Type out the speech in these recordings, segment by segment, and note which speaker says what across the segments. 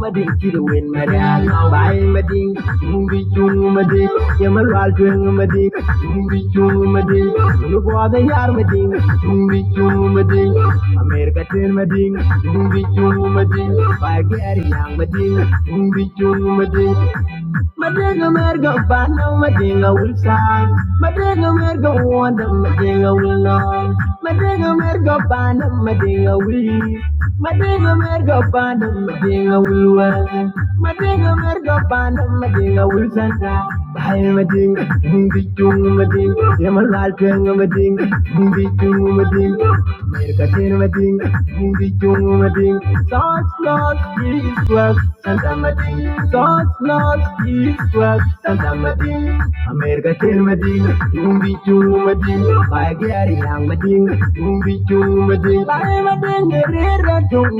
Speaker 1: mading kirwen madang bai mading mumbi chung mading yamal wal chung mading mumbi chung mading nu boda yar mading mumbi chung mading america ten mading mumbi chung mading bai gari yang mading mumbi chung mading Madinga merga bana madinga ulsa Madinga merga wanda madinga ulna Madinga merga bana madinga uli Madinga merga bana Madinga Woolworth, Madinga Merga Panda, Madinga Wilson, Bay Madinga, Bumbi Chung Madinga, Yamalal Chung Madinga, Bumbi Chung Madinga, Merga Chin Madinga, South North East West, Santa Madinga, South North East West, Santa Madinga, America Chin Madinga, Bumbi Chung Gary Yang Madinga, Bumbi Chung Madinga, Bay Madinga, Rera Chung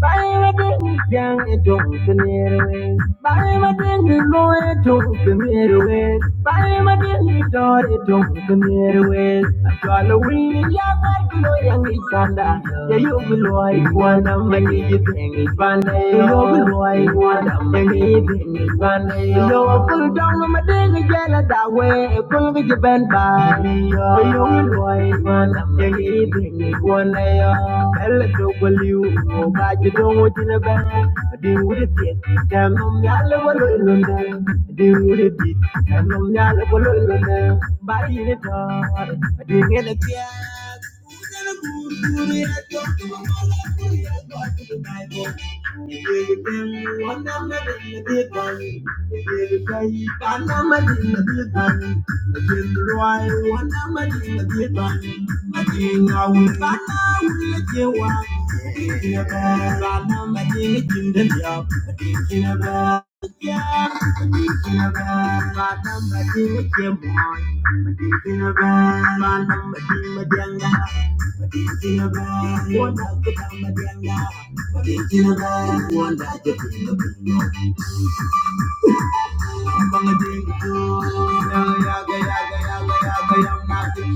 Speaker 1: Buy my candy, gang! It don't come near the waist. Buy my candy, boy! It don't come near the waist. Buy my candy, daughter! It don't come near the waist. At Halloween no yang ikanda ya yo bulwai wana mani yitengi bana yo bulwai wana mani yitengi bana yo pul dong ma dengi jela dawe pul gi jiben bani yo yo bulwai wana mani yitengi bana yo el do baliu o ba ji dong o jina ben di wuri tiet jam nom yalla walo ilunde di wuri di jam nom yalla walo ilunde ba yi ni tor di ngene tiet Thank you. Thank you.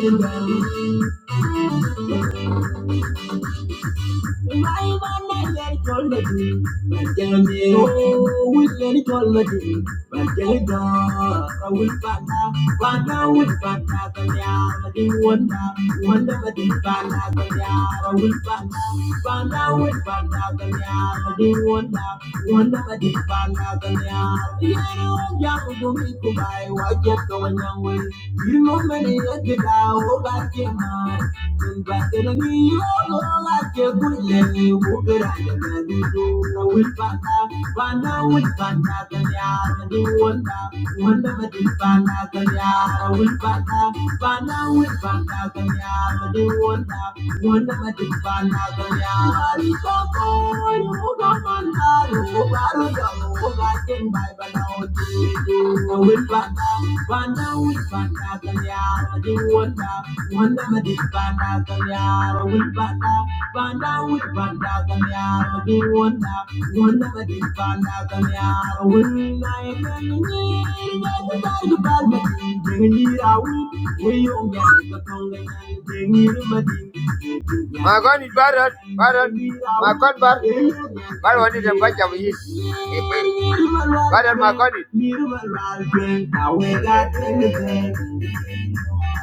Speaker 1: Thank you. My know we don't. I can't do I will find out. But I will find out. I I'm I will find out. Find out. Will find out. I didn't want out. Wonder what they find out. I don't know. I I'm will will will will the the one Wanda mọ̀mẹ́ni lẹ́kẹ̀dá ó bá ké máa. Nígbà tẹ̀lé ní yóò lọ́la ké gúnlẹ̀ ní wúbẹ̀rẹ̀ àyẹ̀kẹ́ ní lóra wí bàtà. Bàtà wí bàtà kẹ́ni àrà ní wọ́ndà. Wọ́ndà bẹ̀ ti bàtà kẹ́ni àrà wí bàtà. Bàtà wí bàtà kẹ́ni àrà ní wọ́ndà. Wọ́ndà bẹ̀ ti bàtà kẹ́ni àrà ní kọ́kọ́. Yóò bá mọ̀ náà yóò Kugatin by Banao Tiki, with Banda, Banda with Banda Ganyara, the Wanda, Wanda Madi Banda Ganyara, with Banda, Banda with Banda Ganyara, the Wanda, Wanda Madi Banda Ganyara, when I am the Balma, bringing it out, we own the Tongan, bringing it my God is barren, barren. My God bar, bar what is a bunch of yeast. Barren, my God is.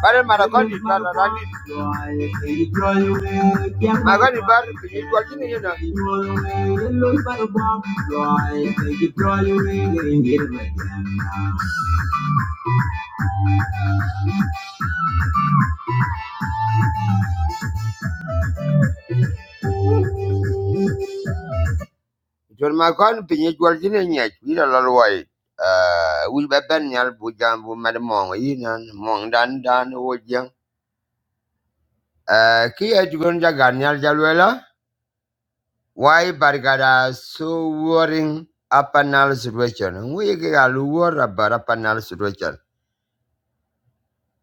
Speaker 1: Barren, my God is barren, I My God is barren, but it's you know. Jol ma kon pinyi jol jine nyech, wila lol wai. Uh, wil ba ben nyal bu jam bu mad mong yi nan, mong dan dan wo jeng. Uh, ki ye tukun ja gan nyal jalwela. lwela, wai bargada so worrying apanal situation. Ngu ye ki ga lu wor about apanal situation.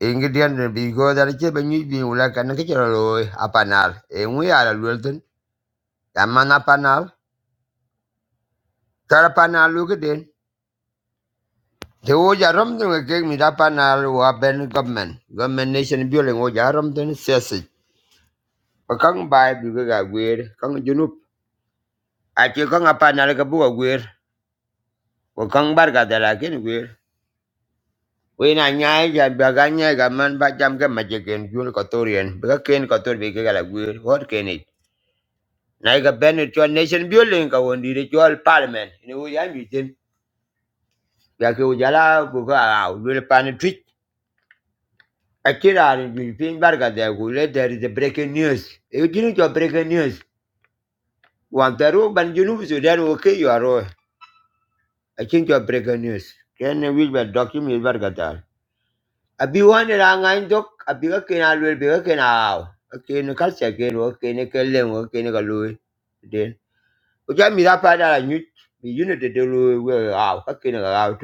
Speaker 1: Ingredient bi go dar che ba nyu bi wala kan ke chero loy apanal. E ngu ya la lwelten, ya man Tar apanal lu gden The Oja Romden will give me that panel or Ben government. Government nation building Oja Romden says it. A kang by Buga weird, Kang Junup. I take on a panel like a book weird, or Kang Barga that I can weird. When I nyaya Baganya, a man by Jam Magic and Jun Kotorian, Bakakin Kotor Bigala weird, what can it? Naika Ben it your nation building, I won't did it your parliament. In a way I'm meeting. Yaki Ujala Buga, will pan a Akira in Junfin Barga de Gule, there is a breaking news. You didn't your breaking news. One Peru, but you know, so then okay, you are all. I think your breaking news. Can we will document Barga there? I be one and I'm dok, I be a can I will be a can out. Okay, no catch again, okay, nickel, okay, nickel, Then, which I mean, that part I knew, you know, the Louis will out, okay, out.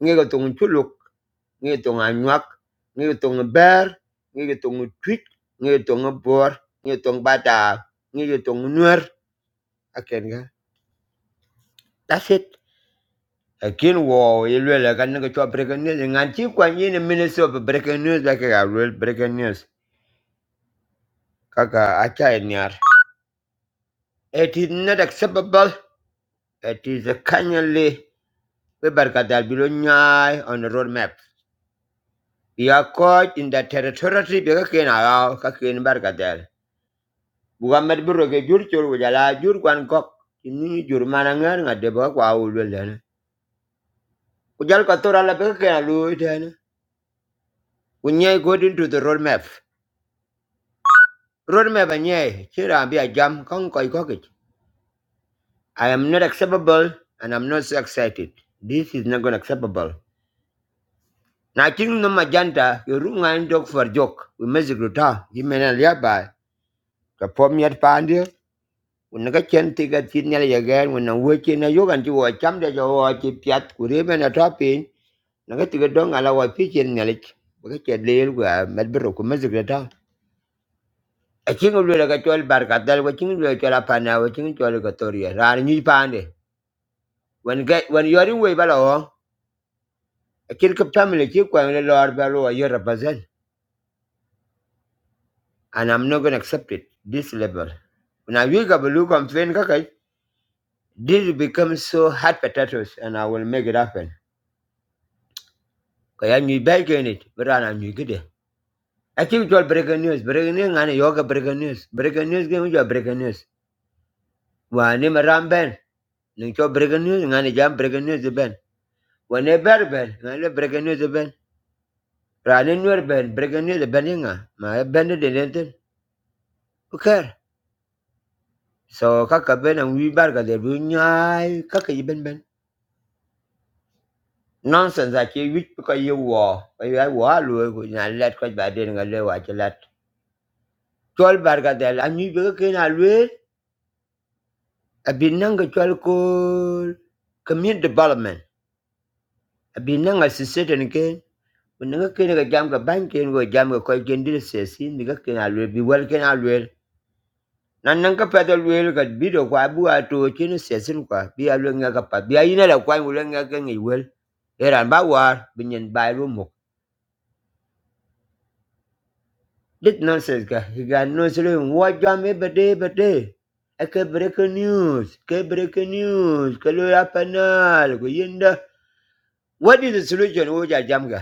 Speaker 1: Nigga, don't you look. ngi tong anyak ngi tong ber ngi tong twit ngi tong bor ngi tong bata ngi tong nuer aken ga that's it akin wo yelwela kan ngi cho breaking news ngan chi kwa ni ni minister of breaking news like a real breaking news kaka acha nyar it is not acceptable it is a kindly we barkadal bilo nyai on the road map we are caught in the territory because ken allow kakin barkadal Muhammad biro ke jur jur kwan kok ini jur mana ngade ba kwa dana ku jal la be ke alu dana ku nyai go the road map road map a nyai chira bi jam kon koi kok i am not acceptable and i'm not so excited this is not going acceptable na king no majanta you runga dog for joke we music ruta yimena liaba ka pom yat pandi Una ka chen ti ka tin nyal ya gan una wo chi na yo kan chi wo cham de jo wo chi piat ku re men nanga tiga dong ala wa pi chen ngalich baka che leel gwa med bro ku mazik da ta a chinga lu la ka chol bar ka dal wa chinga lu la chol apana wa chinga chol ka toria ran ni pande when get when you are in way bala ho a kid ka family ki kwa le lor bala wa yora bazal and i'm not going to accept it this level when i wake up a look on train ka kai this becomes so hard potatoes and i will make it happen kaya ni bag in it but i am you good I think it was breaking news. Breaking news, and yoga breaking news. Breaking news, game with your breaking news. wani maram ben nin breaking news ngani jam breaking news ben wani ber ben ngani breaking news ben rani nur ben breaking news ben inga ma ben de den okay so kaka ben and we bar de bu kaka ben ben nonsense ake wit ko ye wo ko ye wo alu ko nya let ko ba den ga le wa che let chol bar ga de anyu be ke na lu abin nang chol ko community development abin nang assistant ke mình nó cái cái jam cái ban cái người jam cái coi cái đi sẽ xin mình cái nào luyện bị quên cái nào luyện nan nan ka pata luyện cái bị đồ quá bu à tru cái nó sẽ xin quá bị à luyện nghe cái pat bị ai này là quay một luyện nghe cái người quên cái đàn bà war bình nhân bài luôn một dit nonsense ka higa no sele wa jam e bade bade ake break news ke break news ke apa ya panal ko yinda what is the solution wo ja jam cả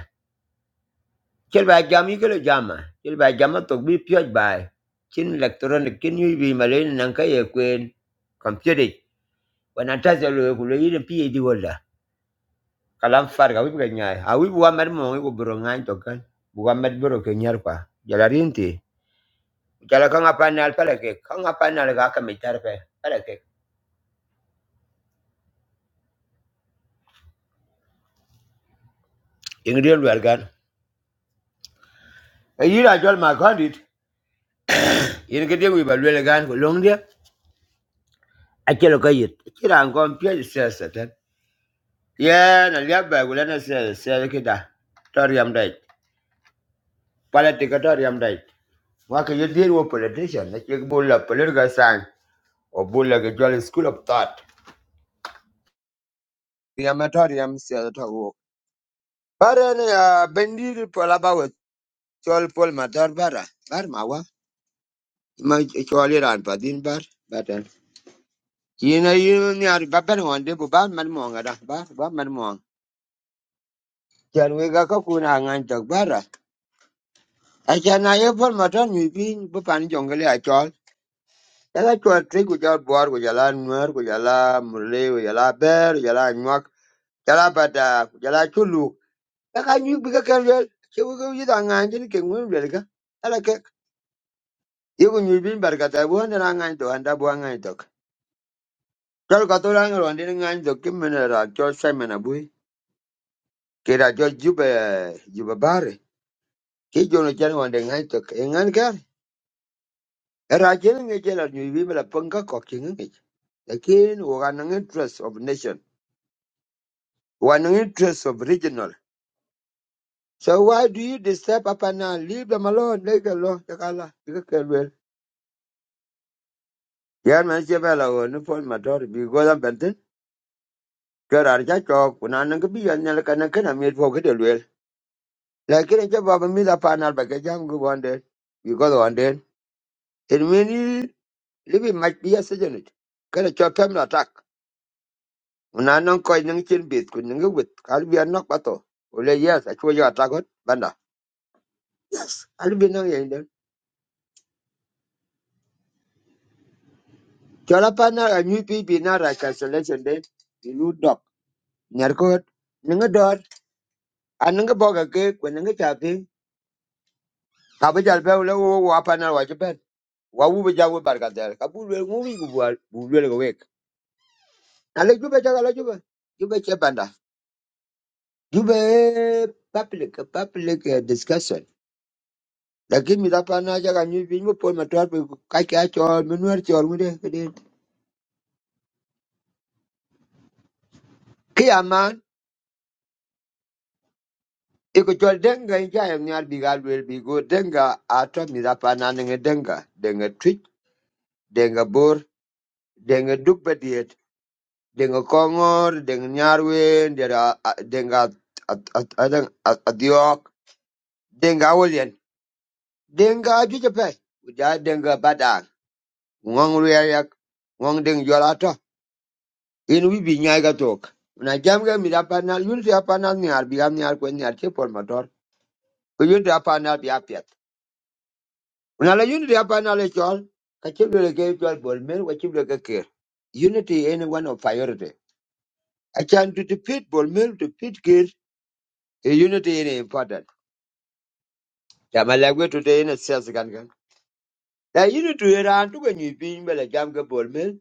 Speaker 1: Chel ba jam yi kele jama. Chel ba jama tok bi pyoj bai. Chin electronic kin yi bi malen nan ka ye kwen computer. Wana ta se lo ku le yin pi di wala. Kalam far ga wi ga nyaai. A wi wa mer mo ko bro ngai to kan. wa mer bro ke nyar kwa. Jala rinti. Jala ka nga panal pala ke. Ka nga panal ga ka mi tar pe. Pala ke. Ing wel gan. E yira jol ma kondit. Yin ke de wi ba wel gan ko long dia. Achelo ka yit. Kira an kon pyoj Yeah, na liya ba gula na se se kita da. Tori am dai. Politika tori am dai. Wa ke ye deal with politician na ke bulla political sign or bulla ke jolly school of thought. Ya ma tori am se da to. Bara ne ya bendi pola ba chol pol ma bara. Bar mawa. Ma chol ran pa din bar. Batan. Yina yun ni ari baban wande bu ba man mo ngada. Ba ba man mo. Jan we ga ka kuna ngan tok bara. Acha na ye pol ma tor ni bin bu pan jongle ya Yala chwal twig ku jal buar ku jala nuer ku jala murle ku jala ber ku jala nyuak jala bada ku jala chulu. Yaka nyuik bi ka ken lwel che ku ku yit a ngany tin ke ngun lwel ka. Yala ke ye ku nyuik bin bar kata bu handa na ngany tok handa bu a ngany tok. Chwal ka tu rang ron din ngany tok kim mene ra chwal sai mene bui. Ke ra chwal jube jube bare. Ke jono chen wande ngany tok e ngany kar. Era chen nge chen la nyuik bin bala pangka kok chen nge. Lakin wakanang interest of nation. Wakanang interest of regional. So why do you disturb Papa now? Leave them alone. Leave them alone. Kakala. Well, Yeah, man, she bella go. No phone matter. Because I'm bentin. Kera arja chok. Kuna nang kabi yan nyala kana kana miet po kete luel. Lakini cha baba mi la panal ba ke jam go wande. Because one day. It mean libi might be a sejonet. Kera chok family attack. Kuna nang koi nang chin bit. Kuna nang wit. Kalbi an nok pato. Ule yes. Achua yo attack hot. Banda. Yes. Albi nang yan den. Chola panal a new people na ra cancellation den. nyar ko ninga dot aninga boga ke ko ninga chapi ka ba jal ba le wo wa pa na wa je ben wa wu be jawo barka der ka bu le ngu wi gu bwal bu le ko wek ale ju be jaga la ju be ju be che banda ju be public public eh, discussion lakin mi da pa na jaga nyu bi ngu po ma tor bi ka ka chol mi nuer chol mu de ke de ki aman Iko chol denga inja yam nyar bi gal wel bi go denga ato mi da pa na ninga denga denga twitch denga bor denga duk Denga Kongor, Denga Nyarwin, Denga adang Adiok, Denga William, Denga Jujape, Uja Denga Badang, Ngong Riayak, Ngong Deng Jolata, in we be Nyagatok. When I jam game with Apanal, Unity Apanal Niar, Biam Niar Quen Niar Chipol Motor, Unity Apanal Biapiat. When I Unity Apanal is all, Kachibula gave to Bolmil, Wachibula Kir. Unity any one of priority. I can to defeat Bolmil, defeat Kir, a unity is important. Ya Malagwe today in a sales gun. gun. Now you need to hear Antu when you being well a jam ball mill.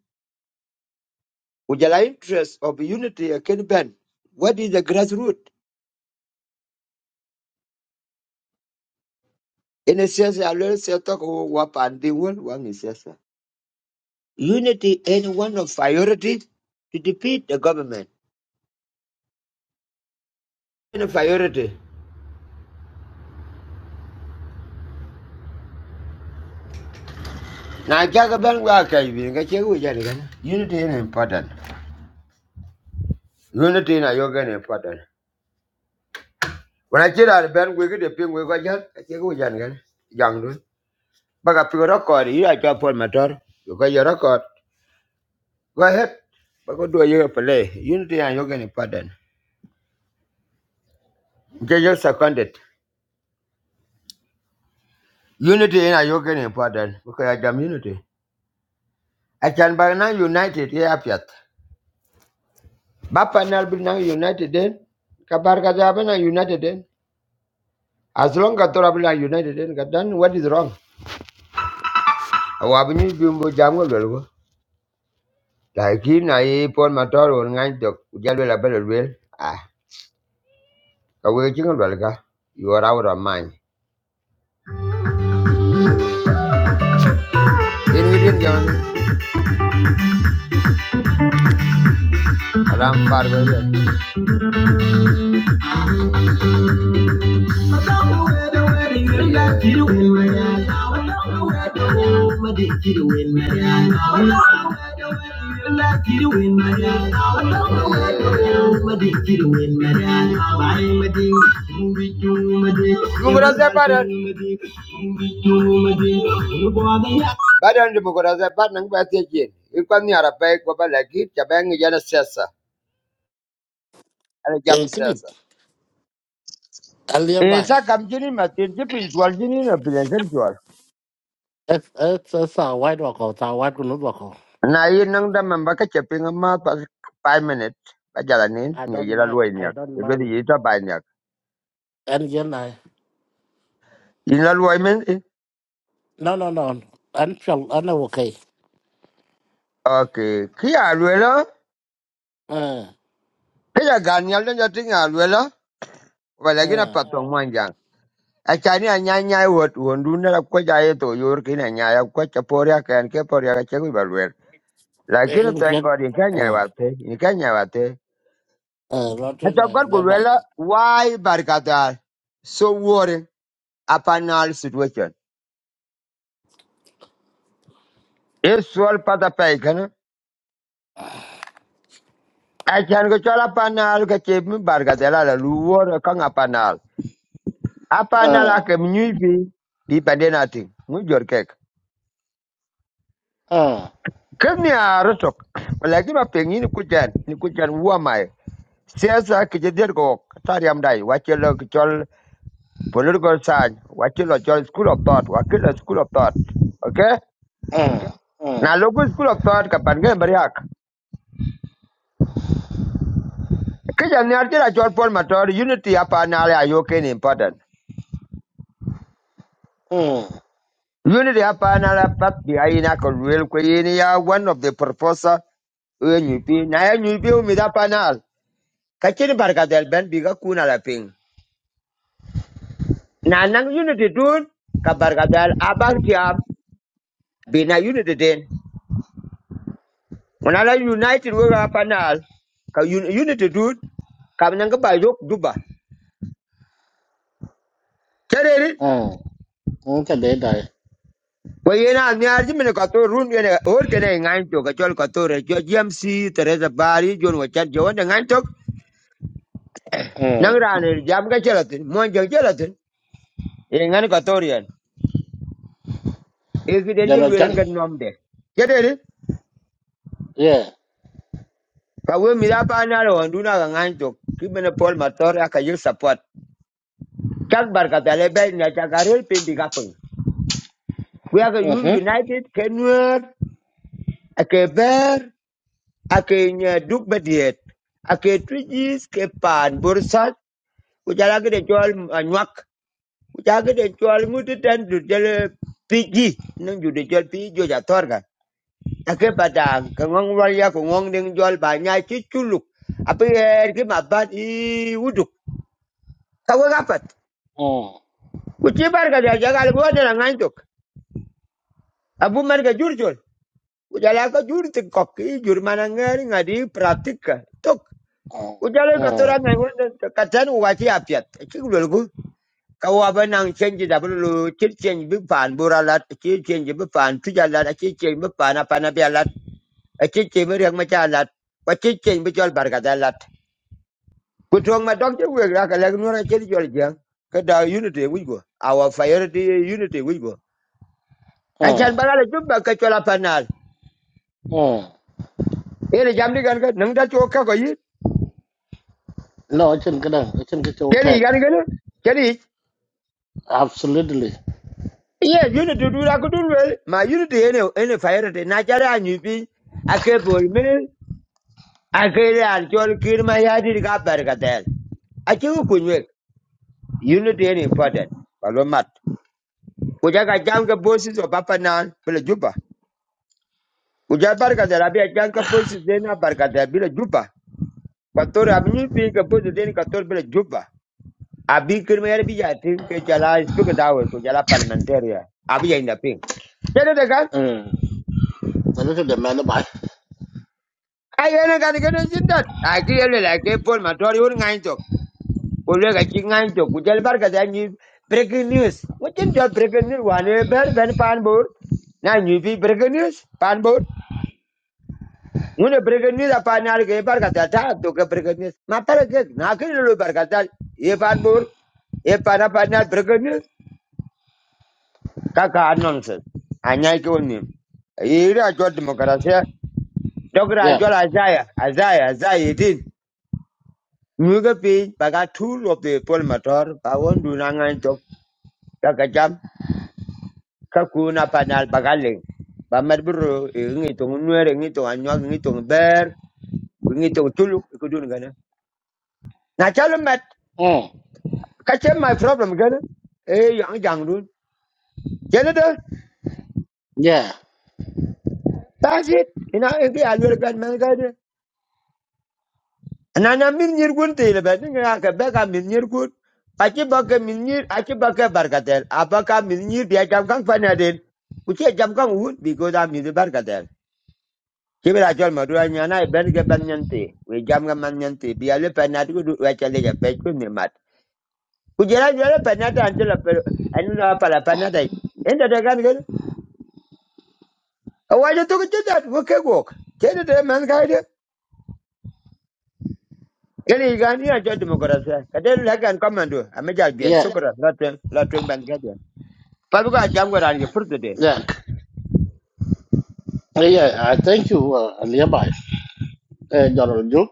Speaker 1: Would you like interest of unity a can ben? What is the grassroots? In a sense, I learned to talk wap and the one one is yes. sir. Unity is one of priorities to defeat the government. In a priority. Now Jagaban Waka being a check with Janigan. Unity is important. Unity in a yoga important. When I get out of bed, we get a ping with Gajan, I check with Janigan. Young. Baga pick a record. You like to upon my daughter. You got your record. Go ahead. Baga do your play. Unity and you're getting pardon. Okay, you seconded. Unity and you're getting pardon. Because I am unity. I can buy now united. Yeah, Piat. Bapa now be now united then. Kabar Kajabana united then. As long as Torabina united then, then what is wrong? Awabini Bimbo Jango Lelgo. Like in I upon my daughter or nine dog. Jalwell a Ah, away jingle Belga. You are out of mind. Indian John, Ram Parvel, yeah. the Badan, Badan the Bugura the Badan, but again, you can near a bag of a legit, jana sessa, and a jam
Speaker 2: Eh, kini
Speaker 1: siasa.
Speaker 2: alia bai.
Speaker 1: Esa kamjini jini ma tir jini na pilen ker chwal.
Speaker 2: That's that's that's a white wako. It's a white kunut wako.
Speaker 1: Na yi nang da mamba ka che ma pas five minutes. Ba jala nin
Speaker 2: I
Speaker 1: nye
Speaker 2: don't
Speaker 1: yi la
Speaker 2: mind.
Speaker 1: luwai
Speaker 2: I don't
Speaker 1: di
Speaker 2: mind.
Speaker 1: yi ba niya? nyak.
Speaker 2: And you know,
Speaker 1: luay la
Speaker 2: no, no, no. I'm sure I'm okay.
Speaker 1: Ok. Ki luela? Kaya la.
Speaker 2: Uh,
Speaker 1: Ki ya gan nyal den ya ting ya luwe la. Wala gina
Speaker 2: uh.
Speaker 1: patong mwan jang. A chani a nyai nyai wot wondu na la kwa jaye to yor ki na kwa cha poria ke poria ka che kui
Speaker 2: Eh,
Speaker 1: Lakini
Speaker 2: you
Speaker 1: thank
Speaker 2: can.
Speaker 1: God, in Kenya
Speaker 2: Uh,
Speaker 1: wate, in Kenya wate.
Speaker 2: uh. Roger,
Speaker 1: Mr.
Speaker 2: uh, alia bai.
Speaker 1: Gorgulwela, why Barikata so worried upon our situation? It's all part of Paikan. I can go to Apanal, Kachim, Bargatella, Luwar, Kang Apanal. Apanal, I
Speaker 2: Uh,
Speaker 1: can use people did nothing. Move your cake.
Speaker 2: uh, uh,
Speaker 1: Come near Rotok. Like you are paying in Kujan, in Kujan, Nikujan, who am I? Siasa Kijadirgo, Tariam Dai, what you look, political science, what you look, school of thought, what school of thought. Okay? Now,
Speaker 2: uh,
Speaker 1: local school of thought, Kapangan Bariak. Kija niyarti la chol pol matori, unity apa nale ayoken important.
Speaker 2: uh,
Speaker 1: Unity apa nale pat biya na kolwil kwe ya one of the proposal uye nyupi. Na ya nyupi umida pa Kachini bargadel ben biga kuna la ping. Na nang unity dun, ka bargadel abang tiam, bina unity den. Wanala united wega hapa nal, ka un- unity dun, ka nang ba yok duba.
Speaker 2: uh. Nunca de dai.
Speaker 1: Kwa hiyo na miarji mene ka to run yene or kene ngain to ka chol re jo GMC Teresa Bari John Wachat jo wonde ngain to
Speaker 2: Uh.
Speaker 1: nang rane jam ka chelatin mon jo chelatin e ngain ka to e ki den
Speaker 2: You
Speaker 1: jo
Speaker 2: know,
Speaker 1: wele
Speaker 2: Chang?
Speaker 1: ken nomde kedere
Speaker 2: Yeah.
Speaker 1: ka we mi da pa na ro nduna ka ngain to ki mene Paul Mator ka yo support kak bar ka tale be na ka garel pe bi ka pung we are
Speaker 2: Uh huh.
Speaker 1: united kenwer ake ber ake nya duk bediet ake twijis ke pan bursa ku de jual anywak ku de jual nguti ten du jele piji nang ju de chol piji jo ja torga ake padang ka ngong wal ya ku ngong ding chol er ki ma i uduk ka wa gapat
Speaker 2: Uh,
Speaker 1: ku chi bar ka ja jagal go ne na abu man ka jur chol ku jala ka jur ti i jur man ngari ngadi pratika tok
Speaker 2: uh,
Speaker 1: ku jala ka tora
Speaker 2: uh,
Speaker 1: ngai won ka apiat chi ku kawaba nang change da bulu chit change bi pan buralat chit change bi pan tujalat chit change bi pan apana bialat chit change bi rang machalat ko chit change bi chol barkadalat kutong ma dok we ra ka lag nura chit chol jang ka unity we go our priority unity we go a
Speaker 2: uh,
Speaker 1: chan barala jumba ka chol apanal
Speaker 2: uh.
Speaker 1: ere jamdi gan ka nang da chok ko yi
Speaker 2: No, I shouldn't get I shouldn't get
Speaker 1: cheni
Speaker 2: your
Speaker 1: gan gan cheni
Speaker 2: Absolutely.
Speaker 1: yes unity du ra ku wel ma unity ene ene priority na chara anyi pi akebol men Akere an chol kir ma yadi ka bar ka del. Achi ku kunwe. Unity is important. Balo mat. Kuja ka jam ka bosses o papa nan bila juba. Kuja bar ka del abi a jam ka bosses dena bar ka del bila juba. Kator abi ni pi ka bosses dena kator bila juba. Abi kir ma yadi bi jatim ke jala speak da wo ko jala parliamentaria. Abi ya inda ping. Kene de kan.
Speaker 2: Mm. But Look at the man by.
Speaker 1: Ai ene kan jindat. Aki ele la ke pol matori un Olega chingan to kujal barka da ni breaking news. Mutin jol breaking news wane ber ben pan bor. Na ni fi breaking news pan bor. Mune breaking news apa ni alge barka da ta to ke breaking news. Ma pare ke na ke lo barka da e pan bor e pana pana breaking news ka ka nonsense. Anya ke woni. Ira jol demokrasia. Dogra
Speaker 2: Yeah.
Speaker 1: jol azaya azaya azaya din. Muga pi baga tool of the poll polmator. Bawon dunangan to. Kakajam Kakuna panal bagaling ba mer bro ngi to nuere ngi to anwa ngi to ber ngi to tulu ko gana na chalo mat
Speaker 2: Mm.
Speaker 1: ka my problem gana e yang jang dun chelo de
Speaker 2: Yeah.
Speaker 1: that's it ina e ga alwer gan man ga na na min nyir gun te le ben nga ka be ka min nyir gun a che ba ka min nyir a ba ka barkatel a ka min nyir bi jam kan fa na jam kan wun bi ko da barkatel Kibra jol ma duwa nyana e ben ge ben nyante. We jam ge man nyante. Bi ale penat ku du we chale ge pech ku ni mat. Ku jela jela penat an jela pero an la pala penat Enda de gan ge. A wa jo tu ge wo ke gok. Kede de man ga de. Kele ga ni a jo demokrasia. Kade la gan komando. A me ja bi
Speaker 2: Yeah.
Speaker 1: sukra la twen la twen ban ge de. Pa bu ga jam ge ran ge fur de.
Speaker 2: Yeah. Yeah. I thank you, uh, Aliabai. Uh, General Duke.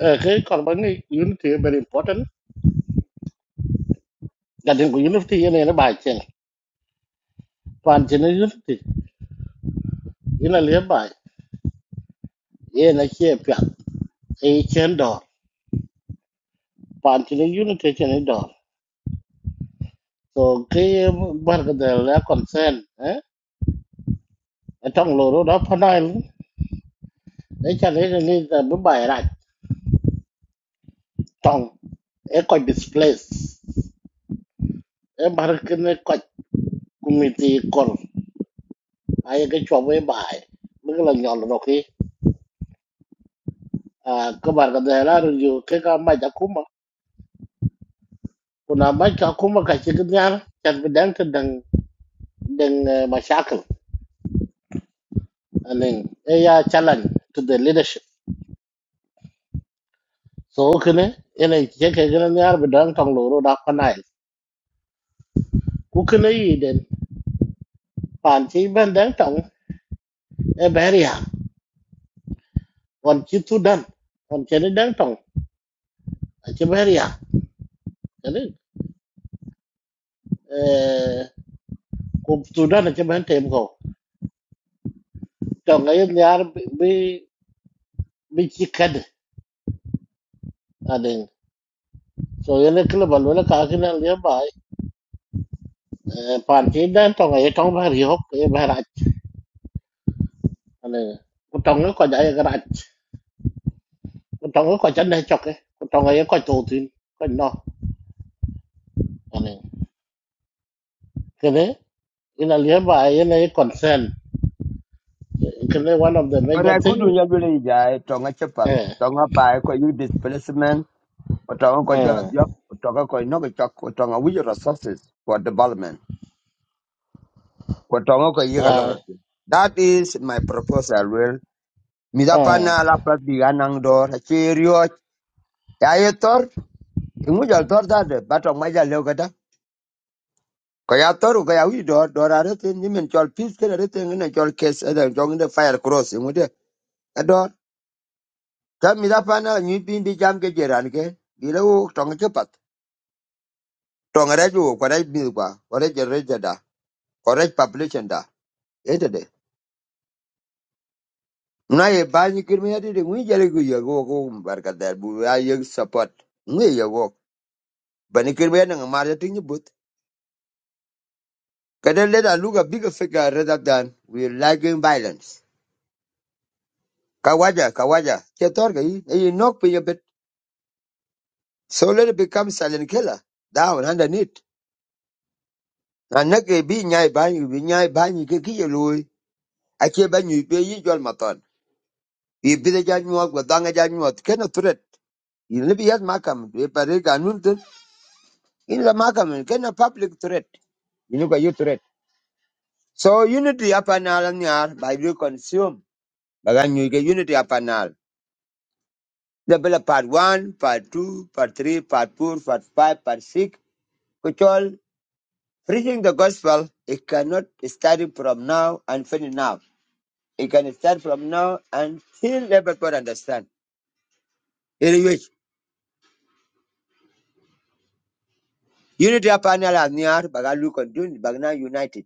Speaker 2: Uh, hey, Corbani, unity is very important. That is unity in any by chain. Panchina unity in a nearby. In a champion. A chain door. Panchina unity chain a door. So, game work the lack concern. Eh? A tongue load up an island. They can really need the Dubai right. tong e ko displace e bar ken e ko community kor ay ke chwa we bai mi la nyol ro ki a ko bar ga de la ru yu ke ka ma ja kuma kuna ma ja kuma ka chi kin yar chan bi dang dang dang e, ma anen e ya challenge to the leadership so kene ene che ke gen yar tong lo ro da pa nai ku kene yi den pan chi ben dang tong e ber ya on chi tu dan on chen dang tong a chi ber eh, ku sudan na chimen tem ko tong ga yin yar bi bi bi chi kad ading so yin kle bal wala ka kin al ya bai Eh, pan ti dan tong ga tong ba ri hok e ba ra ading ku tong ga ko ja ga ra ku tong ga ko ja na chok ku tong ga ko to tin ko no ading kene in al ya bai yin e concern kene one of the major
Speaker 1: Ora ku
Speaker 2: thing
Speaker 1: du nya bele ja e tonga chepat.
Speaker 2: eh
Speaker 1: Tonga ba e, ko you displacement Watonga kwa
Speaker 2: eh
Speaker 1: jela diop, watonga kwa inoga chok, watonga with resources for development. Watonga kwa yiga
Speaker 2: eh
Speaker 1: lolo That is my proposal, Will.
Speaker 2: eh.
Speaker 1: Midapana la plat biganang door, cheerio, yayetor, imujal tor dade, batong maja leo gada. Kaya tor kaya wi door, door arete, nimen chol peace kena arete, ngene chol case, eden chong ngene fire cross, imude. Ador, kaya midapana nyipin di jam ke jeran ke, gila tonga cepat. Tonga reju, kwa rej bilkwa, kwa rej reja da, kwa rej population da. Ede na ye ba ni kir mi adi de ngi jale gu ye go go barka da bu ya ye support ngi ye go ba ni kir mi na but ka de le da lu ga figure rather than we lacking violence kawaja kawaja ke tor ga yi e knock pe ye bet so let it become silent killer down underneath na na ke bi nyai ba ni bi nyai ba ni ke ki ye lu a ke ba ni pe yi jol ma ton yi bi de ja nyuwa ga da ga ja nyuwa ke na threat yi ne bi yat makam be pare ga nun tin in la makam ke na public threat You can use So unity upon all and all by you consume. Bagan you get unity upon all. The bill part one, part two, part three, part four, part five, part six, which all preaching the gospel, it cannot start from now and finish now. It can start from now until everybody understand. It is which unity upon all and all bagan you continue, bagan united.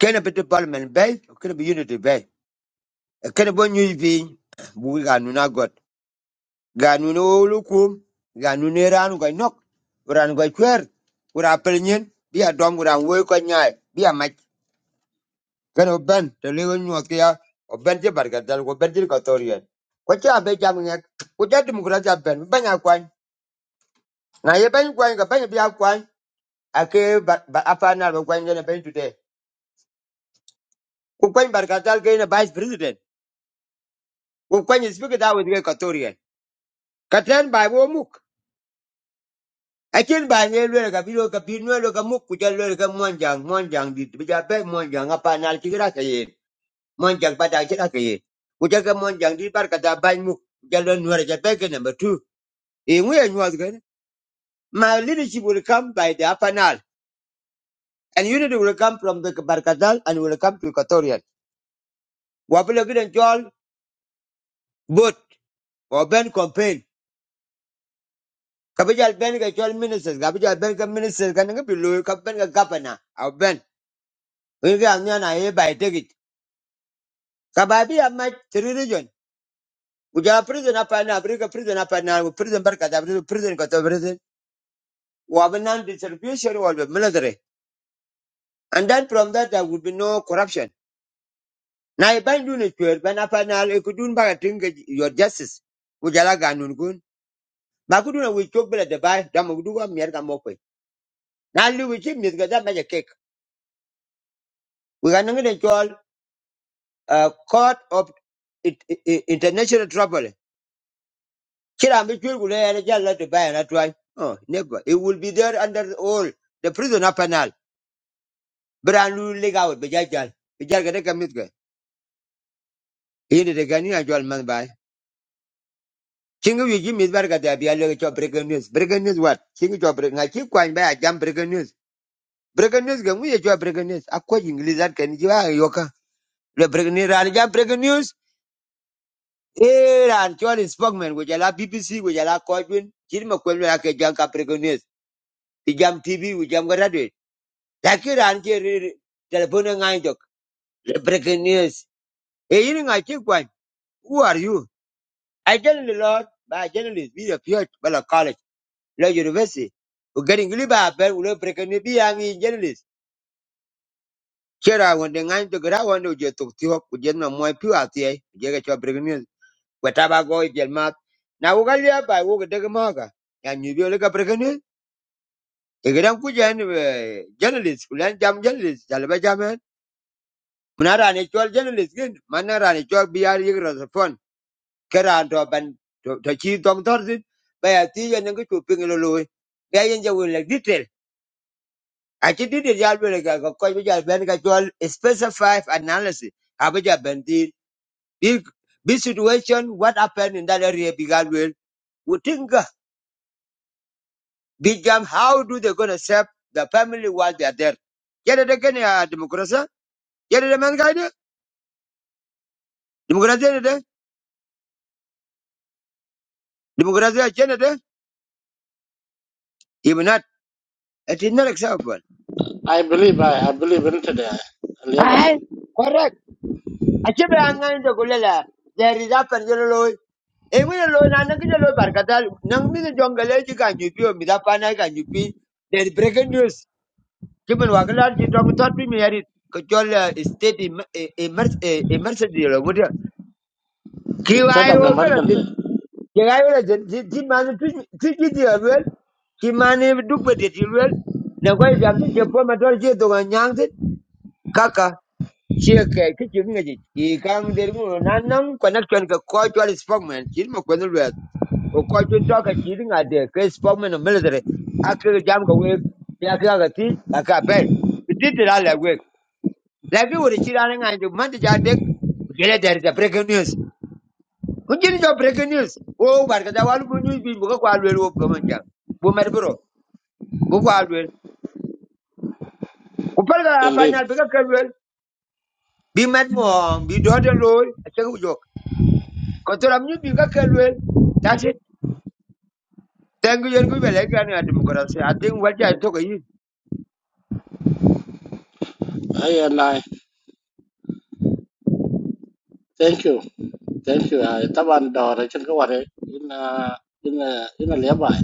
Speaker 1: Can a bit of parliament bay, can be unity bay. Can a bon you be, we are not God. ganun olukum kum ganun ne ran go nok ran go kwer ura pelnyen bi adom ura wo ko nyaay bi amach kan oben to le nyu oben je barka oben je katorian torien ko cha be jam ngek ko ja ja ben ben kwan na ye ben kwan ga ben bi ya kwan ake ba ba- apa na go kwan ne ben today ko kwan barka ke ne vice president ko kwan speak da with katorian torien katen ba wo muk Acin ba ne lwel ka bi lo ka bi nwe lo ka muk ku ja lwel ka monjang monjang dit bi ja be monjang apa nal ci ra ka yen monjang ba da ci ra ka yen ku ja ka monjang dit bar ka da ban muk ku ja lo nwe ja be ke number 2 e ngwe nwa ga my leadership will come by the upper nile and unity will come from the barkadal and will come to equatorial wa bi lo gidan jol bot o ben campaign ka bi jal ben ka jol ministers ka bi jal ben ka ministers ka nga bi lo ka ben ka governor au ben ngi ga nya na e ba Kababi amach three region. Uja prison apana, Africa prison apa na prison barkata, prison prison kata prison. Wabanan distribution wal military. And then from that there would be no corruption. Na iban dun ekwer ban apana ekudun baga tinga your justice. Ujala ganun kun. Makuduna we chok bela de bay dama uduwa mier ka mokwe. Na lu we chip mis gada maja cake. We ganang de chol uh, court of it, it, international trouble. Kirambi Chulgulea Jala to buy and I try. Oh, never. It will be there under all the prisoner panel. Brand new leg out, Bajajal. Bijagadeka Mitka. In the Gania Jol Man by. Chingu you Jimmy Barga, there be a little job breaking news. Breaking news what? Chingu job breaking. I keep going by a jam breaking news. Breaking news, can we a job breaking news? A coaching lizard can you are yoka. The breaking news and jam breaking news. Eh, and Charlie Spokman, which allow BBC, which allow Coachman. Chirma Kwelaka Janka breaking news. The jam TV, which I'm graduate. lakini rangi telepone nganjok breaking news e yini nga chikwan who are you i tell the lord by journalist be appeared by the college la university u getting liba ber u breaking news be angi journalist chera wonde nganjok kira wanda u jetok tiho u jenna moy pi atie je ga cho breaking news wetaba go jel mat na u galia ba maga ya nyu bi breaking news e gran ku journalist kulan jam journalist jalba jaman. Munarani chol journalist gin manarani chol biar yigra the phone keran to ban to to chi tong tor sin ba ya ti ya nang chu ping lo lo ba yen ja wel detail a chi detail ya wel ga ko ko ja ben ga chol specify analysis ha ba ja ben di big big situation what happened in that area bigal wel wutinga bigam how do they gonna serve the family while they are there yada da gane a demokrasa yada da man gaide demokrasiya ne da demokrasiya ce ne da It is example. acceptable.
Speaker 2: I believe I, I believe in today. Alibi.
Speaker 1: Aye, correct. Achieve angan to gulela. There is up and yellow. Even a low nanaka low barkatal, nang me the jungle can you pio me that pana can you There is breaking news. Kimin wakalar you don't thought me merit. Kajol state emergency emergency lo mudia.
Speaker 2: Instead
Speaker 1: Kiwai
Speaker 2: of
Speaker 1: okalatin.
Speaker 2: emergency.
Speaker 1: Kiwai okalatin. Timani tiki the well. Kimani duk betit yilwel. Nagoi biamti chepo matol cheto ganyangti. chia ke ke chi nge ji i kang der mu na nang connection ke ko chwa spokesman chi ma ko no le o ko jun to ka chi ri nga de ke spokesman no military a ke jam ka we ya ke ga ti a ka be ti ti la le we la ke wo chi ra nga ju man ti ja de ke le der ja breaking news ku ji jo breaking news o bar ka da wa lu bu news bi bu ka kwa le wo bu man ja bu mer bro bu kwa le ku par ga pa na
Speaker 2: Indeed.
Speaker 1: be ka ke le bi met mo bi do de lo Kotora mnyupi kaka lwel. Tati, tengu yen kubi leka ni a demokrasi. I think what I took a yin.
Speaker 2: I and I thank you. Thank you. I Taban Dor I can go away in uh in a in a nearby.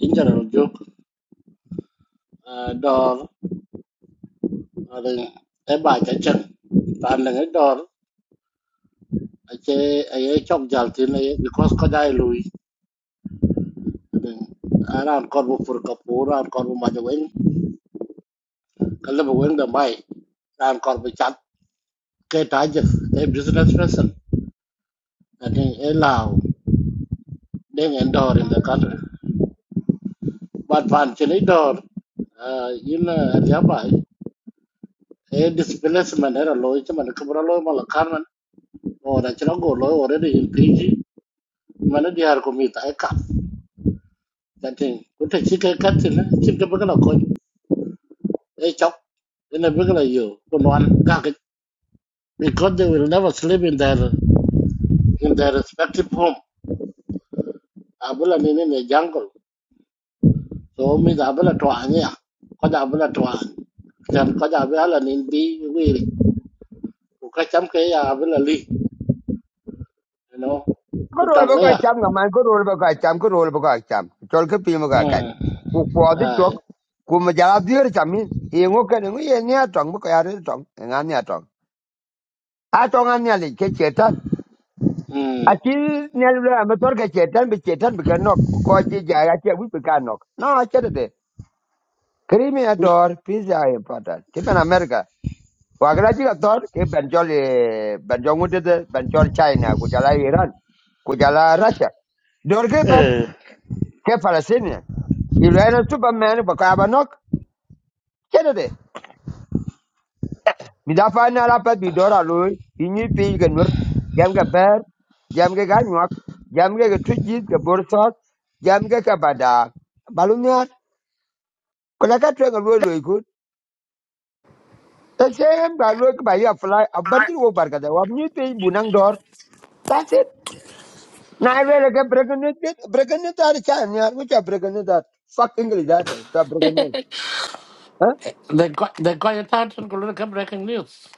Speaker 2: In general joke. Uh door I think a bike I can and then a door I say I chop jaltin eh, because Kodai Louis I think around Corbu for Kapur and Corbu Majawing Kalaba Wing the Mai and Corbu Chat Kate Ajer a business person I think allow them and door in the country. but pan chini dor uh, yin riabai a displacement era loy chama ne kubra loy mala karman o na chira go loy already in pg mana di har komita e ka kanting kuta chike katina chike bagala ko e chok in a bagala yo kunwan gak because they will never sleep in their in their respective home abula ni in ne jungle so mi da abula to anya ko da abula to an jan ko da abula ni bi wi ko ka cham ke ya abula li you know, ku
Speaker 1: Korol
Speaker 2: tong
Speaker 1: bako
Speaker 2: ya.
Speaker 1: acham nga man, korol bako acham, korol bako acham. Chol ke pimo ka kach.
Speaker 2: Mm.
Speaker 1: Kukwadi
Speaker 2: Ai.
Speaker 1: chok, kumajala dhier chamin. Ingo kene ngu ye ni atong, bako yare atong, nga ni atong. Atong nga ni alik ke chetan.
Speaker 2: Mm.
Speaker 1: Achi ni alule ametor ke chetan, be chetan be kanok. Kukochi jaya, achi awi be kanok. No, achi de. Krimi ador, peace are important. Kimen America. Wagala jiga tor ke benjol eh, benjol ngude de benjol China kujala Iran kujala Russia. Dorge ben
Speaker 2: Eh,
Speaker 1: ke Palestine. Silena Superman ba ka banok kedede. Midafa na la bidora bi dora lo inyi pi ke nur jam ga ber jam ga ganwak jam ga tuji ke borsot jam ga ka bada balunya kula ka twa ga lo lo ikut. Ta ga lo ba ya fly abarti wo barka da wa mi pi bunang dor. That's it. Now I really get breaking it, get- breaking it all the time, yeah. Which are breaking it that fuck English that stop breaking it. Huh?
Speaker 2: They got they got your attention. Go look at breaking news.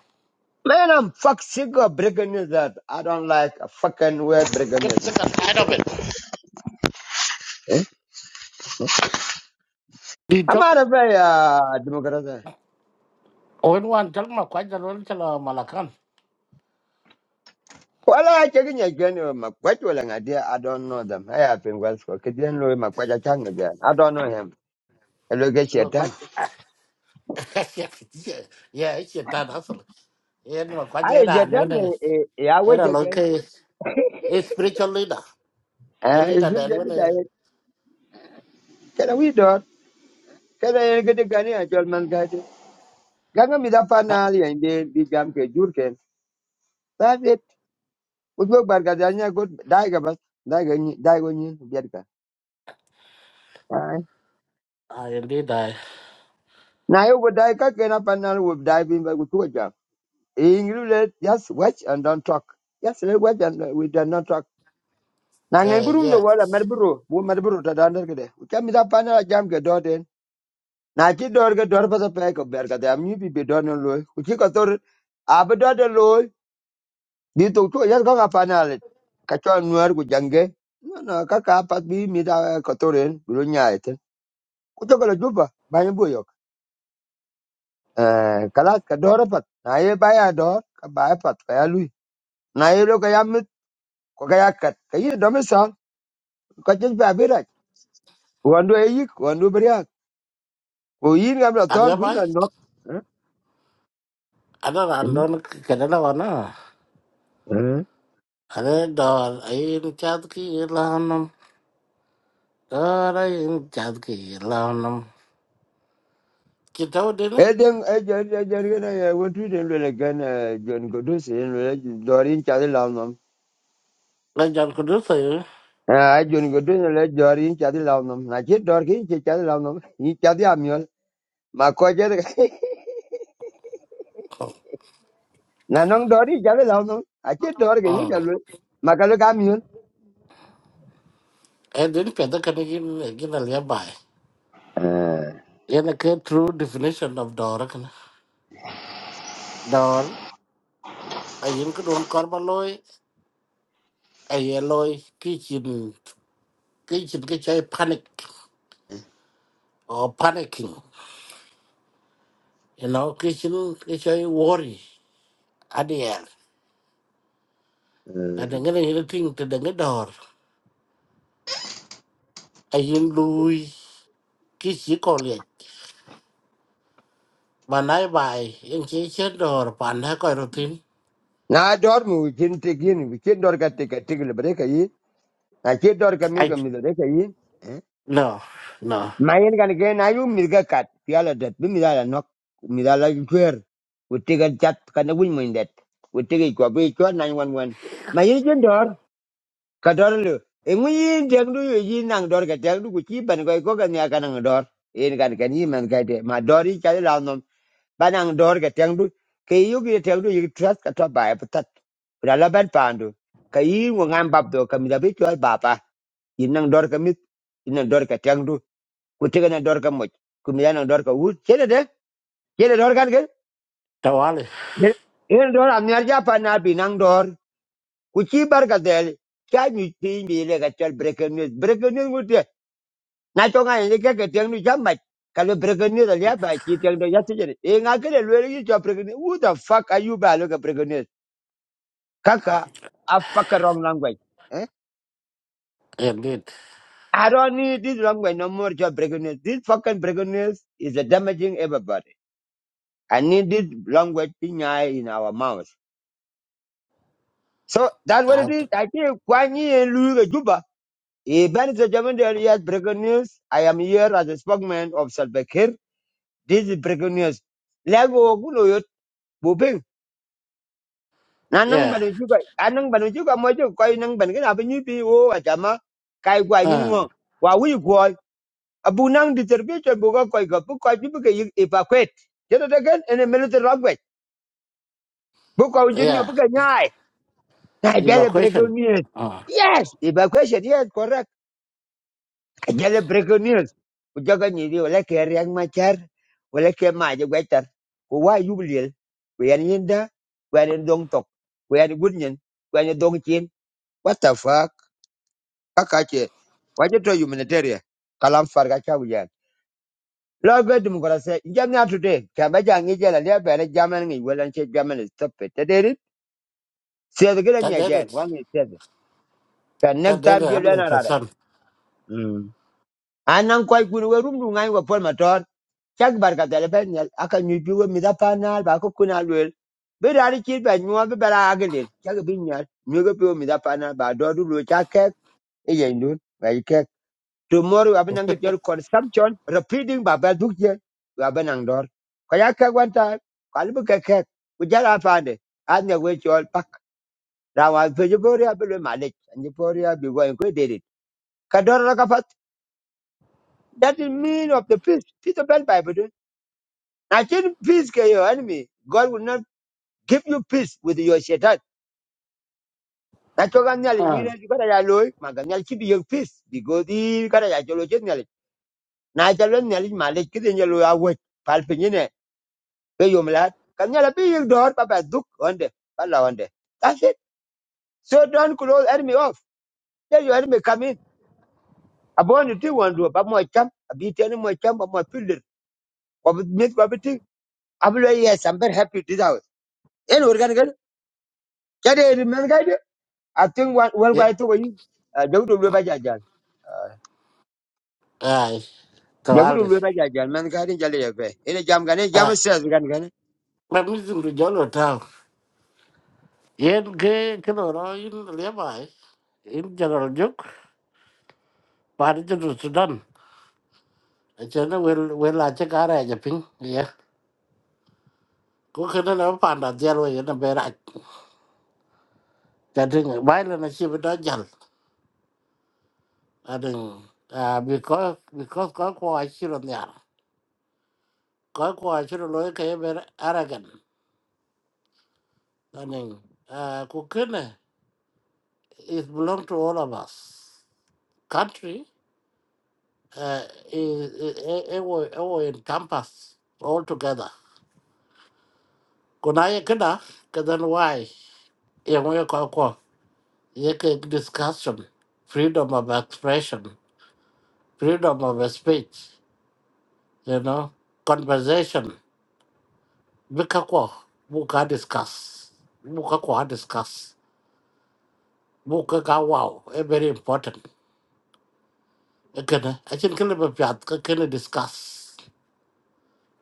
Speaker 1: Man, I'm fuck sick of breaking it that I don't like a fucking word
Speaker 2: You
Speaker 1: breaking
Speaker 2: Get
Speaker 1: it.
Speaker 2: sick and tired of it.
Speaker 1: Eh?
Speaker 2: The
Speaker 1: I'm
Speaker 2: job
Speaker 1: out of a uh, democrat.
Speaker 2: when one job ma quite the role chalo malakan.
Speaker 1: Well, I checking again with my quite well and idea. I don't know them. I have been well for Kidian Louis Maquaja Chang again. I don't know him. Hello, get your
Speaker 2: Ma
Speaker 1: tongue.
Speaker 2: quite yeah yeah it's your dad hustle. Yeah ma quite the
Speaker 1: I
Speaker 2: era
Speaker 1: get
Speaker 2: and
Speaker 1: done.
Speaker 2: when eh,
Speaker 1: I wait
Speaker 2: era like
Speaker 1: again.
Speaker 2: a a spiritual leader a
Speaker 1: Uh, it's
Speaker 2: leader
Speaker 1: really
Speaker 2: that when a
Speaker 1: that. Can we do it? Can I get a gun? I told man, guy. ganga mi da fa na ali inde bi gam ke jur ken ta vet u go bar ga da nya go dai ga bas dai ga ni dai go ni bi ka Ai.
Speaker 2: I indeed I
Speaker 1: na yo go dai ka ke na pa na wo dai bi ba go tu ga ingru le just watch and don't talk just let watch and uh, we do not talk na ngai
Speaker 2: uh,
Speaker 1: gurum do
Speaker 2: yes.
Speaker 1: wala mer bro wo mer bro ta dan der ke de u kam mi da pa na jam ke do den na ki dor ga dor pa ta pe ko ber ga da mi bi be do no lo u ki ko tor ab do lo Di tok tu yar kaka panal kacho nuar ku jange. No no kaka pat bi mi da kotoren bulu nyaete. Ku to kala juba banyo boyo. Eh kalat ka dora pat. Na ye baya dor ka baya pat ka ya lui. Na ye lo ka yamit ko ka yakat. Ka yi do misal ka jeng ba birak. Wando e yik wando beriak. Ko yin gam la
Speaker 2: Are
Speaker 1: tor
Speaker 2: you
Speaker 1: ku yi
Speaker 2: by?
Speaker 1: man nok.
Speaker 2: I don't I don't get it now. Are dor ayin chad ki ilanam. Dor ayin chad ki ilanam. Kitaw din.
Speaker 1: Eden ejer ejer gena ye wontu den le gan John Godus en le dorin chade lam
Speaker 2: La jan kudu sayo.
Speaker 1: Ah, John go doing le jori in chadi launum. Na chit dor ki chit chadi launum. In chadi amiol. Ma ko chadi na nong dori chadi launum. A chit dor ki ngun jalu. Ma kalu kamiol.
Speaker 2: Eh din peda kani gin gin by? bai. Yana ke true definition of dor kana. Dor ayin kudun korba loy. Ayin loy kichin kichin kichay panic or panicking. You know kichin kichay worry. Adiel. Ada ngene hiliting tedenge dor. ayin lui ki chỉ còn liệt mà nãy bài em chỉ chết đồ là bạn đã coi đầu tiên
Speaker 1: Na dor mu chin tikin we chit dor ka tika tikil breka yi. Na chit dor ka mi
Speaker 2: anh
Speaker 1: ka mi breka yi. Eh?
Speaker 2: no no
Speaker 1: Ma yin kan ke na yu mi ka kat. Piala det bi mi dala nok. Mi dala juer. We tika chat kana win mo indet. We tika ko bi ko 911. Ma yin chin dor. Katorlu, inguyin tekdu yu yi nang dor ka tekdu ku chi koi ko kan ya kanang dor. In kan kan yin man kai de ma dor yi chali lao nom. Banang dor ka tekdu, ke yu ki tekdu yu trust ka to ba ya patat. Ura la pandu, ka yi ngu ngam bab do ka mi labi chol ba pa. Yin nang dor ka mit, yin nang dor ka tekdu, ku tiga nang dor ka moch, ku mi nang dor ka wut. Chele de, chele dor kan ke?
Speaker 2: đâu á liền
Speaker 1: Yin dor am nyar ja na bi nang dor, ku chi bar ka del. Kya nyu pi mi le ka chol breaking news, breaking news ngu na to nga ni ke ke tiang ni jamba ka lo breke ni da ya ba tiang do ya ti jere e le lo ni to breke who the fuck are you ba lo ke breke ni kaka a fuck wrong language eh
Speaker 2: em biết
Speaker 1: i don't need this language no more to breke this fucking breke is a damaging everybody i need this language thing in our mouths so that's what
Speaker 2: à
Speaker 1: it is i think kwani and lu ke juba E ben the German yes, breaking news. I am here as a spokesman of Salbekir. This is breaking news. Lego Guloyot na nang
Speaker 2: yeah
Speaker 1: ban ju anang ban ju ga mo ju ko nang ban ga ba ni pi wo a kai gwa ni
Speaker 2: à
Speaker 1: ngo wa wi go abu nang di ter bi to bu ga ko ga bu ko ju bu ga i pa kwet gan in a military language bu ko ju ni bu
Speaker 2: yeah
Speaker 1: ga nyai ta ga le
Speaker 2: evacuation à
Speaker 1: yes evacuation yes correct ta ga le brigonier ku jo ga ni ri wala ke riang ma char wala ke ma je gwa tar ku wa yu bliel yan yinda ku yan dong tok ku yan gudnyen ku yan dong chin what the fuck kakache waje to humanitarian kalam farga cha wiyan lo be democracy jam ya today ka ba ja ngi jela le be jaman ngi welan che jaman is top te deri se de gran
Speaker 2: ta
Speaker 1: ya
Speaker 2: đến rồi
Speaker 1: jen wan ni se ka
Speaker 2: ta
Speaker 1: nek
Speaker 2: đến
Speaker 1: tam
Speaker 2: it.
Speaker 1: je
Speaker 2: anh
Speaker 1: le
Speaker 2: lấy
Speaker 1: na
Speaker 2: phần
Speaker 1: rada
Speaker 2: sân
Speaker 1: mm anan kwai kun we rum du ngai wa pol maton chak bar dele ben yel aka nyu bi we mi da panal ba ko kuna lwel be dari chi be nyu be bara agel chak bi nyal nyu go bi we mi da panal ba do du lo chak ke e yen dun tomorrow we have your consumption repeating babel book here we have an angdor kayaka one time kalbu keke kujala pande anya we chol pak rawa pejoria belu malek and pejoria be going go did it kador rakafat that is mean of the peace peace of bel bible do na peace ke your enemy god will not give you peace with your shaitan na choga You
Speaker 2: à
Speaker 1: wina kibara ya loy maganyal keep your peace because i kara ya cholo chet nyali na chalo nyali malek kidi nyalo awet Be yom lad. Kan yala be yek door papa duk onde. Pala onde. That's it. So don't close enemy off. Let your enemy come in. Abon you do one do but more champ. Abi tell more champ but more fielder. But meet but thing. Ablo yes I'm very happy this house. En organ gal. Kade remember guy. I think one one
Speaker 2: yeah
Speaker 1: guy to you. Dawdu lo ba jajan.
Speaker 2: à đâu
Speaker 1: Dawdu
Speaker 2: á liền
Speaker 1: lo ba jajan man guy din jale yakbe. Ene jam gane jam
Speaker 2: à
Speaker 1: stress gan gane.
Speaker 2: mà mình dùng được gió lửa thao yên cái cái đồ đó yên lấy bài yên cho nó giúp bạn cho nó sudan Achana wel wel acha kara aja ping ya. Ko kana na panda jal we na bera. Kadin baila na chi bda jal. Adin ah because because ko ko achiro nya. Ko ko achiro lo ke ber aragan. Adin ah ko kana is belong to all of us. Country uh, is ewo ewo encompass all together. Kuna ye kada kadan wai ye mo ko ko Yake discussion, freedom of expression, freedom of speech, you know, conversation. Bikakwa, buka discuss, buka kwa discuss, buka ka wow, eh, very important. Ekene, achin kile bepiat, kene discuss.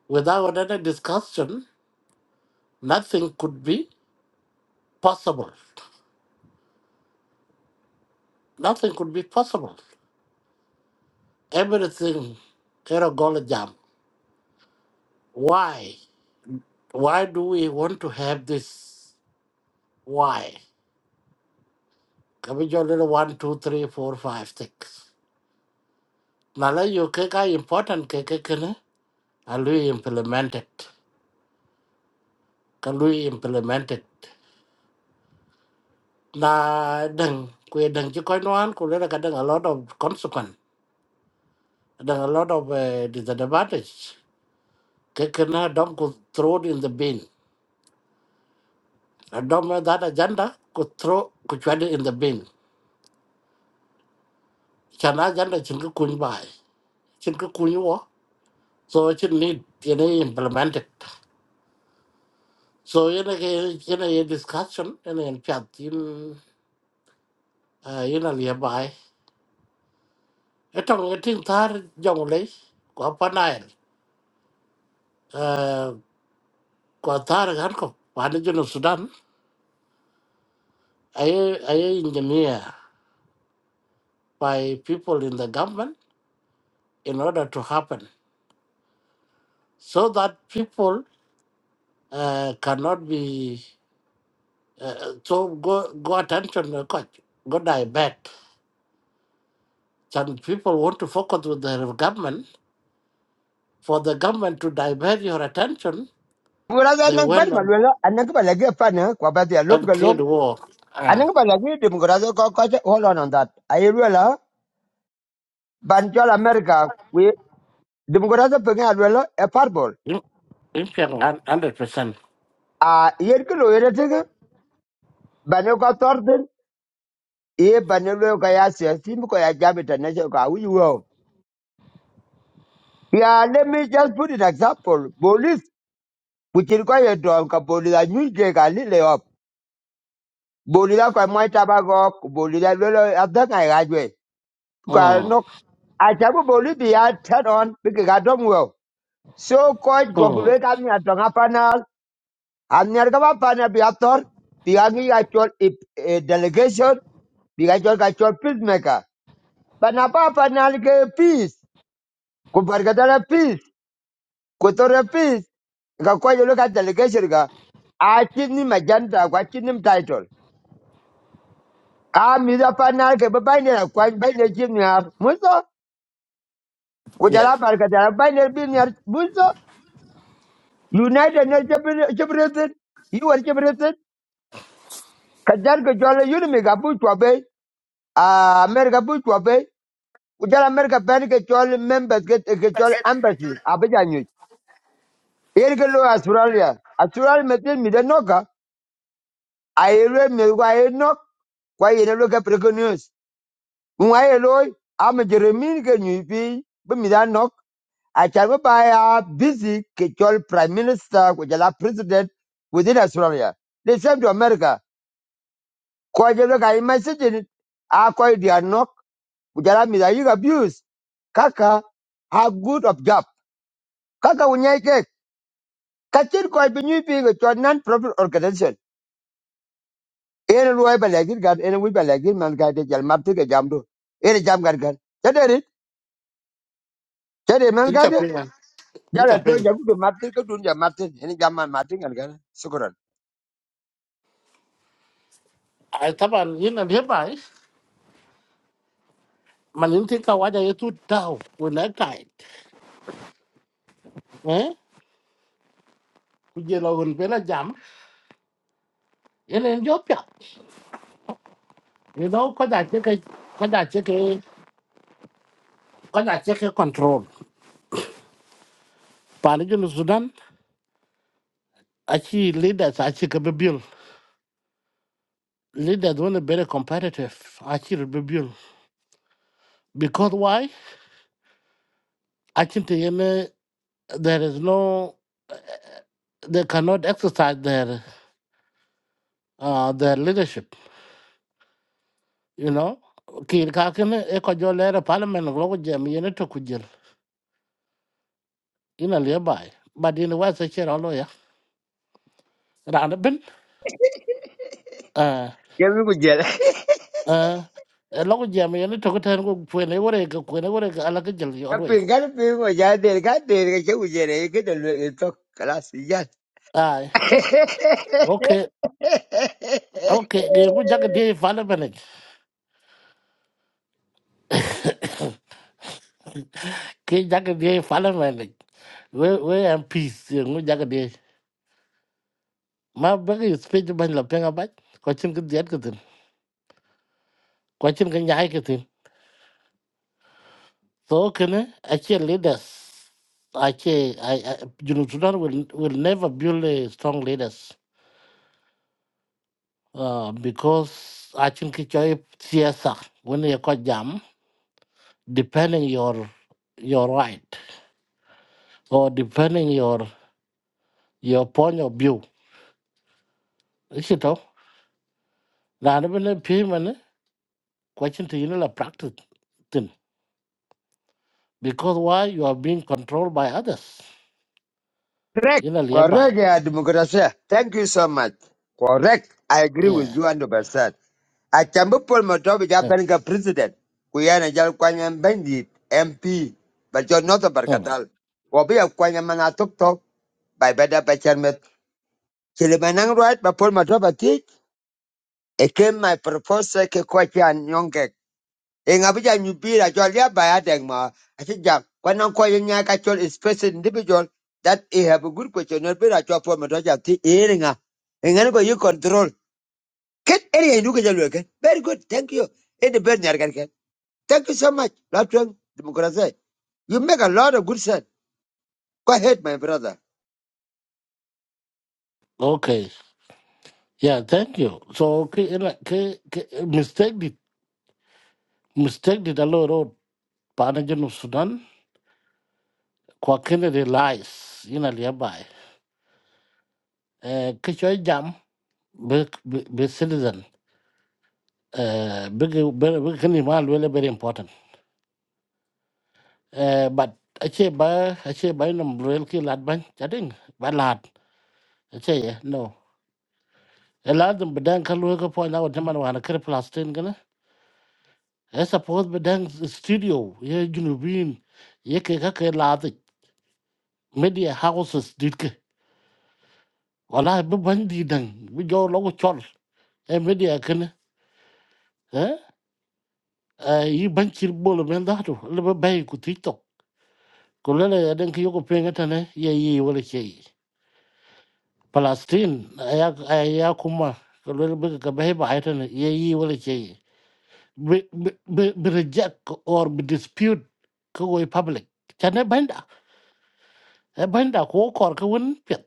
Speaker 2: Without any discussion, nothing could be possible. Nothing could be possible. Everything, kera gola jam. Why? Why do we want to have this? Why? Kami jolene one, two, three, four, five, six. Nala yo keka important keke kene. Alui implemented. Kalui implemented. Na deng kwe deng chikoy noan kulera kadang a lot of consequence. Deng a lot of uh, disadvantage. Kekena na dom could throw it in the bin. A dom eh, that agenda could throw could throw it in the bin. Chana agenda chinka kuny bai. Chinka kuny wo. So it need yene implemented. So in a in a discussion in a chat in uh, in a nearby. It on a thing tar young lay, Guapanile, uh, Guatar Hanko, Panajan of Sudan. I I engineer by people in the government in order to happen so that people uh, cannot be uh, so go go attention uh, coach go divert. Some people want to focus with the government for the government to divert your attention.
Speaker 1: Bura ga
Speaker 2: They
Speaker 1: nan par
Speaker 2: went.
Speaker 1: malwela anan ka balage pa na kwa ba dia
Speaker 2: that
Speaker 1: lop
Speaker 2: create war.
Speaker 1: I
Speaker 2: Ah,
Speaker 1: think about like democracy Hold on on that. I will banjol America we democracy pengen alwela a parbol.
Speaker 2: you you can hundred percent.
Speaker 1: Ah, yer ke loyer tege banyo ka torden e banyo lo ka ya siyasi mi ko ya jam international ka wi wo. Yeah, let me just put an example. Police which is quite a dog ka police a nyu je ka li le op. Police ka mo ta ba go ok, police lo lo adaka ga jwe. Ka
Speaker 2: Hmm.
Speaker 1: nok a chabu police ya turn on bi ka dom wo. So coach
Speaker 2: Hmm.
Speaker 1: gogulwe kami atonga panel, anyar kama panel biator, biangi kachol ip eh, delegation, bigachol kachol peacemaker. Panapa panel ke peace, kubargatala peace, kutore peace, kakwaje loka delegation ka, achini majanta kwa chini title. Ah, mida panel ke babaini na kwa baini chini ya, muso,
Speaker 2: Yeah.
Speaker 1: kujala bargatala baini bini ya, muso, United Nations Chipre- Chipre- you are Chipre- Kajar ke chole yun mi ka bu ah, America bu chwa ujala kujal America ben ke chole members ke ke chole embassy, abeja nyu. Yer ke lo Australia, Australia metin mi de noka, ayere mi wa ayere kwa yene lo ke preko Mwa ye lo, am Jeremy ke nyu pi, bu mi da nok, achar bu ba ya busy ke chole prime minister ujala president within Australia. The same to America. Kwa jelo ka imagine, ah, kwa yidi nok, Bujalami they are being abused. Kaka have good of job. Kaka unyaike. Kachin koi binyu pinga to a non-profit organization. Ere ruwa ba lagir gan, ere wi ba lagir man ga de jal mapte ga jamdo. Ere jam gar gan. Chade ri, man ga
Speaker 2: Interpret.
Speaker 1: Jala to
Speaker 2: Interpret.
Speaker 1: jabu do mapte ka dun jam mapte. Ene jam man mapte gan gan. Sukuran.
Speaker 2: I taban yun na hibay. Malinti ka wada yetu tao when I tight. Eh? Kujelo hun bela jam. Yun en jopya. You know cause I check it, kada cheke kada cheke check it. control. Pani jun Sudan. Achi leaders achi kabibil. Leaders want to be very competitive. Achi kabibil. Because why? Achi te yene there is no they cannot exercise their uh, their leadership. You know, kiir kakene e ko jo lere parliament lo ko jem kujil to ku jel ina le bai but in wa se chero lo ya ran ben uh,
Speaker 1: Yemi ku jere.
Speaker 2: eh lo ko jem yene to ko ten ko pu ne wore ko pu ne wore
Speaker 1: Ka pinga pinga ja de ga de ga che u jere ke de to kalas ya.
Speaker 2: okay okay ge ku jaga de parliament ki jaga de parliament we we am peace ngu jaga de ma ba ki speech ban la penga ba ko chin ko diet ko tin ko So can actually leaders actually I, I you know Sudan will will never build a strong leaders uh, because I think it's a C S R when you call jam depending your your right or depending your your point of view. Is it all? Rather than a payment question to you know practice thing because why you are being controlled by others
Speaker 1: Correct.
Speaker 2: you know nearby.
Speaker 1: Correct, yeah, democracy. Thank you so much. Correct. I agree with
Speaker 2: Yeah.
Speaker 1: you 100%. Achambu Paul Motobi
Speaker 2: yeah.
Speaker 1: Jabenga president. Kuyana jal kwanya bandit MP. But you're not a
Speaker 2: Mm.
Speaker 1: barkatal. Wabi ya kwanya mana tok tok. By better by chairman. Chilimanang right by Paul Motobi teach. It came my proposal ke kwachi in Abuja Nubira, Jolia Bayadengma, I think Jack, when Uncle Yaka Chol is present individual, that he have a good question, not better to form a Doja T. Eringa. And then you control. Get any Nuka Very good, thank you. In the bed, Nargan. Thank you so much, Latwing Democracy. You make a lot of good sense. Go ahead, my brother.
Speaker 2: Okay. Yeah, thank you. So, ke, ela- ke, ke, mistake did mistake did alo road panajen of Sudan kwa kene de lies ina liabai. Eh, kichwa jam be, be, be citizen. Eh, big big kini mal wele very important. Eh, but ache ba ache ba nam mbrel ki lad ban chading ba lad ache ye no. Elad bedang kalu ka po na wajama wana kere plastin gana. Eh, suppose bedang studio ye junubin ye ke ka ke lad media houses dit ke wala be bandi dan be jo logo chol e media kene eh Eh, yi ban chir bolo men da to le be bay ku tiktok ko le le den ke yoko penga tane ye yi wala ke palestine aya aya kuma ko le be ka bay ba tane ye yi wala ke be be be be reject or be dispute ko go e public tane banda e banda ko kor ko won pet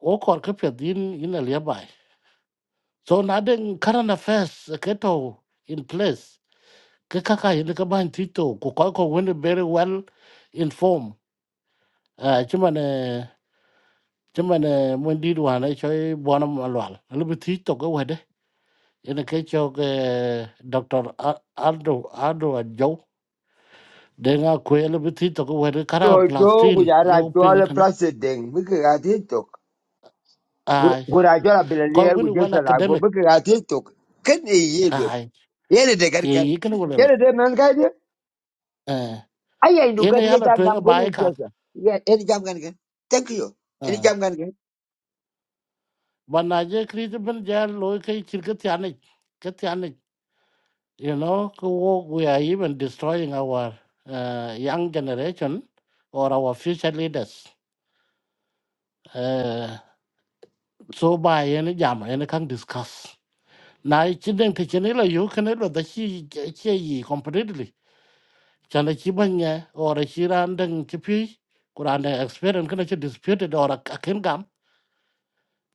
Speaker 2: o kor ko pet yin yin le So nothing current affairs eh, keto in place. Kekaka in the combined tito, Kukoiko went very well informed. Uh, Chimane, Chimane, Wendy, one, I show you Bonam Alwal. A little bit tito go ahead. eh. In the case of uh, Dr. Al- Aldo, Aldo and Joe, then I quit a little bit tito go ahead. eh, Kara
Speaker 1: Jojo,
Speaker 2: plastin,
Speaker 1: we are
Speaker 2: you ping it.
Speaker 1: actual
Speaker 2: eh, no?
Speaker 1: president. We got it.
Speaker 2: Aye,
Speaker 1: Gurajola
Speaker 2: quite
Speaker 1: Bilalier, we
Speaker 2: win
Speaker 1: just
Speaker 2: well
Speaker 1: a lago.
Speaker 2: academic.
Speaker 1: We got it. Can he yield?
Speaker 2: Aye,
Speaker 1: Yeni de gari
Speaker 2: Yeah,
Speaker 1: gari.
Speaker 2: you can go Well,
Speaker 1: Yeni de man gari de.
Speaker 2: Eh,
Speaker 1: Aya indu
Speaker 2: in a
Speaker 1: gari ye
Speaker 2: yellow
Speaker 1: jam
Speaker 2: twin
Speaker 1: gam
Speaker 2: a
Speaker 1: goli
Speaker 2: biker.
Speaker 1: influencer. Yeah, any jam gani gani. Thank you. Any
Speaker 2: Eh.
Speaker 1: jam gani gani.
Speaker 2: But Nigeria created been jail local Kirkatianic, Katianic, you know, ku we are even destroying our uh, young generation or our future leaders. Uh, so by any jam, any can discuss. Now, it's in the Chinela, you can know that she she completely. Chana Chibanya or a Shirandang Chipi, Kuranda experience can actually disputed or a Kingam.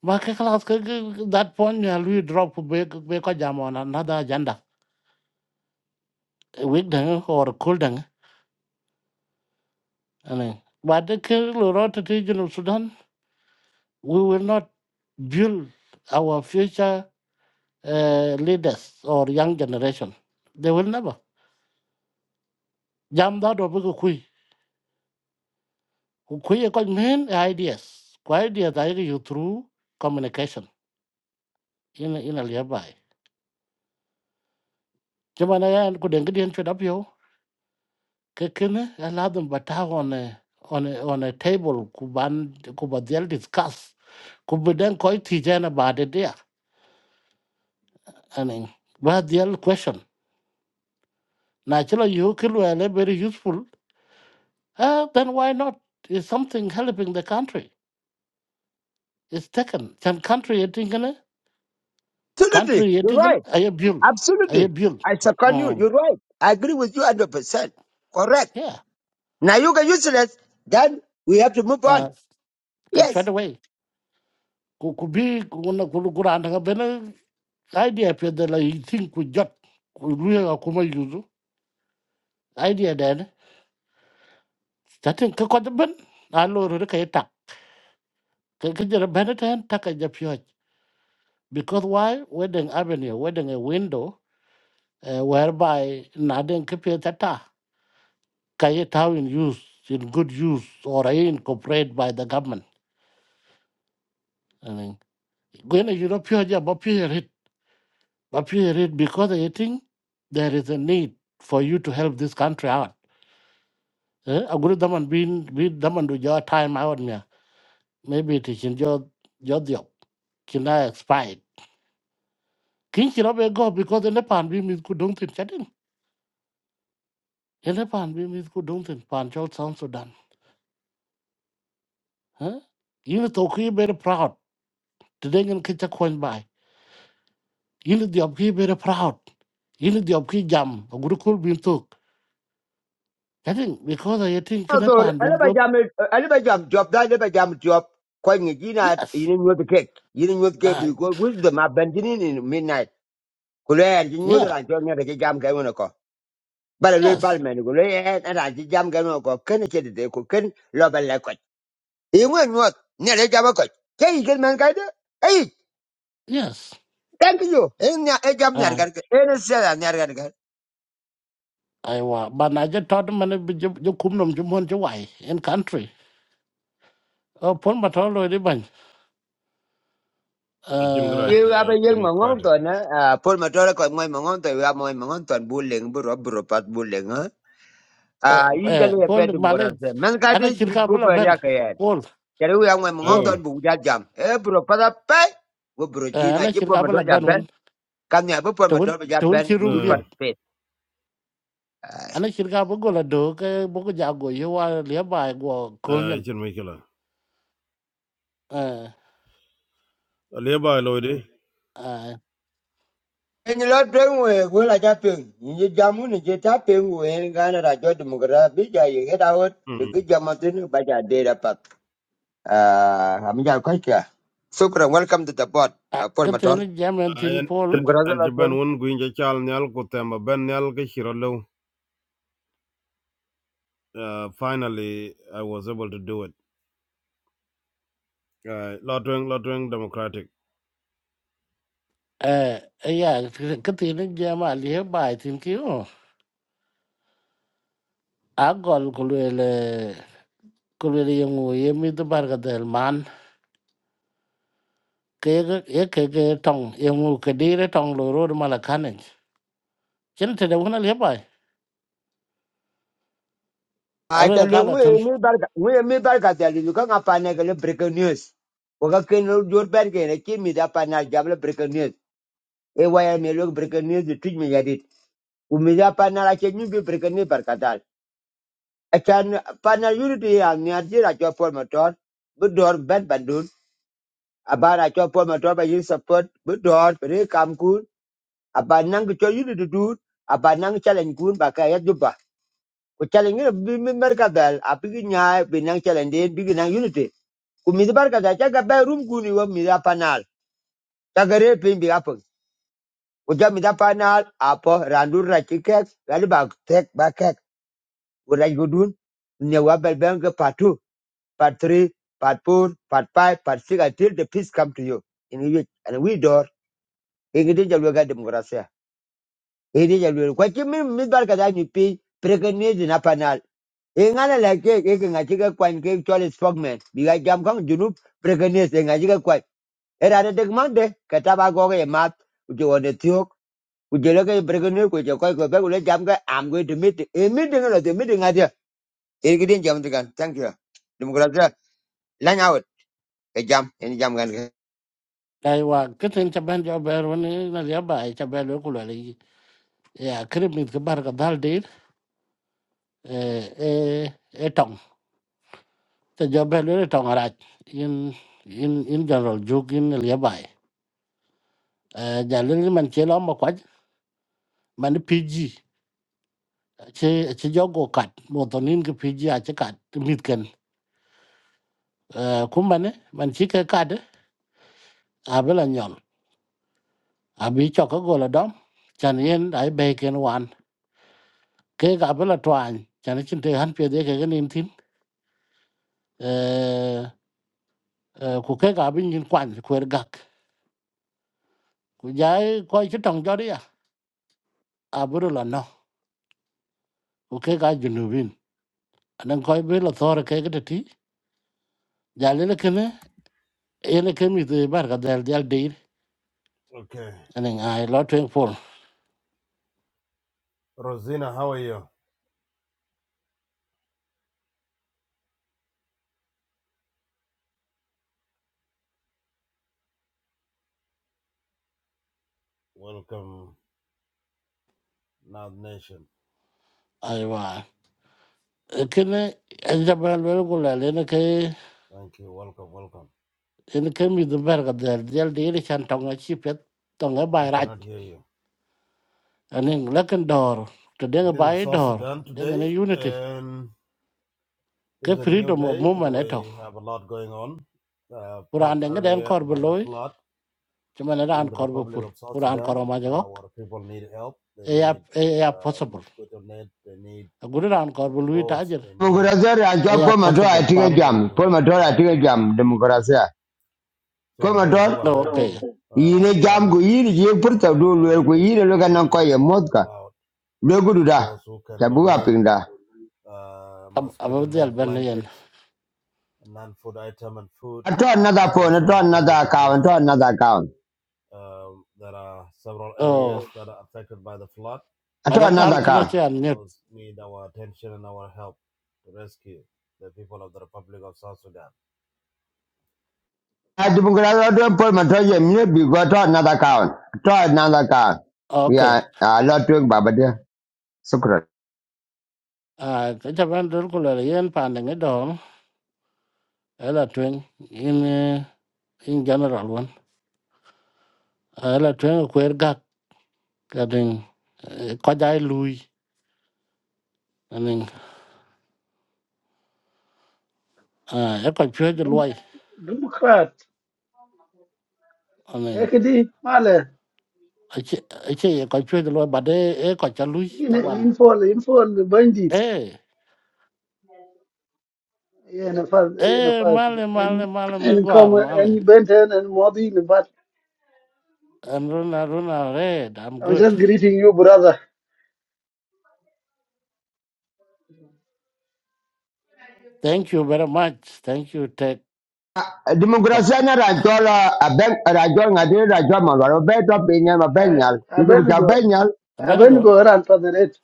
Speaker 2: Market class that point, you will drop back jam on another agenda weak dang or cool dang. And but the Kerala Rota region of Sudan, we will not build our future uh, leaders or young generation. They will never. Jam that or big kui. Kui a main ideas. Kwa ideas I you through communication in in a nearby. Jamana and could ingredient fed up yo. Kekene allow them but on a on a on a table kuban kubadiel discuss. Could be then quite teacher about it there. I mean, but the other question, natural you kill are very useful. Uh, then why not? It's something helping the country. It's taken. Some country eating
Speaker 1: Absolutely.
Speaker 2: country
Speaker 1: You're
Speaker 2: eating
Speaker 1: right.
Speaker 2: I abuse. I
Speaker 1: Absolutely.
Speaker 2: abuse.
Speaker 1: I second you.
Speaker 2: Um,
Speaker 1: You're right. I agree with you 100%. Correct.
Speaker 2: yeah.
Speaker 1: Now you get useless. Then we have to move on.
Speaker 2: Uh, can try
Speaker 1: Yes.
Speaker 2: the way. Could could be kuna kulu kuranda bena idea pe de la you think we jot kulu akuma yuzu idea then starting ka kwa ben alo ro ka eta ka ka jara ben tan ta Because why? Wedding avenue, wedding a window uh, whereby Nadin Kipiatata, Kayetau in use, in good use, or incorporated by the government. I mean, when you know pure job, but pure it, but pure it because I think there is a need for you to help this country out. Eh, A good daman being being daman do your time out here. Maybe it is in your your job. Can I expire? King Kirabe go because the Nepan beam is good don't think. In the Pan beam is good don't think. Pan Chol Sound Sudan. Huh? Yini to ki very proud. Today ngan kita kwan bai. Yini diop ki very proud. Yini diop ki jam. Aguru kul bin tuk. I think because I think kena
Speaker 1: So,
Speaker 2: pandun
Speaker 1: alaba
Speaker 2: ko.
Speaker 1: jam, alaba jam job, da alaba jam job. Kwa ngi jina,
Speaker 2: Yes.
Speaker 1: yini nyo the cake. Yini nyo the cake
Speaker 2: Uh,
Speaker 1: because with the map been in midnight. Kulea, yini nyo the
Speaker 2: yeah.
Speaker 1: ranchon, yini jam gani bala lol
Speaker 2: Yes.
Speaker 1: pal men go le en ara ji jam gan ko ken che de ko ken lo bala ko i ngwen mot ne le jam ko ke i gen man ka de ai
Speaker 2: Yes.
Speaker 1: thank you en ya e jam nyar
Speaker 2: Uh,
Speaker 1: gar ke en se da nyar gar gar
Speaker 2: I wa but I just thought man bi jo jo kum nom jo mon jo wai in country. Uh, pon ma thol lo di ban.
Speaker 3: Jim
Speaker 2: Uh,
Speaker 3: Graj,
Speaker 1: i ga
Speaker 3: uh,
Speaker 1: ba yeng ma ngong
Speaker 3: Democratic.
Speaker 1: to na a pol ma tore ko moy ma ngong to ga moy ma ngong to bu leng bu ro bu ro pat bu leng a Ah, i
Speaker 2: eh
Speaker 1: jale pe
Speaker 2: pon
Speaker 1: dum ko ra
Speaker 2: malaj
Speaker 1: se man ka de
Speaker 2: ana
Speaker 1: ji
Speaker 2: chirka
Speaker 1: bu
Speaker 2: bula
Speaker 1: ba
Speaker 2: ben.
Speaker 1: ya ka ye ya
Speaker 2: Pol
Speaker 1: ke ru ya moy ma ngong
Speaker 2: pol
Speaker 1: to
Speaker 3: Aiwa,
Speaker 1: bu ja jam e bu ro pa da pe go bu ro ji
Speaker 2: eh
Speaker 1: na
Speaker 2: ana
Speaker 1: ji pol
Speaker 2: chirka
Speaker 1: ma
Speaker 2: bula
Speaker 1: tore ja
Speaker 2: ben
Speaker 1: ben
Speaker 2: wen.
Speaker 1: kan ya bu pol ma
Speaker 2: Tawun
Speaker 1: tore ja
Speaker 2: tawun chi
Speaker 1: ben bu lu
Speaker 2: room
Speaker 3: uh,
Speaker 1: par
Speaker 2: ana shirka bu gola do ke bu ko jago ye wa le ba go
Speaker 3: uh,
Speaker 2: kolnyen
Speaker 3: chin Mikila.
Speaker 2: eh
Speaker 3: Aliba Lloyd,
Speaker 2: eh
Speaker 1: En la tren we we la ja pen. Ni jamu ni je ta pen we en gana ra jo demokra bi ja ye to
Speaker 3: mm.
Speaker 1: ki jamatin ba ja de ra pat. Ah ham ja Sukra welcome to the board. Uh, Paul
Speaker 2: ka te
Speaker 1: Mator.
Speaker 2: jamen tin
Speaker 3: and,
Speaker 2: pol
Speaker 3: and,
Speaker 1: Demokra za
Speaker 3: and
Speaker 1: la
Speaker 3: Japan
Speaker 1: tren.
Speaker 3: won Gwinja Chal Nyal Kutamba Ben Nyal Kishirolo. Uh, finally, I was able to do it. Uh, Lotwing, Lotwing Democratic.
Speaker 2: eh eh, ya ka te ne jama le ba tin ki o a gol ko le ko le ye ye mi to bar ga del man ke ga ye ke ke tong ye ngu ke dire tong lo ro ma la kanen chen te de wona le ba
Speaker 1: A
Speaker 2: a le ka
Speaker 1: ta
Speaker 2: la kala
Speaker 1: we
Speaker 2: tan
Speaker 1: mi barka we mi barka ta li ka nga pa ne ga breaking news. Ko ka ken lo jor ber ke ne ki mi da pa breaking news. E wa ya mi lo breaking news tu mi ya dit. U mi da pa na la breaking news barka Achan partner unity and Nigeria at your former door, good door, bad bandun, about at your former door by you support, good door, very come good, about Nangacho unity do, about Nang challenge good, Bakaya Juba. ku challenge you, be Merca bell, a big yai, be challenge, big Nang unity. Kumi the Barca, I check room good, you want me that panel. Tagare pin be apple. Ujam panel, apo, randur, like kick, very back, take back, what I go do, Newabel Benga part part three, part four, part five, part six, until the peace come to you. In which, and we door, in the Jaluga democracy. In the Jaluga, what you mean, Miss Barkada, you pay, pregnant in a In an like a chicken, a chicken, quite cake, Charlie Spogman, because Jam Kong, Junub, pregnant, in a chicken, quite. Era de tek mande, kataba goge e mat, uche wane tiok, uche loke e pregnant, uche koi koi koi, jam ka, I'm going to meet, e meeting, a meeting, a dia. Ini kita jam tekan, thank you. Demokrasi, line out e jam, ini jam kan.
Speaker 2: dai wa ka te ne chaben jo ber woni na le ba cha lo ko le ya kremit ke bar ga dal eh eh eh tong te job le tong arach in in in general juk in le bai eh ja le man che lo ma kwaj man pg che che jogo kat mo to nin ke pg a che kat mit ken eh kum man man chi ke kat a bela nyol a bi cho ko go la dom chan yen ai be ken wan ke ga bela twan chan chin te han pye de ke ke nin tin eh eh, ku ke ga bin yin kwan ku er gak ku jai ko chi tong jori ya a buru la no. Okay, ka junubin anan koy be la thor ke ke ti jale le kene ene ke mi te bar ka dal dal dir
Speaker 3: Okay.
Speaker 2: anan ai lo twen pol
Speaker 3: Rosina, how are you? Welcome, Nad Nation.
Speaker 2: ai wa kene en ja bal wel ko la le ne ke
Speaker 3: Thank you. Welcome, welcome.
Speaker 2: ene ke mi te bar ka dal dal dir chan tong a chi pet tong a
Speaker 3: I
Speaker 2: bai raj
Speaker 3: cannot hear you.
Speaker 2: anan le ken dor to de ga
Speaker 3: This is
Speaker 2: bai
Speaker 3: South
Speaker 2: dor
Speaker 3: Sudan
Speaker 2: de ga ne
Speaker 3: today,
Speaker 2: unity
Speaker 3: and It's
Speaker 2: ke
Speaker 3: a new
Speaker 2: freedom of
Speaker 3: day, and
Speaker 2: movement eto
Speaker 3: we have a lot going on. Uh,
Speaker 2: quran
Speaker 3: talked
Speaker 2: de ga den
Speaker 3: earlier
Speaker 2: kor be
Speaker 3: about the
Speaker 2: loy
Speaker 3: flood
Speaker 2: chama ne
Speaker 3: in
Speaker 2: ran
Speaker 3: the
Speaker 2: kor be
Speaker 3: Republic
Speaker 2: pur
Speaker 3: of South
Speaker 2: quran kor
Speaker 3: Sudan,
Speaker 2: ma ja
Speaker 3: uh, where people need help. They
Speaker 2: e ya
Speaker 3: need
Speaker 2: e ya
Speaker 3: uh,
Speaker 2: possible
Speaker 3: mosquito net. They need
Speaker 2: gudu ran kor be lui
Speaker 3: boats.
Speaker 2: ta
Speaker 3: They need
Speaker 1: Demokrasia rachwa
Speaker 2: yeah,
Speaker 1: Paul
Speaker 3: uh,
Speaker 1: Matar
Speaker 2: possible.
Speaker 3: to be
Speaker 1: atinge
Speaker 2: Pam.
Speaker 3: moved
Speaker 1: jam. Paul
Speaker 3: to
Speaker 1: Matar
Speaker 3: dry
Speaker 1: atinge
Speaker 3: ground.
Speaker 1: jam demokrasia. Paul
Speaker 3: So those who
Speaker 1: Matar
Speaker 2: Oh,
Speaker 3: are
Speaker 2: okay.
Speaker 3: able uh,
Speaker 1: yine jam ku
Speaker 3: body,
Speaker 1: yiri je
Speaker 3: uh,
Speaker 1: purta
Speaker 3: you are
Speaker 1: do lwer ku
Speaker 3: directed
Speaker 1: yiri
Speaker 3: to
Speaker 1: lo
Speaker 3: go and
Speaker 1: kana ko
Speaker 3: help
Speaker 1: ye
Speaker 3: our
Speaker 1: motka.
Speaker 3: people out.
Speaker 1: Lo gudu da.
Speaker 3: Those who can
Speaker 1: Chabu
Speaker 3: donate
Speaker 1: apinda.
Speaker 3: uh,
Speaker 2: Ab-
Speaker 3: mosquito
Speaker 2: About the
Speaker 3: net
Speaker 2: Albanian.
Speaker 3: blankets, non-food item, and food
Speaker 1: Ato another
Speaker 3: are
Speaker 1: phone,
Speaker 3: also
Speaker 1: ato another
Speaker 3: encouraged to do
Speaker 1: account, ato
Speaker 3: so
Speaker 1: another account.
Speaker 3: Um, there are several
Speaker 2: Oh,
Speaker 3: areas that are affected by the flood,
Speaker 1: Ato
Speaker 2: but I
Speaker 1: another
Speaker 2: can't
Speaker 1: account.
Speaker 2: connect you
Speaker 3: and
Speaker 2: on mute.
Speaker 3: those need our attention and our help to rescue the people of the Republic of South Sudan.
Speaker 1: A demokrasia do Paul Matar ye mye bi go ato another account. Ato another account.
Speaker 2: Okay.
Speaker 1: Yeah, a lot to baba de. Sukra.
Speaker 2: Uh, cái chấp nhận rất là yên phản ứng đó là chuyện in eh, in general one Ấy là chuyện queer gag cái đừng có dai lui anh em à cái còn chưa được
Speaker 4: Dem-
Speaker 2: lui
Speaker 4: Democrat,
Speaker 2: anh em
Speaker 4: ekdi male
Speaker 2: ấy chứ ấy chứ còn chưa được lui bà đây ấy còn chưa lui
Speaker 4: in
Speaker 2: taban
Speaker 4: infol infol bandit
Speaker 2: ê
Speaker 4: yana fas yana
Speaker 2: ê
Speaker 4: fas
Speaker 2: male male
Speaker 4: and
Speaker 2: male me
Speaker 4: and
Speaker 2: gua
Speaker 4: come
Speaker 2: male
Speaker 4: and Benton and Modi in but
Speaker 2: and runa runa red I'm
Speaker 4: I'm
Speaker 2: good
Speaker 4: just greeting you brother
Speaker 2: Thank you very much. Thank you, Ted. But
Speaker 1: Demokrasia ni rajol abeng rajol ngadi rajol malwar abeng to benyal
Speaker 4: I
Speaker 1: abenyal
Speaker 4: I
Speaker 1: itu
Speaker 4: been
Speaker 1: baca
Speaker 4: go
Speaker 1: benyal
Speaker 4: I been
Speaker 2: Benago,
Speaker 4: go around for the net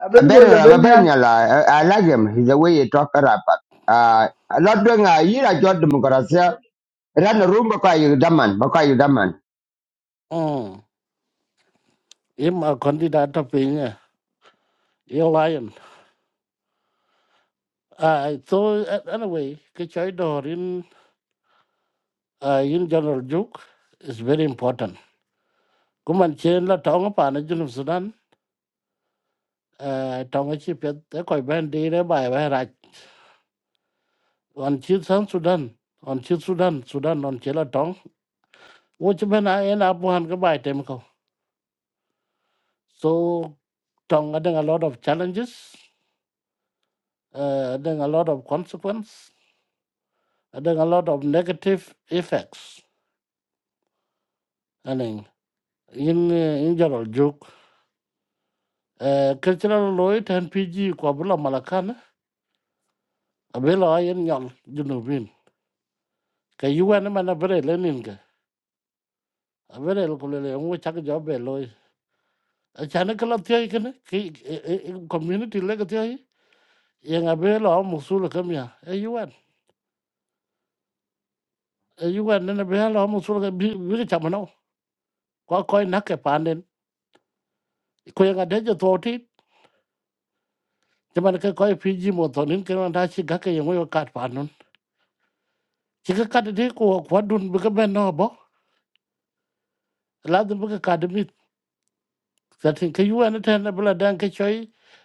Speaker 4: I been go the
Speaker 1: abenyal
Speaker 4: Benyal
Speaker 1: abenyal I I like him he's the way he talk rapat ah lot dong ayi rajol demokrasia ran room baka ayu daman baka ayu daman
Speaker 2: um, I'm a candidate of being a lion. Uh, so uh, anyway, kichai dorin uh, in general juk is very important. Kuman chen la tonga pana junub Sudan. Uh, tonga chi pet e koi ben dire bai bai raj. On chi san Sudan. On chi Sudan. Sudan on chi la tong. Wo chi ben a en abuhan ka bai tem ko. So tonga deng a lot of challenges. uh, then a lot of consequence, and then a lot of negative effects. And in in, uh, in general, joke uh, cultural Lloyd and PG Kwabula Malakana, a bello iron yal, you know, win. Kay you and a man a very lenin, a very locally, and we chuck a job bello. A chanical of Tiakan, community legacy, young a bello almost sula come here, a UN, a UN and a bello almost sula be chamano, Quacoy Naka Pandin, Quang a digit thought jaman ka koy piji mo to nin kan da shi ga ka yango yo kat pa nun shi ka kat de ko ko dun bu ka ben no bo la dun bu ka ka de mit sa tin ka yu an ta na bla dan ka choy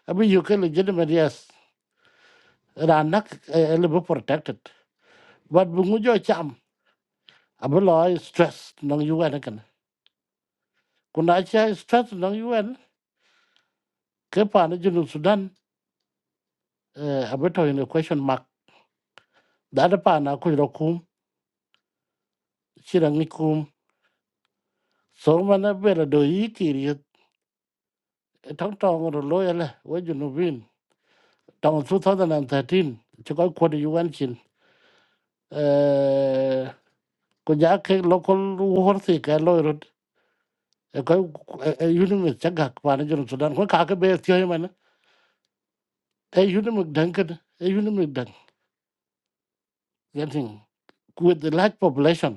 Speaker 2: abi yu ka legitimate yes ra nak le bu protected but bu ngu jo cham abi lo stress nong yu an kan ku na cha stress nong yu an ka pa na jinu sudan eh, abi to in a question mark da da pa na ku ro kum shi ra ni kum so mana bela do yi kiri tong tong ro lo ya la wa jinu bin. trong 2013 chỉ có quân đi UN chín có giá cái local war thì cái lôi rồi có unit chắc gạc và nó cho Sudan có cả cái bề theo mà nó unit đẳng cái unit đẳng cái thing with the large population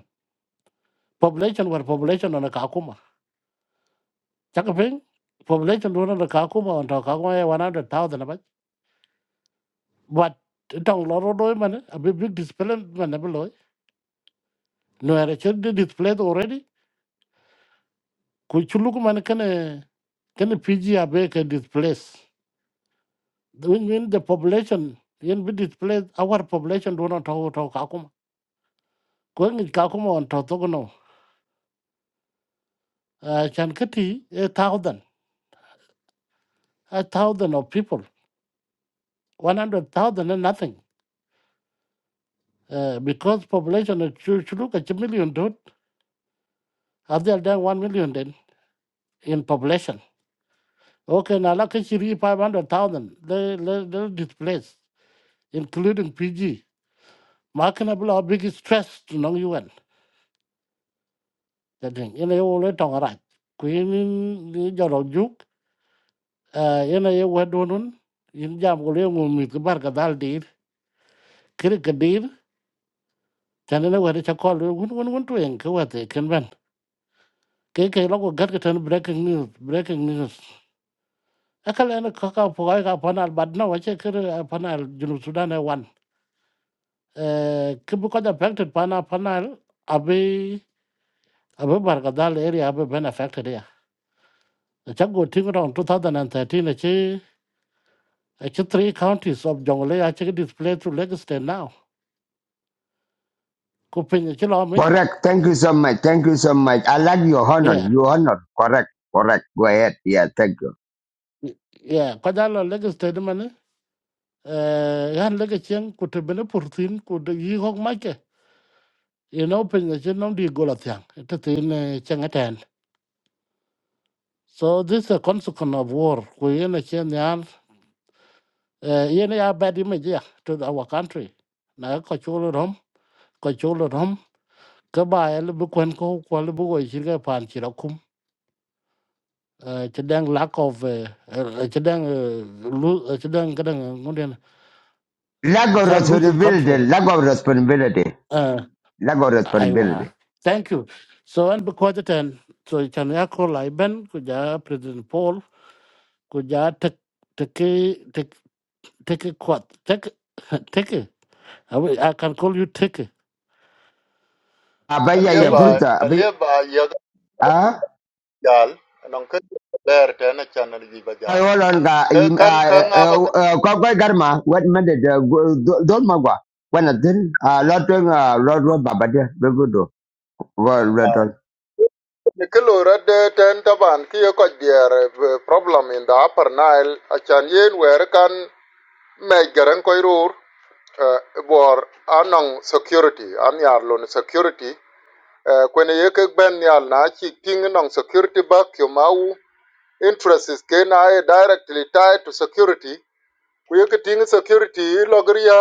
Speaker 2: population war population nó cả cũng mà chắc cái thing population luôn nó cả cũng mà nó cả cũng là 100,000 bách but trong lỗ rồi đôi mà nó a big displacement mà nó bị lỗi nó là chưa displaced already kuchuluk man kana Can PG Abeke displace? When, when the population can be displaced, our population do not talk to Kakuma. Going in Kakuma on Totogono, uh, Chankati, a thousand, a thousand of people, 100,000 and nothing. Uh, because population is chu- chu- look at a million dude, have they done one million then in population? Okay, now like Chiri 500,000, they, they, they displaced, including PG. Marketable or big stress to non UN. jadeng ina ye wole tong raj ku yin ni joro juk eh, ina ye wedo nun yin jam ko le ngum mi ko bar ka dal dir kir ka dir tan ina wede cha kol won won won to yen ka wate ken ben ke ke logo gat ka tan breaking news breaking news akala ina ka ka po ka panal bad na wache kir eh, panal junu sudan e wan eh kibu ko da affected pana panal abi abi bar ka dal area abi ben affected ya cha go ting rong 2013 che Actually, three counties of Jonglei actually displaced to Lagos State now. Kuping Chilo Michela.
Speaker 1: correct thank you so much thank you so much I like your honor
Speaker 2: Yeah.
Speaker 1: your honor correct correct go ahead yeah thank you
Speaker 2: y- Yeah. Kajalo Lagos State man. eh? Uh yan Lagosian could have been a purthin could ye hog make. You know, pension on the Golathang. It is in Changatan. So this is a consequence of war. We in a chain yan uh yen a bad image yeah, to our country. Na ko chulo rom, ko chulo rom. Ka ba ya lubu kwen ko ko lubu go shiga pan chirakum. ci dang lack of ci dang lose ci dang kadang ngunden
Speaker 1: lack of
Speaker 2: cha losing control
Speaker 1: responsibility lack of responsibility
Speaker 2: uh
Speaker 1: lack of
Speaker 2: aiwa
Speaker 1: responsibility
Speaker 2: thank you so and because then so chan ya ko lai ben ku ja president paul ku ja tek tek tek tek kwat tek tek i will- I can call you tek
Speaker 1: abaya ya
Speaker 5: alieba
Speaker 2: thank you
Speaker 1: fruta abaya
Speaker 5: alieba yaga
Speaker 1: ah?
Speaker 5: jal non ka ler tena chana ji
Speaker 1: I
Speaker 5: bajal
Speaker 1: hold on, ga
Speaker 5: ka
Speaker 1: im-
Speaker 5: kan
Speaker 1: ah,
Speaker 5: kan
Speaker 1: eh,
Speaker 5: aba ka
Speaker 1: eh, kwa kwa garma wet mende de go- do- don magwa wana din a lotun a lotun babade begodo go lotun
Speaker 5: ni kilo red ten taban ki ko dier eh, problem in the upper nile a chan yen wer kan me garan ko rur eh, bor anong security an yar lon security eh, kwene ye ke ben yal na chi ting nong security back yo mau interests ke na ye directly tied to security ku ye ke ting security logria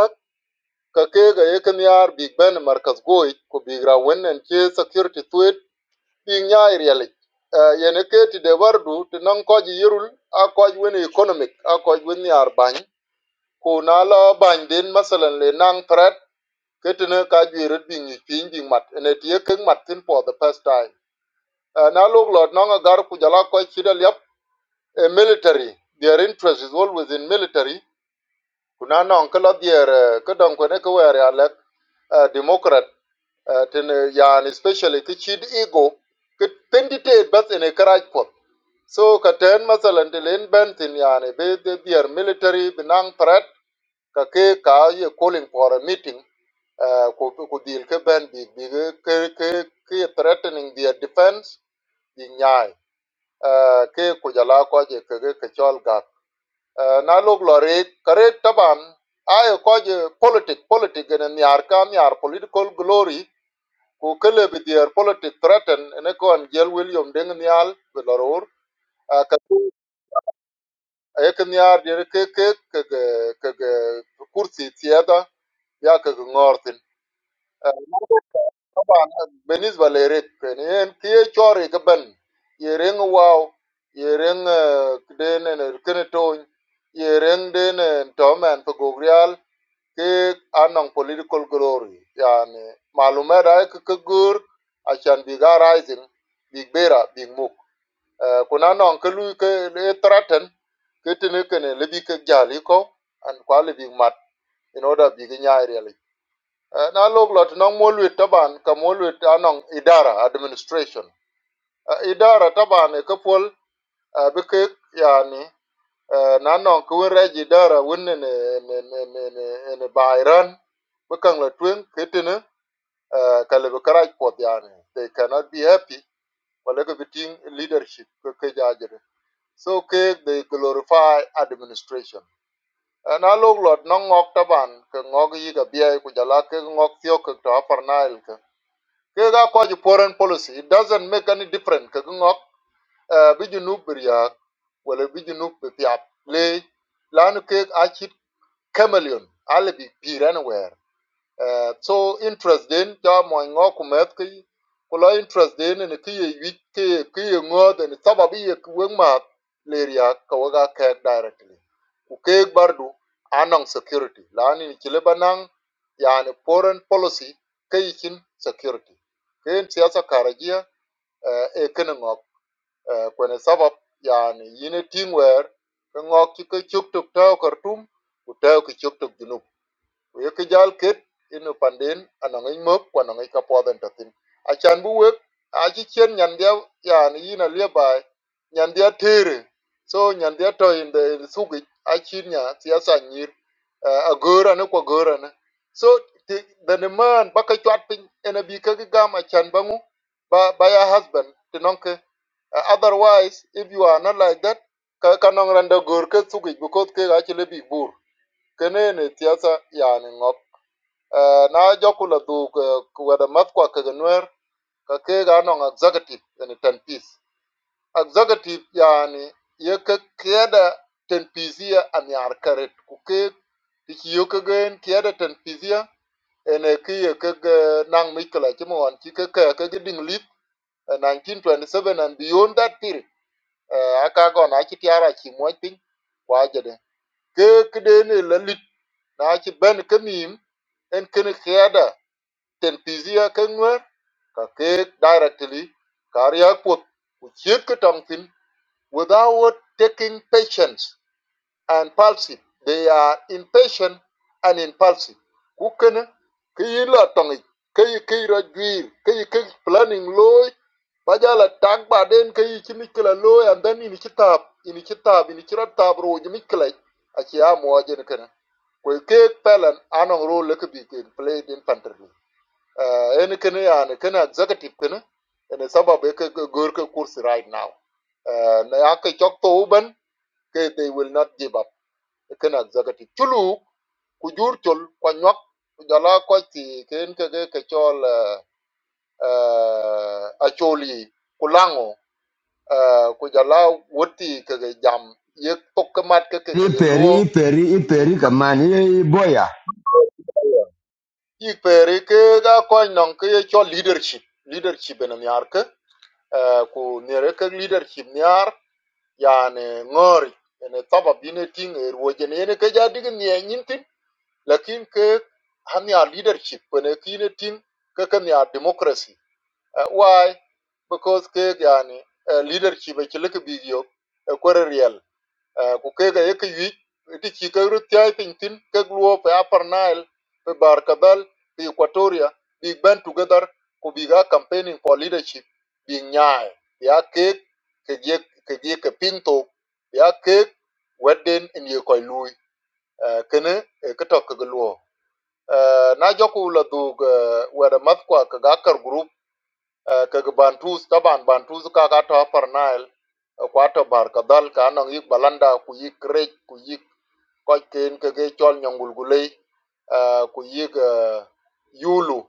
Speaker 5: ka ke ga ye ken yar big ben markas goy ko big ra wennen che security tweet big nya iriali ye ne ke ti de wardu ti nan ko ji yirul a ko wen economic a ko ji wen yar bany ko na la bany den masalan le nang threat ke ka ji ret big ni mat ne ti ye ken mat tin for the first time Eh, na lok lot nan a gar ku jala ko military their interest is always in military kuna nan kala dier eh, ke don ko ne eh, democrat Uh, tene yani especially ti chid ego ke pendite bas ene karaj pot so ka ten masalan de len ben tin yani be de their military binang threat ka ke ka ye calling for a meeting uh, ku ku deal ke ben bi bi ke ke ke ke threatening their defense bi nyai uh, ke ku jala ko je ke ke ke chol ga uh, na lok lore kare taban ay ko je politic politic ne nyar ka nyar political glory ku kele bi their politic threaten ene kon jel william deng nyal bi loror a ka ku e ke nyar de ke ke ke ke ke kursi tiada ya ke ngortin taban benisba le ret ken en ke chore ke ben ye wow ye den de ne ken ton ye reng de ne to gogrial ke anong political glory yani malume da ke ke gur achan biga rising big bera big muk Eh, kuna non ke lu ke le threaten ke tene ke ne le bi ke jali ko an kwa le big mat in order big nya really uh, na log lot non mo taban ka mo lu anong idara administration Eh, idara taban eh, ke pol eh, bi ke yani Eh, na non ko reji dara won ne ne ne ne bayran bakang la twen ketene kale be karaj pot yani they cannot be happy wala ko biting leadership ko ke jajere so ke they glorify administration Eh, na log lot no ngok taban ke ngok yi ga biya ku jala ke ngok thio ke to aparnail ke ke ga ko ji foreign policy it doesn't make any difference ke ngok eh, bi junub bir ya wala bi junub bi piap le lanu ke a chit chameleon alle bi peer anywhere uh, so interest den ja mo ngo ku met ki ku lo interest den ne ki ye wi ki ye ki ye ngo den sababu ye ku weng ma le ria ka wa ga ke directly ku ke bardu anong security la ni ki banang yani foreign policy ke security ke yin siyasa karajia uh, e kene ngo uh, kwene sabab yani yine teamwear ke ngo ki ke chuk tuk taw kartum ku taw ki chuk tuk junub we ke jal ket inu pandin anong i mok kwa anong i kapodhen achan bu wek achi chien nyandia yani yin alie bai nyandia tere so nyandia to in the sugi achin nya siasa nyir uh, agora ne kwa gora ne so the, man baka chwat pin ene bi ka gam achan bangu ba by ya husband tinonke uh, otherwise if you are not like that ka kanong randa gor ke sugi because ke achile bi bur kenene tiasa yani ŋop Eh, na joku la dhuk wede math kwa kege nwer executive yani ten piece executive yani ye ke kieda ten piece ye anyar karet kuke ke tiki yo kegen ten piece ye ene ki ye nang mikla chimo wan chi ke ke lip eh, 1927 and beyond that period eh, aka go na chi tiara chi mwa ping kwa jede ke kede ne la na ci ben ka mim en kene kiada ten pizia ka ngwer ka ke directly karya put, ku chiet ka tong tin without taking patience and impulsive they are impatient and impulsive ku kene ke yi la tong ik, ke yi ke ra juir ke yi ke planning loy ba ja la tag ba den ke yi chi mikla loy and then ini chi tab, ini chi tap ini chi ra tap ro ji mikla a chi a mo kwe ke pelan anong role ke bi ke played in country uh any kene yani kene executive kene ene sabab ke gor ke kursi right now uh na ya ke chok to uban ke they will not give up E kene executive chulu kujur chul ko jala ko ti ken ke ke ke chol uh uh, acholi kulango. lango uh ku jala ke ke jam yek tokkamat ke ke
Speaker 1: ni
Speaker 5: ke
Speaker 1: peri
Speaker 5: luo
Speaker 1: peri i peri kaman i i boya
Speaker 5: Ik pere ke ga kony nong ke ye cho leadership leadership en miar ke eh, ku nere ke leadership miar yani ngori ene taba bine ting er woje ne ene ke ja dig nie nyintin lakin ke hamia leadership ne kine ting ke ke mia democracy Eh, why because ke yani eh, leadership e chile ke bigyo e kwere real Eh, ku kega ye ke yuic ti ci ke ru tiai piny thin kek luo pe upper nile pe bar pe equatoria big band together ku big campaigning for leadership big nyai ya kek ke ye ke ye ke pinto ya ke weden en ye koy lui Eh, kene eh, ke tok ke luo na joku la dug wede math kwa ke group kaga bantus taban bantus kaga to upper nile kwato bar kadal ka anong yik balanda ku yik rech ku yik koch ken kege chol nyongulgulei ah, ku yik ah, yulu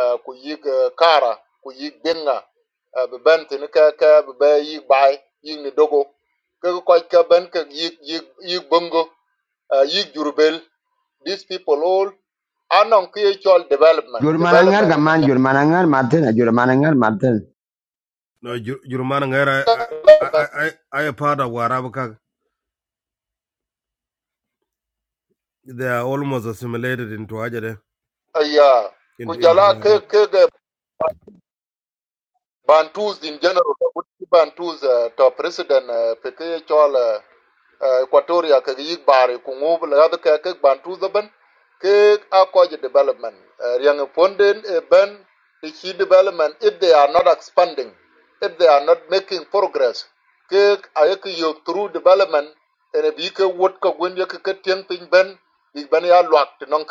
Speaker 5: ah, ku yik ah, kara ku yik benga eh, be ben tini ka ka be yik bai yik ni dogo kege koch ka ben kege yik yik yik bongo ah, yik jurubel these people all anong kiye chol development
Speaker 1: jur manangar
Speaker 5: development
Speaker 1: kaman jur manangar maten jur manangar maten
Speaker 3: No, Ju- Jurumana Ngera, I, I,
Speaker 5: and
Speaker 3: I, I, I, part of Warab. Kak. They are almost assimilated into Ajade,
Speaker 5: yeah,
Speaker 3: into, into
Speaker 5: kujala ke
Speaker 3: Warab.
Speaker 5: ke ke Bantus in general, the Bantus uh, to President uh, Peke Chol Uh, eh, equatoria ke yik bare ku ngob la ga ke ke ban tu ke a development Eh, riang e fonden e ben the development if they are not expanding if they are not making progress ke a ke through development ene bi ke wot ko gwen ke ke tien pin ben bi ben ya lwak non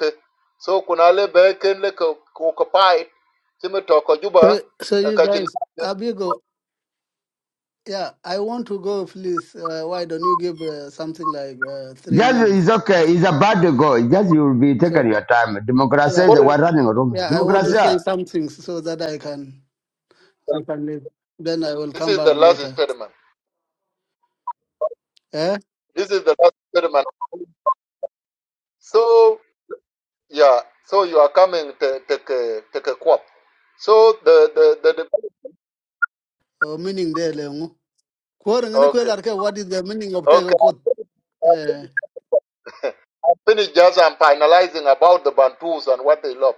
Speaker 5: so kuna le be ken le ko ko pai timi ko juba
Speaker 4: So, so
Speaker 5: eh,
Speaker 4: you
Speaker 5: ka chin
Speaker 4: guys, Abigo, yeah, I want to go, please. Uh, why don't you give uh, something like uh, three
Speaker 1: just
Speaker 4: minutes?
Speaker 1: is okay it's about to go just you will be taking
Speaker 4: So,
Speaker 1: your time democracy
Speaker 4: yeah,
Speaker 1: is the
Speaker 4: I,
Speaker 1: one running room
Speaker 4: yeah, I want to
Speaker 1: democracy
Speaker 4: say something so that I can. I can leave. Then I will
Speaker 5: this
Speaker 4: come
Speaker 5: is
Speaker 4: back
Speaker 5: the last
Speaker 4: later.
Speaker 5: experiment
Speaker 4: Eh?
Speaker 5: this is the last experiment so Yeah, so you are coming to take a take a quap. So the the the, the
Speaker 4: Oh, meaning there, Leongu. Kuwar ngani
Speaker 5: okay
Speaker 4: kwelar ke, What is the meaning of take
Speaker 5: okay.
Speaker 4: a quote? Eh.
Speaker 5: finish just I'm finalizing about the Bantus and what they love.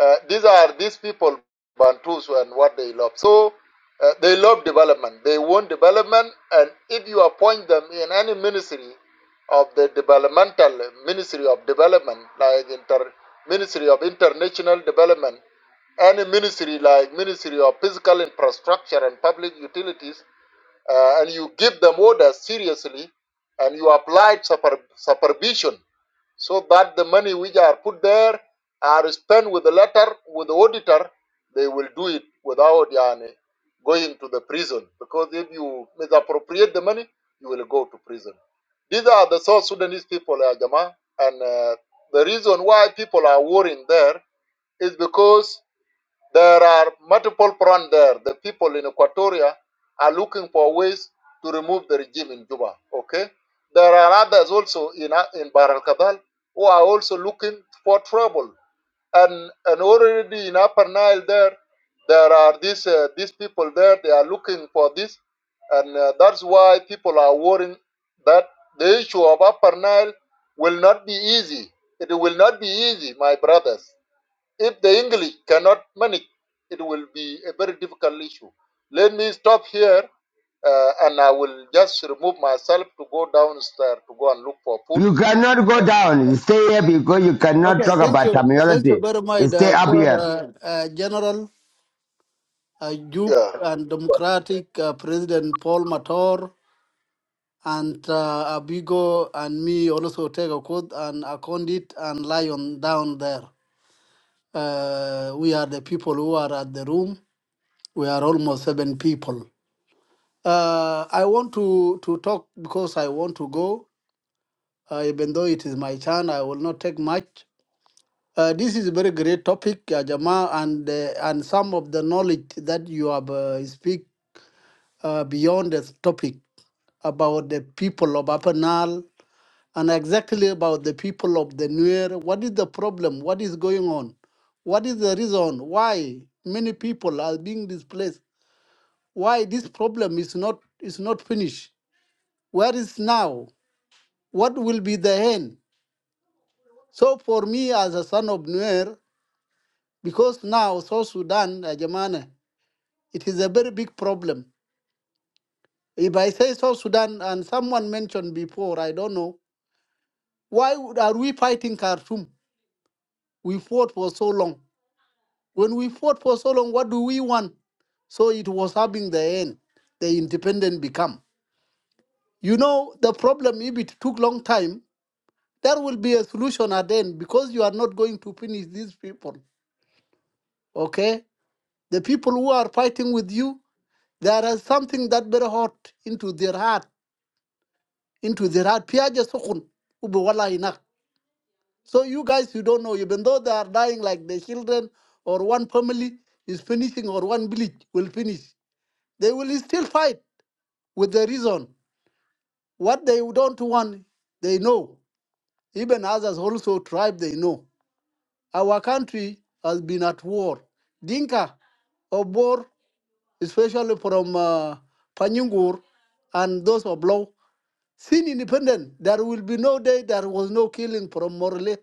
Speaker 5: Uh, these are these people, Bantus, and what they love. So uh, they love development. They want development, and if you appoint them in any ministry of the developmental ministry of development, like inter ministry of international development, any ministry like ministry of physical infrastructure and public utilities, uh, and you give them orders seriously, and you apply super, supervision so that the money which are put there are spent with the letter with the auditor they will do it without yani, going to the prison because if you misappropriate the money you will go to prison these are the south sudanese people uh, Jama, and uh, the reason why people are worrying there is because there are multiple fronts there. The people in Equatoria are looking for ways to remove the regime in Juba. Okay, there are others also in in Bahr el Ghazal who are also looking for trouble. And and already in Upper Nile there, there are these uh, these people there. They are looking for this, and uh, that's why people are worrying that the issue of Upper Nile will not be easy. It will not be easy, my brothers. If the English cannot manage, it will be a very difficult issue. Let me stop here uh, and I will just remove myself to go downstairs to go and look for food.
Speaker 1: you cannot go down You stay here because you cannot
Speaker 4: Okay,
Speaker 1: talk
Speaker 4: thank
Speaker 1: about
Speaker 4: you. Thank you
Speaker 1: terminology
Speaker 4: very
Speaker 1: You
Speaker 4: much,
Speaker 1: stay
Speaker 4: uh,
Speaker 1: up
Speaker 4: Kuwar,
Speaker 1: here
Speaker 4: uh, uh, General uh, Duke
Speaker 5: Yeah.
Speaker 4: and Democratic uh, President Paul Mator and uh, Abigo and me also take a quote and Akondit and Lion down there. Uh, we are the people who are at the room. We are almost seven people. Uh, I want to, to talk because I want to go. Uh, even though it is my turn, I will not take much. Uh, this is a very great topic, uh, Jama, and uh, and some of the knowledge that you have uh, speak uh, beyond the topic about the people of Upper Nile and exactly about the people of the Nuer. What is the problem? What is going on? What is the reason why many people are being displaced? Why this problem is not is not finished? Where is now? What will be the end? So for me as a son of Nuer, because now South Sudan, uh, it is a very big problem. If I say South Sudan, and someone mentioned before, I don't know, why would- are we fighting Khartoum? We fought for so long. When we fought for so long, what do we want? So it was having the end, the independent become. You know, the problem, if it took long time, there will be a solution at the end because you are not going to finish these people. Okay? The people who are fighting with you, there is something that very hot into their heart, into their heart. Piaja sukun, ubu wallahi nak. So you guys, you don't know, even though they are dying like the children or one family is finishing or one village will finish, they will still fight with the reason. What they don't want, they know. Even others also tribe, they know. Our country has been at war. Dinka or Bor especially from uh, Panyungur and those of Law, seen independent. There will be no day there was no killing from Morley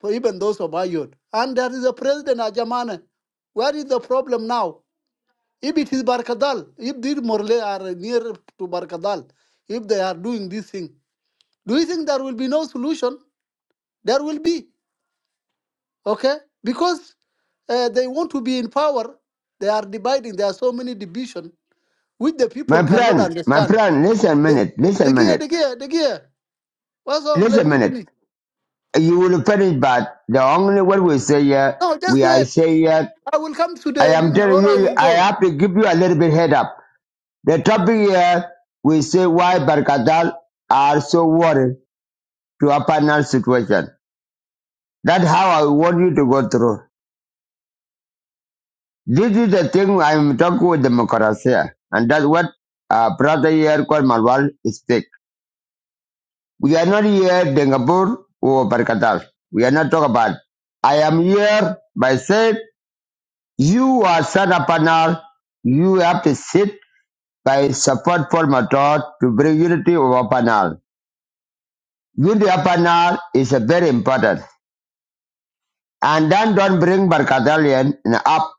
Speaker 4: for even those of Ayod. And there is a president, Ajamane. Where is the problem now? If it is Barkadal, if these Morley are near to Barkadal, if they are doing this thing, do you think there will be no solution? There will be, okay? Because uh, they want to be in power, they are dividing. There are so many divisions which the
Speaker 1: My
Speaker 4: people cannot
Speaker 1: friend, my
Speaker 4: understand.
Speaker 1: friend, listen a
Speaker 4: The,
Speaker 1: minute, listen a
Speaker 4: the gear,
Speaker 1: minute,
Speaker 4: the gear, the gear. What's wrong?
Speaker 1: listen
Speaker 4: Let
Speaker 1: a
Speaker 4: me
Speaker 1: minute.
Speaker 4: finish.
Speaker 1: You will finish, but the only word we say here,
Speaker 4: No, just
Speaker 1: we are
Speaker 4: wait.
Speaker 1: saying here,
Speaker 4: I will come to
Speaker 1: I
Speaker 4: the
Speaker 1: am
Speaker 4: Nini.
Speaker 1: telling
Speaker 4: or I
Speaker 1: you,
Speaker 4: will
Speaker 1: I
Speaker 4: go.
Speaker 1: have to give you a little bit head up. The topic here, we say why Barkatal are so worried to a panel situation. That's how I want you to go through. This is the thing I'm talking with democracy, and that's what uh, brother here called Malwal speak. We are not here Dengabur or Barkatal. We are not talking about. I am here by saying you are son of Panal. You have to sit by support for Matar to bring unity over Panal. Unity of Panal is a very important. And then don't bring Barkatalian up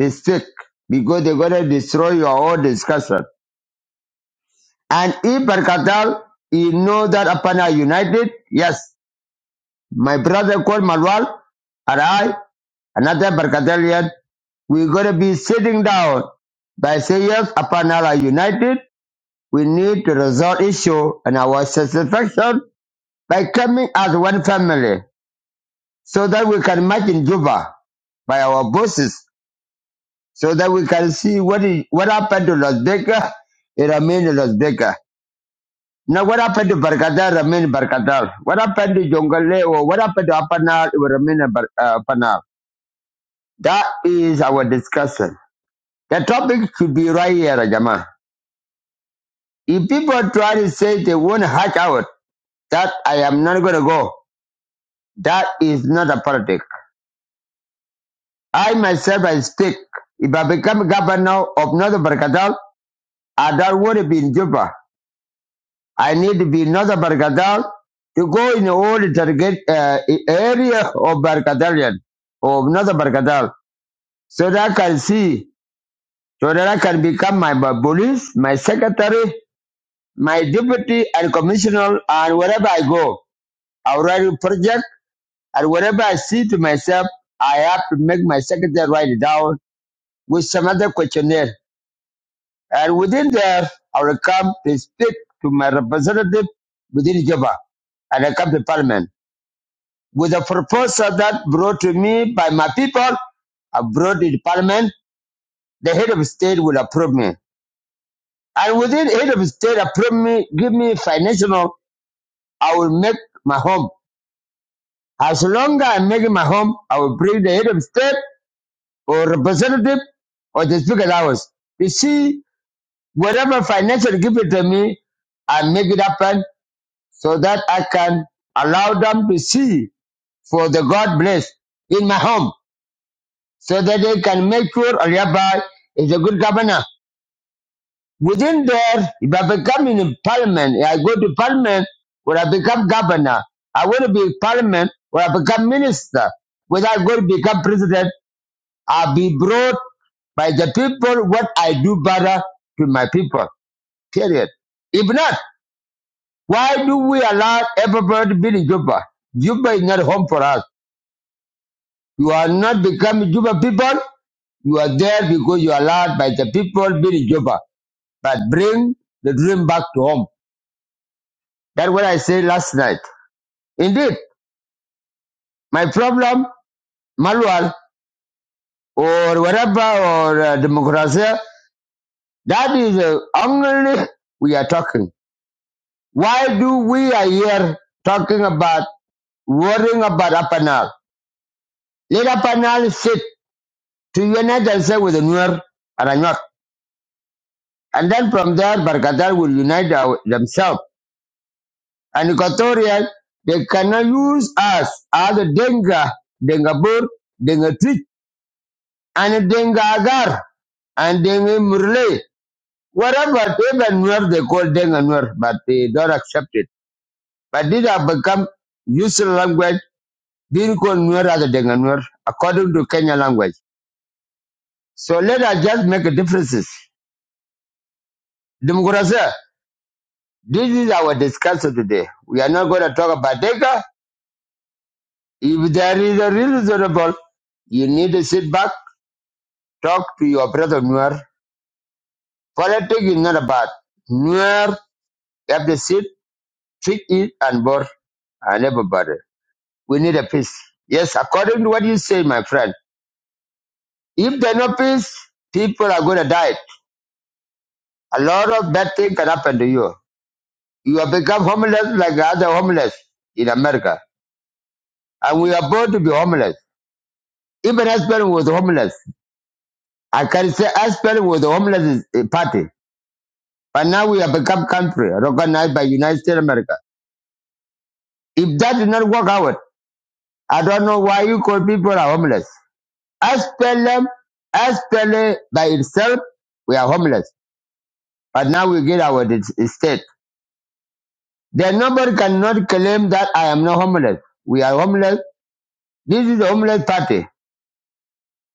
Speaker 1: to stick because they're going to destroy your whole discussion. And if Barkatal, you know that Apana united, yes, My brother called Marwal and I, another Barkatelian, we're going to be sitting down by saying yes, upon Allah united, we need to resolve issue and our satisfaction by coming as one family so that we can march in Juba by our bosses so that we can see what is, what happened to Las Vegas, it remained in Las Vegas. Now what happened to Barkatal remained Barkatal. What happened to Jongale or what happened to Apanal, it will remain in Bar- uh, Apanal. That is our discussion. The topic should be right here, Rajama. If people try to say they won't hatch out, that I am not going to go, that is not a politics. I myself, I speak. If I become governor of Northern Barakatal, I don't want to be in Juba. I need to be in Northern Barakatal to go in all the target uh, area of Barakatalian, of Northern Barakatal, so that I can see, so that I can become my police, my secretary, my deputy and commissioner and wherever I go, I write a project and wherever I see to myself, I have to make my secretary write it down with some other questionnaire. And within there, I will come to speak to my representative within Juba and I come to parliament with a proposal that brought to me by my people abroad in parliament, the head of state will approve me. And within head of state approve me, give me financial, I will make my home. As long as I'm making my home, I will bring the head of state or representative or the speaker's house. You see, whatever financial give it to me, I make it happen so that I can allow them to see for the God bless in my home so that they can make sure Aliaba is a good governor. Within there, if I become in parliament, if I go to parliament, when I become governor, I want to be in parliament, when I become minister, whether I go to become president, I'll be brought by the people what I do better to my people. Period. If not, why do we allow everybody to be in Juba? Juba is not home for us. You are not becoming Juba people. You are there because you are allowed by the people be in Juba. But bring the dream back to home. That's what I said last night. Indeed, my problem, Malwal, or whatever, or uh, democracy, that is the only we are talking. Why do we are here talking about worrying about Apanal? Let Apanal sit to unite themselves with the Nuer and Anyot. And then from there, Bargadal will unite our- themselves. And Equatorial, they cannot use us as a Denga, Denga Bur, Denga Twitch, and Denga Agar, and Denga Murle. Whatever, even Nuer, they call Denga Nuer, but they don't accept it. But these have become useful language being called Nuer as a Nuer according to Kenya language. So let us just make differences. Democracy, this is our discussion today. We are not going to talk about Denga. If there is a reasonable, you need to sit back, talk to your brother Nuer. Politics is not about Nuer. You have to sit, treat it, and board, and everybody. We need a peace. Yes, according to what you say, my friend. If there's no peace, people are going to die. A lot of bad things can happen to you. You have become homeless like the other homeless in America. And we are born to be homeless. Even husband was homeless. I can say husband was the homeless is party. But now we have become country recognized by United States of America. If that did not work out, I don't know why you call people are homeless. SPLM, SPLA by itself, we are homeless. But now we get our dis- state. Then nobody cannot claim that I am not homeless. We are homeless. This is a homeless party.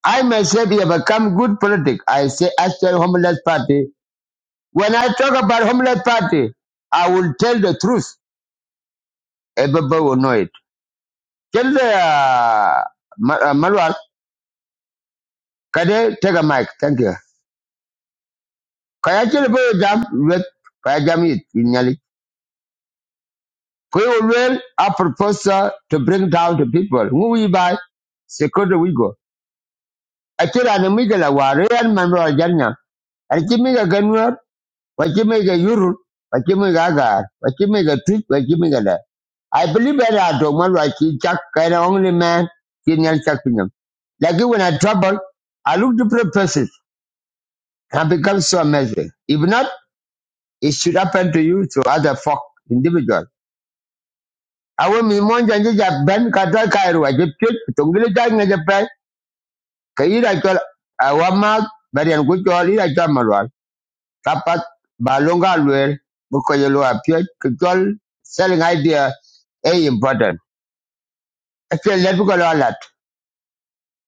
Speaker 1: I myself have become good politic. I say actual homeless party. When I talk about homeless party, I will tell the truth. Everybody will know it. Tell the uh, Ma- uh, Marwal, can they take a mic? Thank you. Can I tell you jam with can I jam it in Yali? We will a proposal to bring down the people. Who we buy? Second we go. I tell an amiga la war and Manuel Janya. I give me a gun wachimega yurul wachimega agar wachimega twit wachimega da i believe that i don't want to chak kind of only man kenyan chak pinyam like you when i trouble i look different places and become so amazing if not it should happen to you to other folk individual awo mi monja nje ja ben kata kairu aje twit tongile ja nge ja pe kaira chol All. barian ku chol ira kapat balonga luel buko yelo apio kujol selling idea is important actually let me go a lot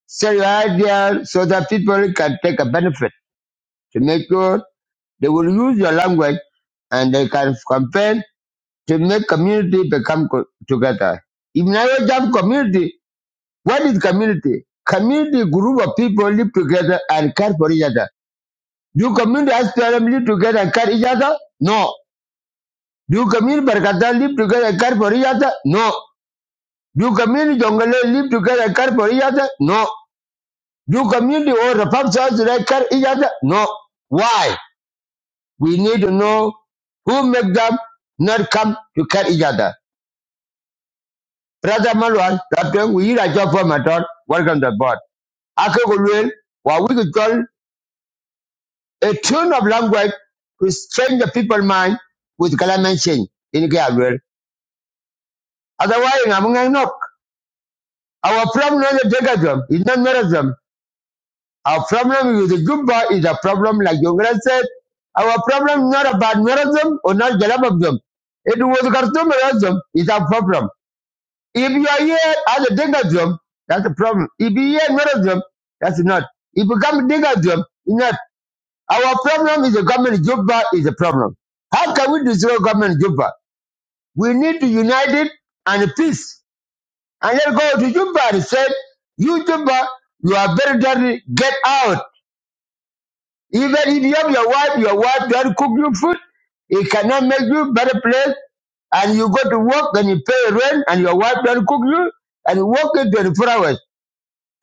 Speaker 1: sell your idea so that people can take a benefit to make sure they will use your language and they can campaign to make community become co- together if now you jump community what is community community group of people live together and care for each other do community as live together and care each other no Do you Camille Barcata live together a car for each other? No. Do you Camille Jongale live together a car for each other? No. Do Camille or the Pop South together car each other? No. Why? We need to know who make them not come to cut each other. Brother Malwan, Captain, we are job for my daughter Welcome to the board. Akagulwin, what we could call a tune of language to change the people's mind with climate change in Gabriel. Otherwise, I'm going to know. Our problem is not Degism, it's not Merism. Our problem with the Juba is a problem, like you guys said. Our problem is not about Merism or not Jalababdom. It was Khartoumerism is our problem. If you are here as a Degism, that's a problem. If you are Merism, that's not. If you come Degism, not. Our problem is the government Juba is a problem. How can we destroy government Juba? We need to unite it and peace. and then go to Juba and said, You Juba, you are very dirty, get out. Even if you have your wife, your wife doesn't cook you food, it cannot make you a better place. And you go to work and you pay rent and your wife doesn't cook you and you work in 24 hours.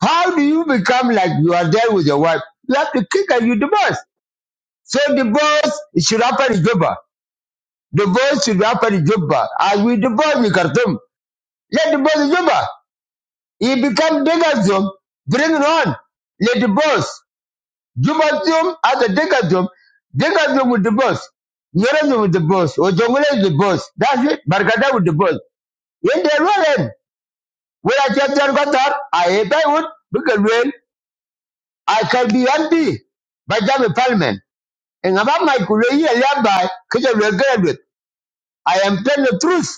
Speaker 1: How do you become like you are there with your wife? You have to kick and you divorce. So divorce it should happen in Juba. Divorce should happen in Juba. As we divorce in Khartoum, let divorce in Juba. He become Degazum, bring it on. Let the boss. Jumatium as a Degazum. Degazum with the boss. Nyerazum with the boss. Or Jongule with the boss. That's it. Barkada with the boss. In the room, when I just got up, I hate I would, because well, I can be happy. by I'm parliament. And about my career, by, because I regret it. I am telling the truth.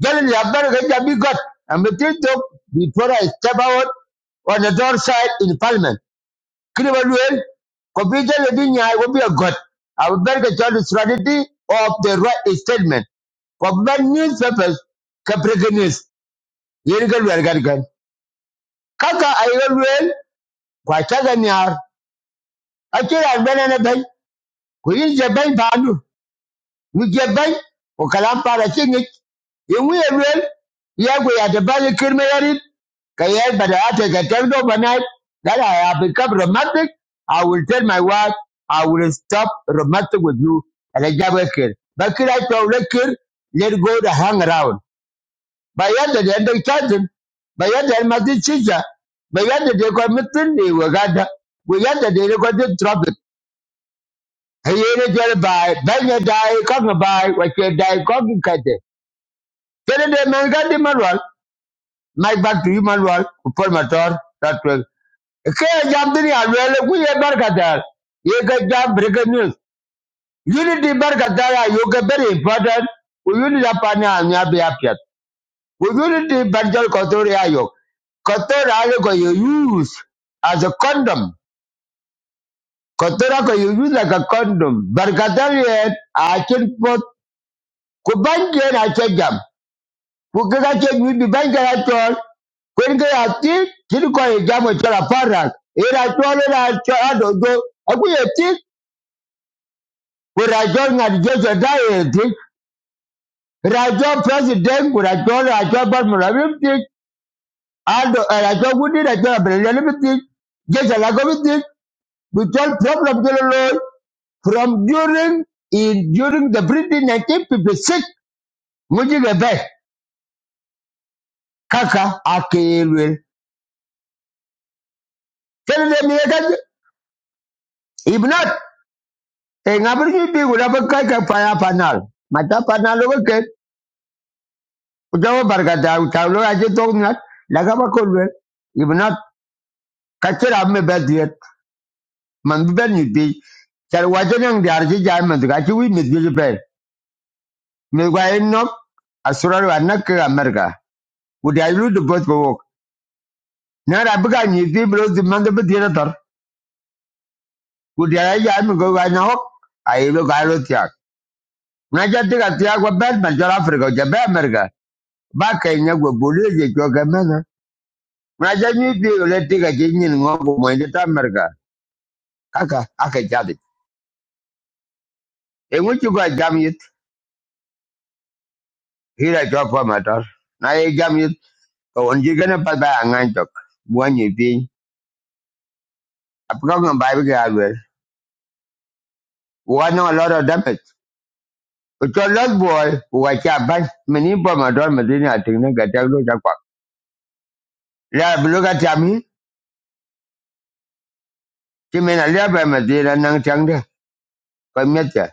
Speaker 1: Generally, I'm not going to be God. I'm going talk before I step out on the door side in Parliament. kiri ba luel ko bi jale di nyaay ko bi got abu berke chol strategy of the right statement ko ban newspapers ka breaking news yen ga luel gar gan kaka ay ga luel kwa chaga nyar akira bene ne ben ko yin je ben We je ban ko kalam para ci ngi yungu ye wel ya ko ya de bal kirme yarin ka ya bada ate ka tel do banai that I have become romantic I will tell my wife I will stop romantic with you and I jab a kid but kid I told the let go to hang around by end the end of charging by end the mati chicha by end the ko mitin ni wagada we end the ko the trouble ayene jwal bai banya dai kong bai wache dai kong kate kene de men ga di manual my back to you manual upol motor that well ke jam dini alwele ku ye barkatar ye ga jam breaking news unity barkatar you ga very important ku unity apani anya be apiat We unity banjal kotori ayo kotori ayo ko you use as a condom kotori ko you use like a condom barkatar ye a chin pot ku banje na che jam kukiga che mi bi ban jara chol kwen ke ati kiri ko e jamo chola parak era chol era chol adogo aku ye ti kura chol ngad jojo da ye ti rajo president kura chol rajo bar mura bi ti ado era chol gudi ra chol bele bi ti jeje la go bi ti bi chol problem ke lo from during in during the British 1956 mujiga be kaka akelwe tell them here that if not e ngabir ki bi guda bi kai ka fa ya panal mata panal lo ke ujawa barkata uta lo aje tok nat laga ba ko ibna kachira me ba diet man bi ben ni bi char waje nang dar ji ja man ga ji wi mi ji pe mi ga en no asura wa nak ka amerika uda lu de bot bo wok na ra bi ga ni bi bro di man de bi diet tor uda jai ja mi go ga na hok ai lo ga lo tiak na ja ti ga tiak wa ben man jara afrika ja ba amerika ba kai nya go bolu je jo ga na jami biyo le tiga ke nyin ngo mo ta merga kaka aka jadi e ngu ci ba hira jo matar na ye jam yit ko on ji gana pa ba ngan tok bo ni bi apka ngam ba bi ga wel no a lot of damage ko to lot boy wa cha ba mini pa matar medina tin ne ga ta lo ja kwa la bu lo ga nang tang de ko meta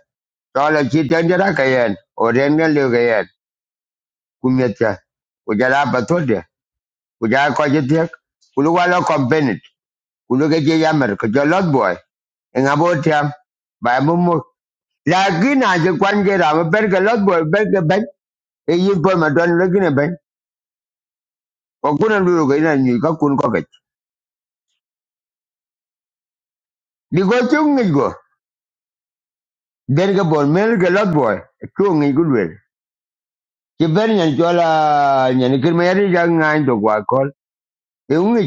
Speaker 1: to la ki tan jara ka yen ku ja ko je tiek ku lu walo je yamer ko lot boy Enga abo tiam ba mumu. mu na gina je kwan je ra ber lot boy ber ke ben e yi bo ma don le gina ben ko kuna lu ko ina ni ka kun ko ke di go chung ni go der ke bon mel ke lot boy Chung ni gu le ke ber nyan jo nyan kir me ja ngan do kwa kol e ngi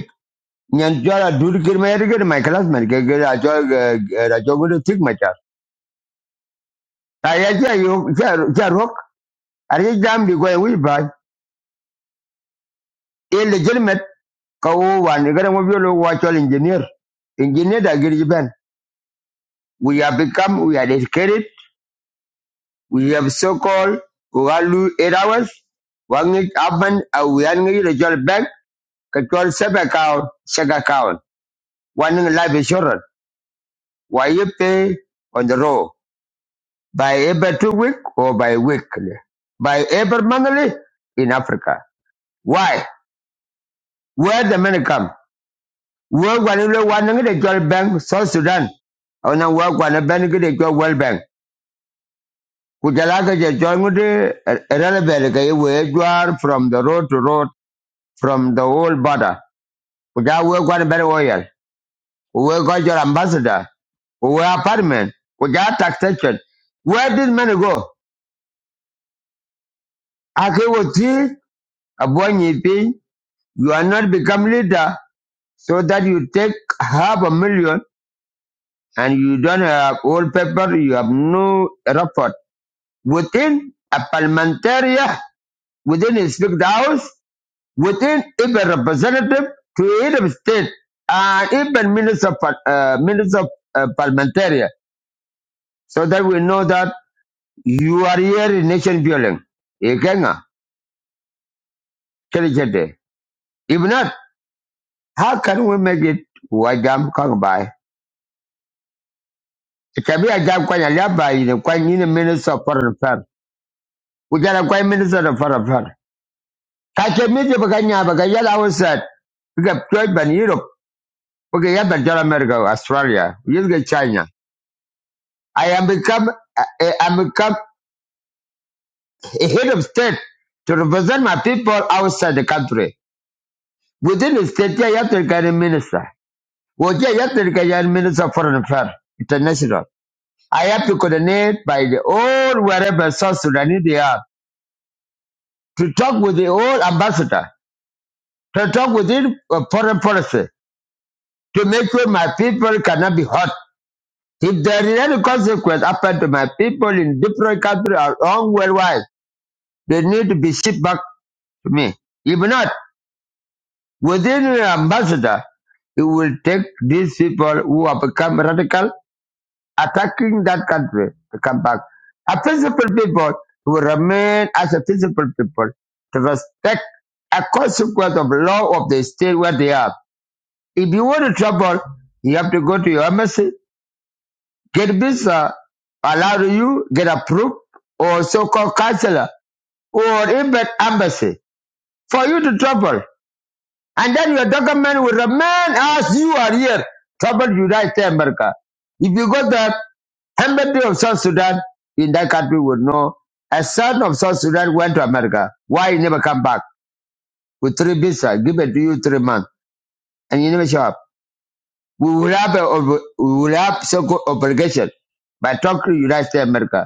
Speaker 1: nyan jo la dur kir ke my klas ke ke ra jo ra jo gu tik ma cha ta ya ja Are you damn big away by a legitimate cow one you gotta move your engineer. Engineer that get you ban. We have become we are educated, we have so called we are lose eight hours, one it happen uh, we are going to join bank, control sub account, check account, one in life insurance. Why you pay on the road By every two week or by weekly? By every monthly in Africa. Why? Where the money come? World one le one ngi jol bank South Sudan. Ona world one a bank ngi jol World Bank. Kujala ke je jol ngi relevant ke we jwar from the road to road from the whole border. Kuja world one ben royal. We go your ambassador. We apartment. Kuja taxation. Where did money go? Ake woti abonyi pin. You are not become leader so that you take half a million and you don't have old paper. You have no report within a parliamentary, uh, within his big house, within even representative to even state, and even minister of, uh, minister of uh, parliamentary, so that we know that you are here in nation building. You can, uh, tell If not, how can we make it? Why jam come by? It can be a jam kwanya liaba in a kwanya in minister of foreign affairs. We got a kwanya minister of foreign affairs. Kache miti bakanya bakanya la outside. We got twelve ban Okay, yeah, but South America, Australia, you get China. I am become, I am become a head of state to represent my people outside the country. Within the state, yeah, you have to get a minister. Well, yeah, you have to get a minister of foreign affairs, international. I have to coordinate by the all wherever South Sudan they are to talk with the all ambassador, to talk with the uh, foreign policy, to make sure my people cannot be hurt. If there is any consequence happen to my people in different countries around worldwide, they need to be shipped back to me. If not, within the ambassador, it will take these people who have become radical, attacking that country to come back. A peaceful people will remain as a peaceful people to respect a consequence of law of the state where they are. If you want to trouble, you have to go to your embassy get visa allowed you, get approved, or so-called counselor, or even embassy for you to travel. And then your document will remain as you are here, travel United States of America. If you go there, embassy of South Sudan in that country would know a son of South Sudan went to America. Why he never come back with three visa, give it to you three months, and you never show up. We will have a, we will have so-called obligation by talking to United States of America.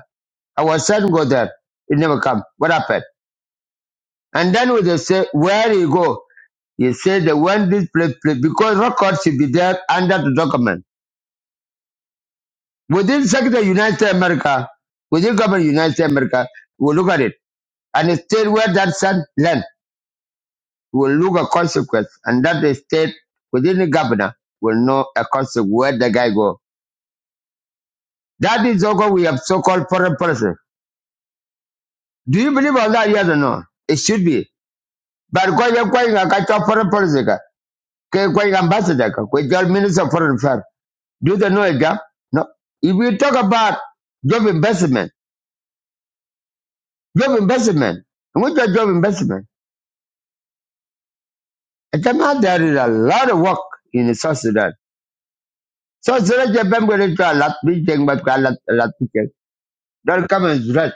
Speaker 1: Our son go there. It never come. What happened? And then when they say, where you go? He said that when this place, place because record should be there under the document. Within Secretary of United States of America, within government of United States of America, we'll look at it. And the state where that son land will look at consequence. And that the state within the governor will know a consequence where the guy go. That is okay. We have so-called foreign policy. Do you believe on that? Yes or no? It should be. But because you're going to foreign policy. ke kwai ambassador ka kwai joint minister of foreign affairs do they know a job no if we talk about job investment job investment and what is job investment it turns out there is a lot of work in South Sudan South Sudan je bem going to a lot meeting, thing but a lot a lot meeting. don't come and threat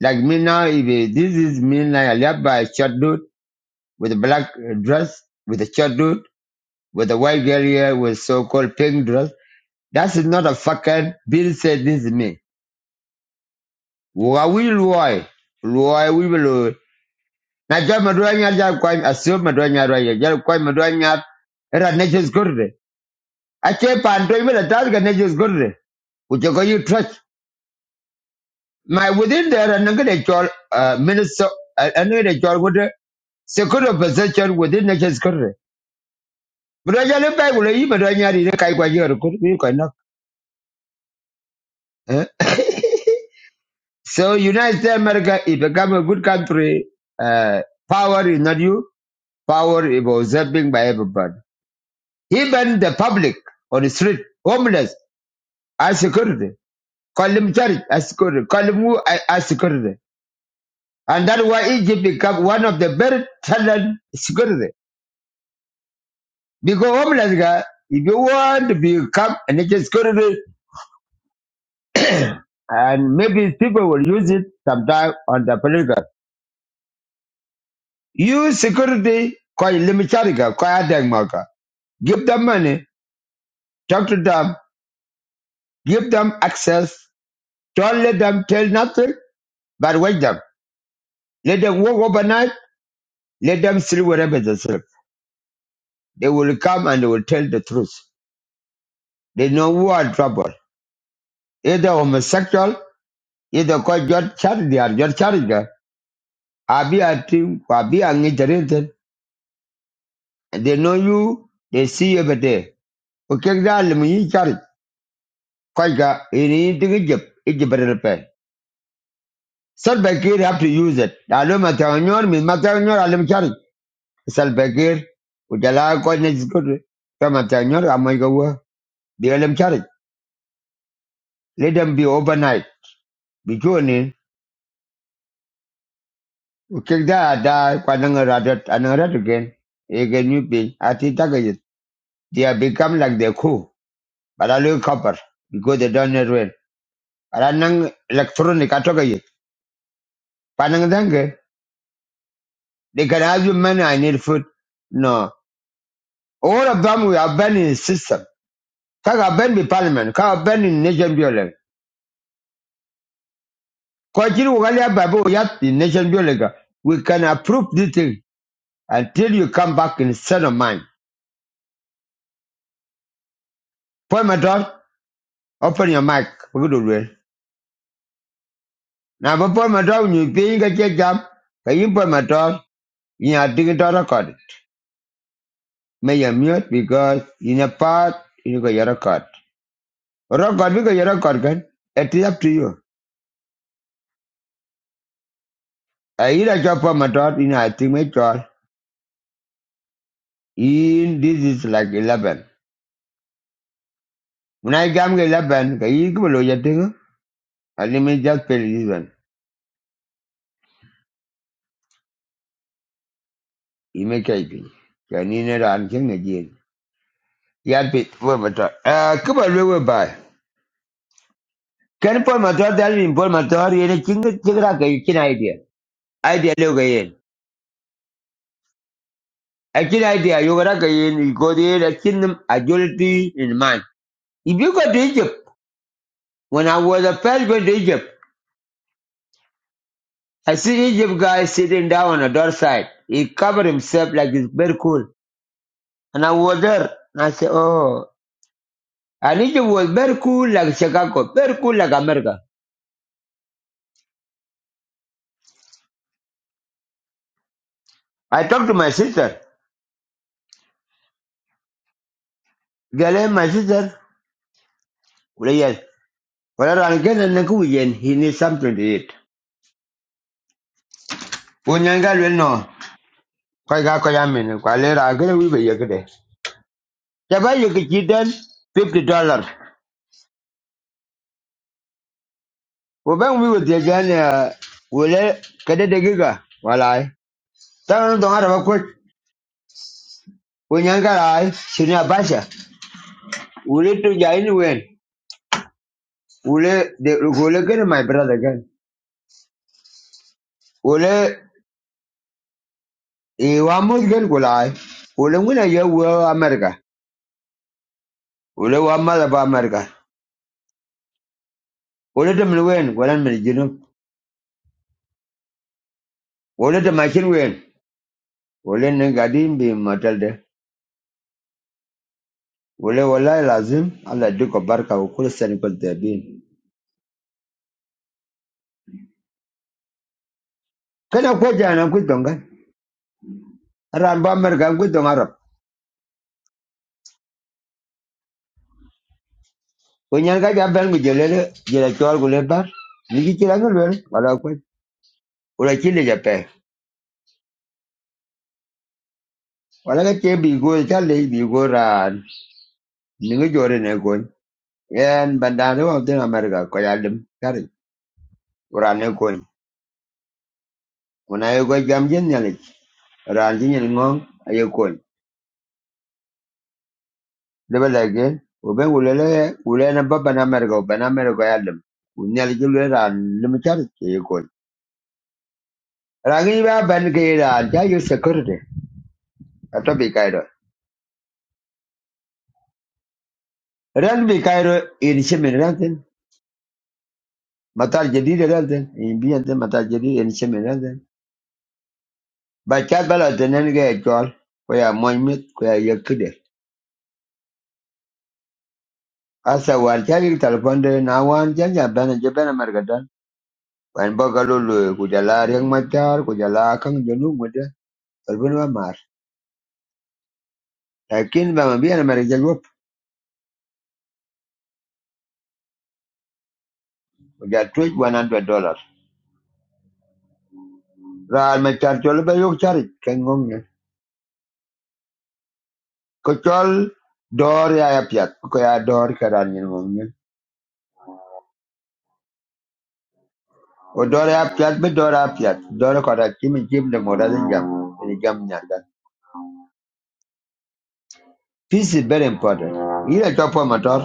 Speaker 1: like me now if it- this is me now I live by a short dude with a black uh, dress with a short dude with a white girl here with so-called pink dress that is not a fucking Bill said this is me Wa wi luoi. Luoi wi bi luoi. Na jal madwa nyar jal kwany asio madwa nyar wa ye jal kwany nyar era nature's good re. Ache pan to ibe la tal ga nature's good re. Uche ko you trust. My within there and ngade chol uh, minister and ngade chol would secure of possession within nature's good re. Madwa jal ba gulo yi madwa nyar ire kai kwa yor kur bi ko nok. Eh? So United States America it become a good country. Uh, power is not you. Power is observing by everybody. Even the public on the street, homeless, as security. Call them charity as security. Call them who as as security. And that's why Egypt become one of the very talent security. Because homeless guy, if you want to become an agent security, and maybe people will use it sometime on the political. Use security, call them charity, call them marker. Give them money, talk to them, give them access. Don't let them tell nothing, but wait them. Let them work overnight Let them sleep wherever they sleep. They will come and they will tell the truth. They know who are trouble. Either homosexual, either called your charity or your charity. I be a team, I be a internet. They know you, they see you every day. Okay, that let me charity. Kwaika, in anything Egypt, Egypt better pay. Salbakir have to use it. I don't matter on your, me matter on your, I let me charity. Salbakir, Ujala, God, next good. Come matter on your, I'm going to go. They let them charity. Let them be overnight. Be joining. Kek da da kwa nang radat anang rat again. Again you pay. Ati taga yit. They have become like the cool. But I look copper because they don't need rain. But anang electronic atoka yit. Panang dange. They can have you money. I need food. No. All of them we are banned in system. Kaka ban be parliament. Kaka ban in nation building. Kwa chiri wakali ya babu yat in nation building. We can approve this thing until you come back in set of mind. Point my door. Open your mic. We're good na ba pol ma tong nyu piny ka che jam ka yin pol ma tong to record may you mute because in a part you go your record record bi go your record kan it is up to you I yin a chop pol ma tong yin a ting me chol In this is like 11 when i gam 11 ka you ko lo ya ting a ni just pel this one you make it Can you ne ran ching ne jin ya bit pol ma tong eh ko ba lo ba kan pol ma tong dal ni pol ma tong yin ching ching ra ka you can idea idea leo yen. A chin idea you got a yen, you go there, a chin agility in mind. If you go to Egypt, when I was a first going to Egypt, I see Egypt guy sitting down on the door side. He covered himself like it's very cool. And I was there and I said, Oh and Egypt was very cool like Chicago, very cool like America. I talked to my sister. Girl, eh, my sister, well, yes. Well, I get a nickel again. He needs something to eat. When you got no, quite got quite a minute. Quite later, I get a wee bit Taba yi ki chitan fifty dollars. Wo bang mi wo dia jan ya wo le kada de giga walai. Ta no don araba ko wo nyanga lai sini abasha. Wo le to ja ni wen. Wo le de wo le gani my brother gan. Wo le e wa mo gan ko lai. Wo le ngina ya wo America. Wo le wa ma ba America. Wo le de mi wen walan mi jinu. Wo le de ma kin wen. Wo le ne gadi bi matal de. Wo le walai lazim Allah duka barka wa kullu sani kul tabin. kana ko jana ku tonga ran ba mer kan ku tonga rap ga ja ben ku jela chol ku le bar ni ki kira ngul wer wala ko wala ki le ja pe wala ga ke bi go ta le bi go ran ni ngi jore ne ko en bandane wa den america ko ya dim kari ran ne ko una ye go jam jen ne ran ji ne ngong aye ko le ba la ge o ben ulele ulele na baba na america o ben america ya dim unyal le ran lim kari ye Rangiba ban gaira jayu security. Ato bi kairo. Ran bi kairo in shimin ranten. Matar jadid ranten. In biyante matar jadid in shimin ranten. Ba chat bala tenen ga chol. Koya moimit koya yakide. Asa war chagi telefonde na wan janya bana jebana margadan. Wan boga lulu kujala riang matar kujala kang jolu muda. Telefon wa mar. Lakin ba mabiyana margadan wop. Kuja tuj 100 dollars. Ran matar chol ba yok charit. Kengong Ko chol dor ya piat ko ya dor ka ran yin ngom yin. O dor ya piat be dor ya piat. Dor ko da kim kim de mo da zin jam. Ni jam nya Peace is very important. Ira to po motor.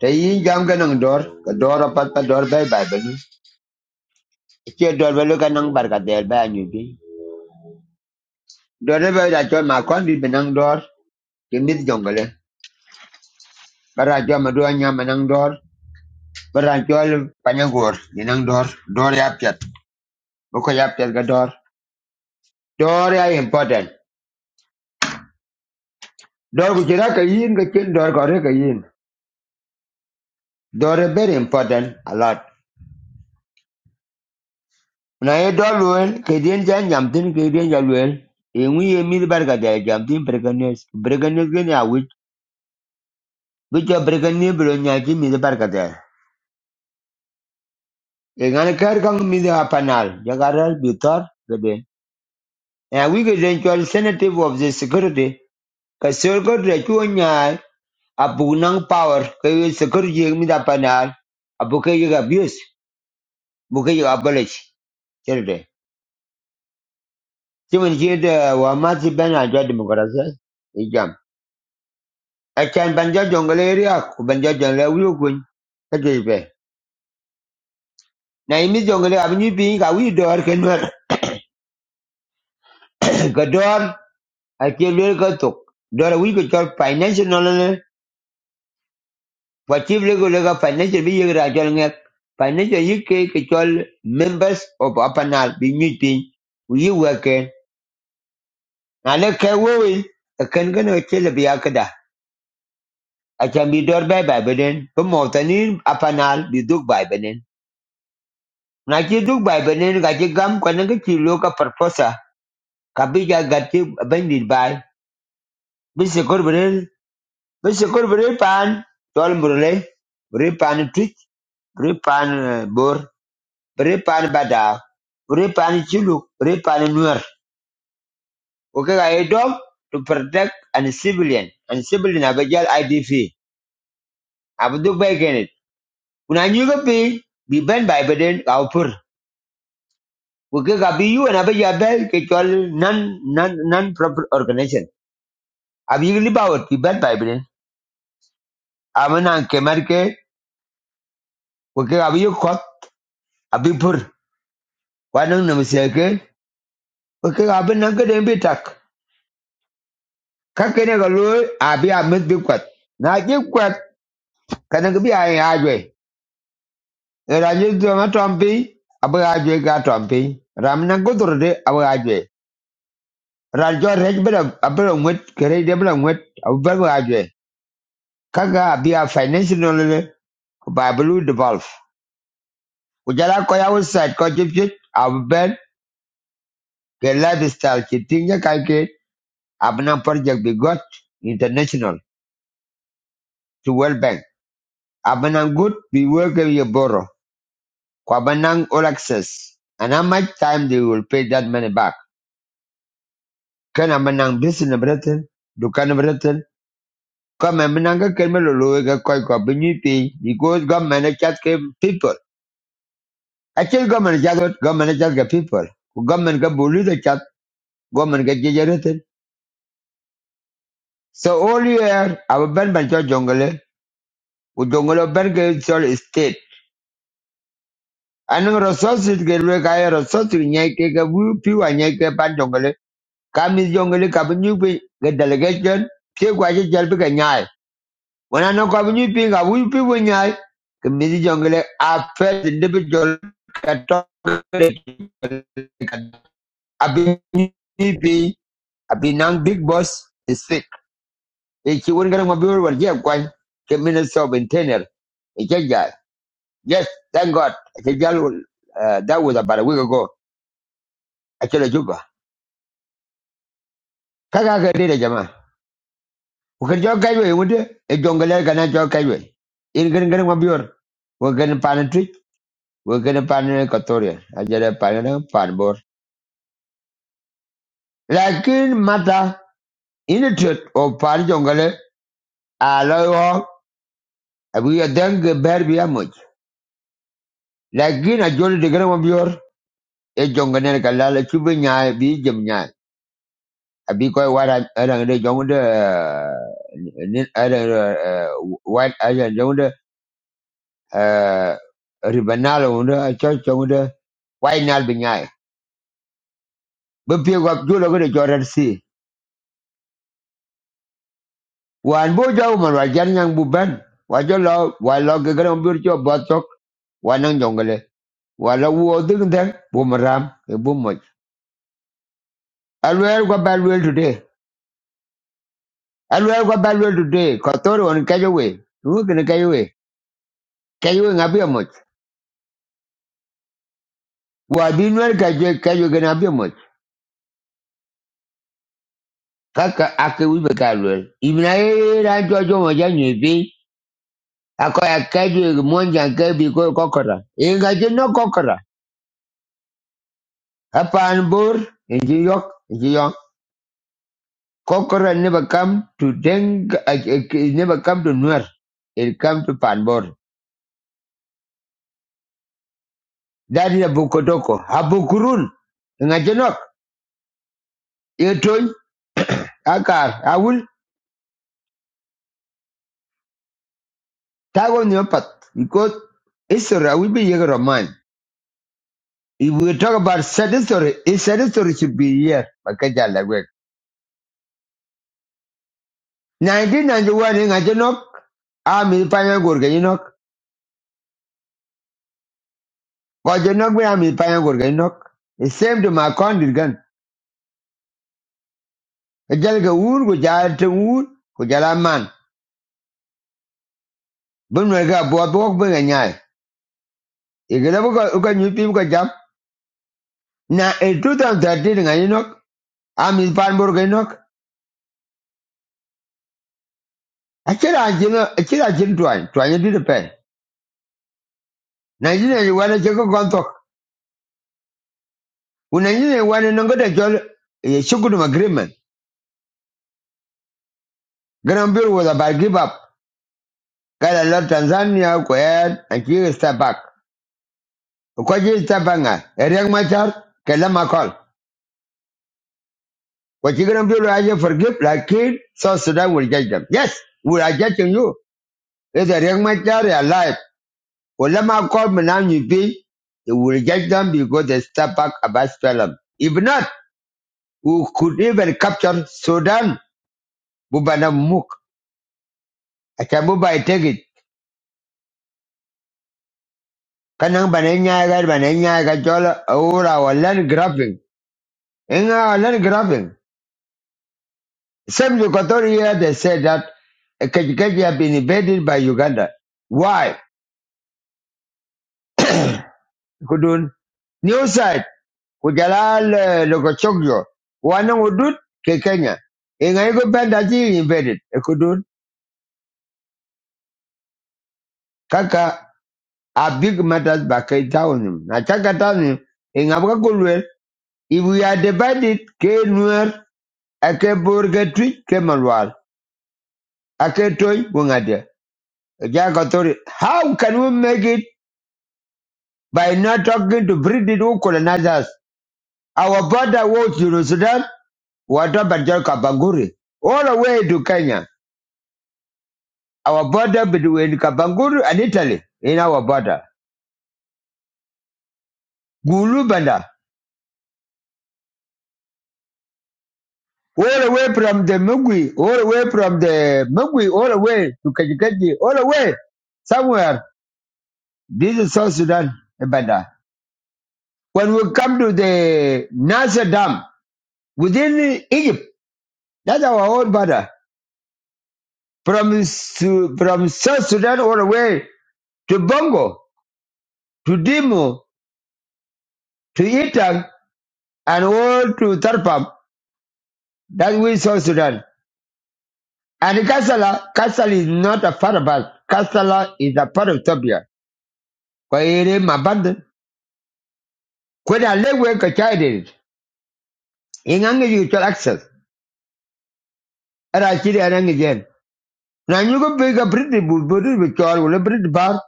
Speaker 1: Te yin jam ga nang dor ka dor pat pa dor bay bay bani. ni. Ke dor be lu ka nang bar ka del ba nyu bi. Dor be da chol ma di be nang dor. Ke mit jongale. Bara jo ma do dor. Bara chol panyagor ni nang dor. Dor ya piat. Ko ya piat ga dor. Dor ya important. Dor ku jira ka yin dor kore ka yin. Dor is very important a lot. Na ye dor luel ke dien jan jam tin ke dien ja luel. E ye mi bar ka de jam tin breganes. Breganes ke awit. Bi jo breganes bro nya ki mi bar ka de. E ngan kang mi de apanal. Ja garal bi tor ke de. E wi of the security. Ka sir ko de chu power ke security mi da panal. Abu ke ye abuse. Bu abolish. Cherde. Ti mun ʒiya doya wa ma ti bɛn a dɔdimi ka di zali. Yi jam. A chani ban jɔ jɔŋgoli area ku ban jɔ jɔŋgoli wuyo guny ka dɔyi bɛ. Na yi mi jɔŋgoli a bi nyu bin ka wuyi dɔɔri ka nɔri ka dɔɔri a ke lɔli ka tuk. Dɔɔri wuyi ka chɔri financial nɔlini wa chibili ka lɔli ka financial bi yigiri a jɔli ŋɛk. Financial yi ke ka chɔri members of a panel bi nyu bin. Wuyi wɛ kɛ. Na le kɛ wɔwi ka kɛn ka na ka che li biya Acham bidor bai bai benen. Ko motanin apanal biduk bai benen. Na chi duk bai benen ka chi gam kwa nang chi lo ka parposa. Ka bi ja gat chi bandit bai. Bisi kor benen. Bisi kor benen pan. Tol murle. Bri pan twitch. Bri pan eh, bor. Bri pan badaw. Bri pan chuluk. Bri pan nuer. Okay ka ga e dog to protect and civilian. And civilian abajal IDF. Abduk bai kenet. Kuna nyuga pi. Bi ben bai beden ka upur. Weke ka biyu and abe ya be ke chol non non non proper organization. Abi gili bawat pi bad bai bin. Amen an kemar ke weke ka biyu kot abi pur. Wanang nam seke weke ka abi nang ke dembi tak. Ka kene ka lo abi amet bi kwat. Na je kwat kana ke bi ay ajwe. Era je do ma tompi abe ajwe ka tompi. Ram nang ko dur de abe ajwe. Ran jo rej bela abe ngwet kere de bela ngwet abe ajwe. Kaka abi a financial by Blue Devolve. Ujala koya website ko jipjit abben ke lifestyle chitinga kaike abna project be got international to World Bank. Abana good be work with your borrow. Kwabanang all access. And how much time they will pay that money back? Can abanang business Britain? Do can Britain? Come abananga kemelo loega koi kwa binyi pay because government e chat ke people. Actually government e chat government e chat ke people. Government ke bully the chat government ke jejeretin. So all year, our band banjo jungle, u jungle berge sol state. Anong resources ke lwe kaya resources nyai ke ke wu piwa nyai ke pan jungle. Kami jungle kabu nyupi ke delegation, pye kwa che jalpi ke nyai. Wana no kabu nyupi ka wu piwa nyai. Kami jungle a first individual category. Abi nyupi, abi nang big boss is sick. Ichi wun gara mabiru wal jeb kwan. Kami na sob internal. It's a guy. Yes, thank God. Kijal, uh, that was about a week ago. Actually, Juba. Kaka ka dida jama. Ukirjo kaiwe wude, e jongale kana jo kaiwe. In gan gan mabior. We gan pan trick, we gan pan katoria. Ajere pan na pan bor. Lakin mata in a truth o pan jongale aloyo abu yadang ber biya much. Lakin a joli de gan mabior e jongane kala la chubi nyaay bi jem nyaay. Abi ko I don't know, young the I don't know what I don't know the Ribanal on the church on the why not be nigh. But pick up two look at the Jordan Sea. One boy, Yang Buban, what you love, while log a grand virtue of Botok, one on Jongale, while I was doing them, Boomeram, a boom I'll wear what bad will today. I'll wear what bad will today. Kotoro on Kayaway. Who can Kayaway? Kayaway, Wabinwel kajwe kajwe kena biomot. Kaka ake wibe kalwel. Ibna ye rancho jomo janyo pi. Ako ya kajwe monja kebi ko kokora. Inga jino kokora. Hapa anbur. Inji yok. Inji yok. Kokora never come to deng. uh, It never come to nuer. It come to panbor. That is a bukotoko. Habukurun. Inga jino. Etoy. Akar. Awul. Tago nyopat. Because Israel will be a man. If we talk about satisfactory, it's satisfactory should be here. Makaja lagwek. 1991 in Ajenok, Ami Panya Gurgainok. Kajenok me Ami Panya Gurgainok. The same to my condit gun. Kajalga wood, Kujalta wood, Kujala man. Bunwaga Bob Bunganyai. If you never got new people got jump. Now in 2013 in Ajenok, Ami Pan Burgainok. Achira Ajina, Achira Ajin Twain, Twain did a pen. 1991 Jacob Gontok. Unajua wana nongoda chol ya shughuli agreement. Granville was about give up. Kala la Tanzania kwa yad and kiri step back. Kwa jiri step back nga. Eriak Machar kala makol. Kwa chiri Granville aje forgive like lakini so Sudan will judge them. Yes, we are judging you. Is Eriak Machar is alive? Wala makol mna nyipi. They will judge them because they step back about Spelum. If not, we could even capture Sudan. Bubana muk. Acha buba itegi. kanang banenya ga banenya ga chola ura walan grabbing inga walan grabbing same the here they said that Kajukeji have been invaded by Uganda why kudun new side kujalal eh, lokochokyo wana udut ke Kenya inga iko benda ji invaded eh, kudun kaka a big matters back in town na chaka town inga baka kulwe if we are divided ke nuer ake burger tweet ke malwal Aketoi Wungade. Jagatori. How can we make it by not talking to British who colonize us? Our border was Juru Sudan, Watabaja Kabanguri, all the way to Kenya. Our border between Kabanguri and Italy in our border. Gulubanda. All the way from the Mugwi, all the way from the Mugwi, all the way to Kajikaji, all the way somewhere. This is South Sudan, Banda. When we come to the Nasser Dam within Egypt, That's our own border. From, Su- from South Sudan all the way to Bongo, to Dimo, to Itang, and all to Tarpam. That we South Sudan. And Kassala, Kassala is not a part of us. Kassala is a part of Topia. Kwa ere mabanda. Kwena lewe kachaidiri. Ingange you can access. Era chiri anange jen. Na nyuko biga briti bulbudi bichor ule briti bar.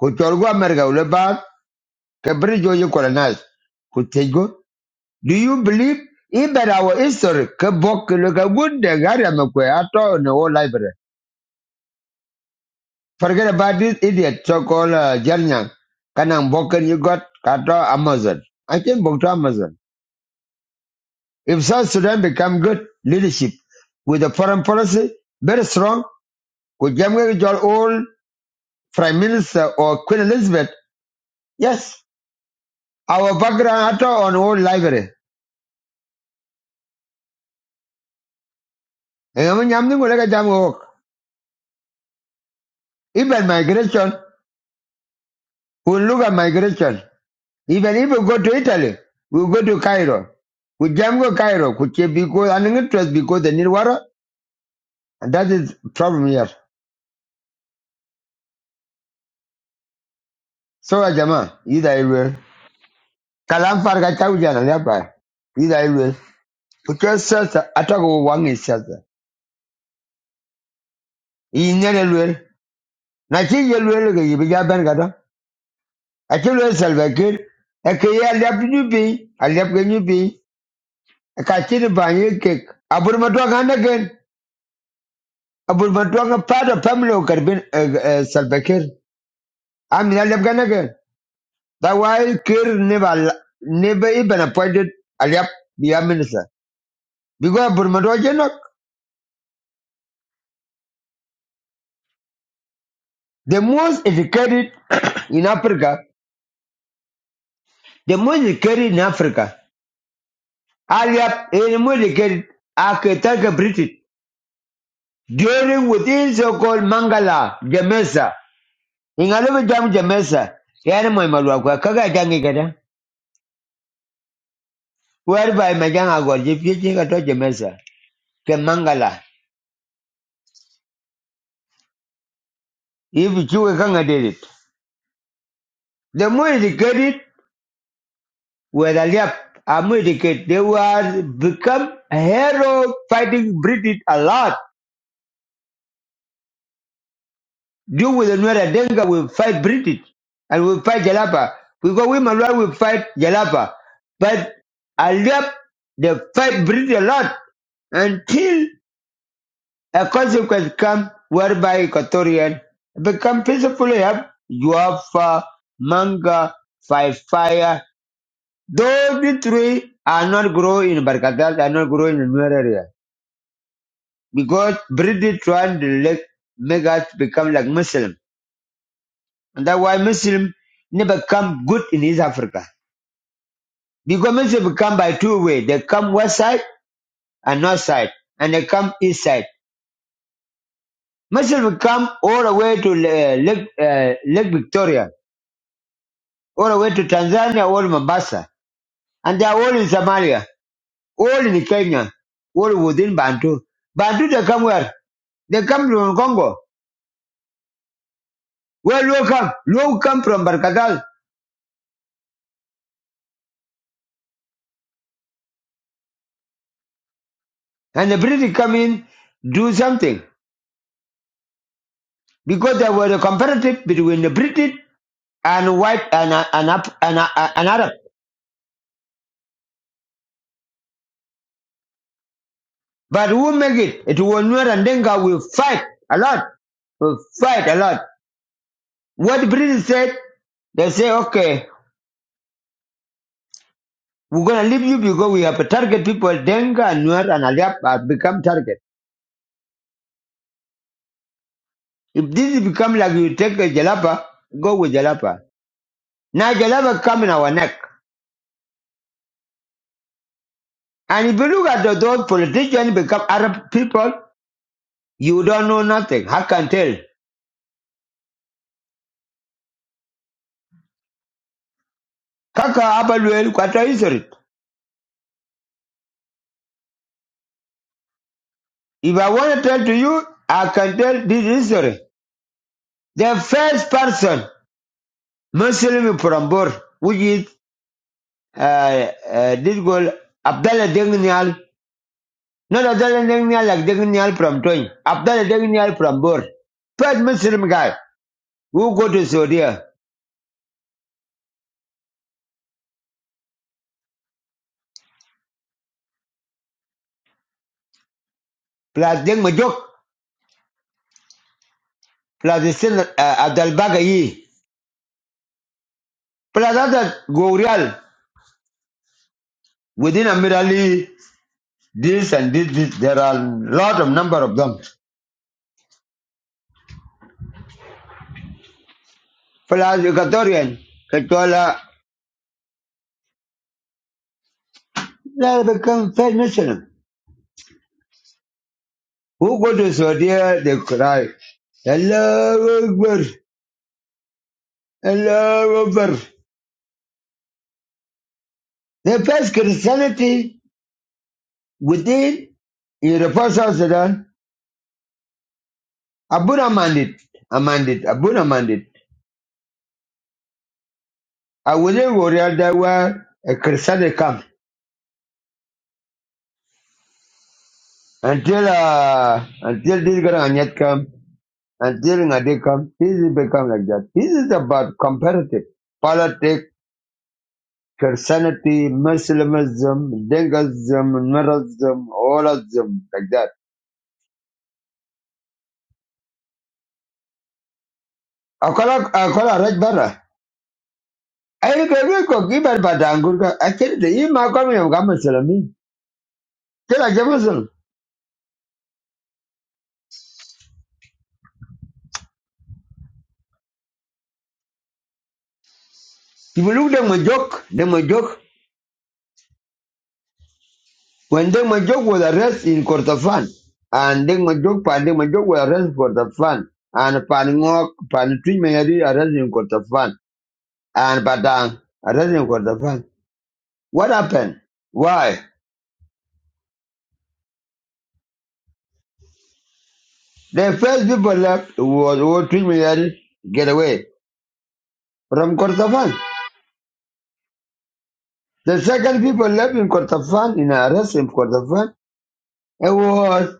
Speaker 1: Kuchor gu Amerika ule bar. Ke briti joji kolonaz. Kutejgo. Do you believe even our history, Kabok, Lukagun, the Garamakwe, Ato, and the whole library? Forget about this idiot, so called uh, Janyang. Kanang Boken, you got Kato Amazon. I think book to Amazon. If South Sudan become good leadership with a foreign policy, very strong, with Jamaica, your old Prime Minister or Queen Elizabeth, yes, our background Ato on old library. Eh, I'm- I'm not gonna get them work. Even migration, we look at migration. Even if we go to Italy, we go to Cairo. We jam go Cairo, which is because I don't trust because they need water, and that is problem here. So uh, Jama, either I will. Kalam farga chawjana leba. Either I will. Because sasa atako wangi sasa. Inyere lwel. Na chi ye lwel ke yibi jaban gada. Achi lwel selva kir. Eke ye alyap nyubi. Alyap ke nyubi. Eka chini banyi kek. Abur matwa ganda gen. Abur matwa ganda part of family of Karbin selva I'm in Alep Ganagan. That's why Kir never, never even appointed Alep the minister. Because Burmado Jenok, the most educated in Africa, the most educated in Africa, Alep is the most educated after Taka British, during within so called Mangala, Jamesa. In Alep Jam Jamesa, Yana Mamalwaka, Kaga Jangigada, whereby Majanga was if you think I told Jamesa, Mangala, if you can't get it. The more educated when I left America, they were become a hero fighting British a lot. You with the Nuera Denga will fight British and we fight Jalapa. We go women right we fight Jalapa. But I left they fight British a lot until a consequence come whereby Equatorian become peacefully have Juafa, Manga, Fire, Those three are not grow in Barkatal, are not grow in the Nuer area. because British trying to like, make us become like Muslim. And that's why Muslim never come good in East Africa. Because Muslim come by two way. They come west side and north side. And they come east side. Muslim come all the way to uh, Lake, uh, Lake Victoria. All the way to Tanzania, all Mombasa. And they are all in Somalia. All in Kenya. All within Bantu. Bantu they come where? They come from Congo. Where Luo come? Luo come from Barkadal. And the British come in, do something. Because there was a comparative between the British and white and, uh, and, Af- and, uh, and Arab. But who make it? It was Nuer and Denga will fight a lot. Will fight a lot. What the British said, they say, okay, we're going to leave you because we have to target people. Denga and Nuer and Aliap have become target. If this become like you take a Jalapa, go with Jalapa. Now Jalapa come in our neck. And if you look at those politicians become Arab people, You don't know nothing. I can tell. Kaka Abaluel Kwata history. If I want to tell to you, I can tell this history. The first person, Muslim from Bor, which is uh, uh, this girl, Abdallah Degnial, not Abdallah Degnial like Degnial from Toy, Abdallah Degnial from Bor. First Muslim guy who go to Saudi, plus Deng Majok, plus the sin, uh, Bagayi, plus other Gorial within a Mirali. this and this, this. There are a lot of number of them. Plus Equatorian, Katola, they become third Muslim. Who go to Saudi, they cry, Allah Akbar, Allah Akbar. They face Christianity within Universal Sudan. Abuna Mandit, Amandit, Abuna Mandit. I wasn't worried that were a Christianity come until, uh, until this Garanyat come. And during a day come, this is become like that. This is about comparative politics, Christianity, Muslimism, Dingism, Nurism, all of them like that. Akola akola red bara. Ayi ko bi ko ki bar bata angur ka. Akiri de ima ko mi amga Muslimi. Kila ke Muslim. If you look them a joke, them a joke. When them a joke was arrested in Kordofan. And them a joke, and them a joke was arrest for the fun. And pan ngok, mayadi arrested me arrest in Kordofan. and Badang are resident for the fun. What happened? Why? The first people left was were three million get away from Kordofan. The second people left in Kordofan in a arrest in Kordofan it was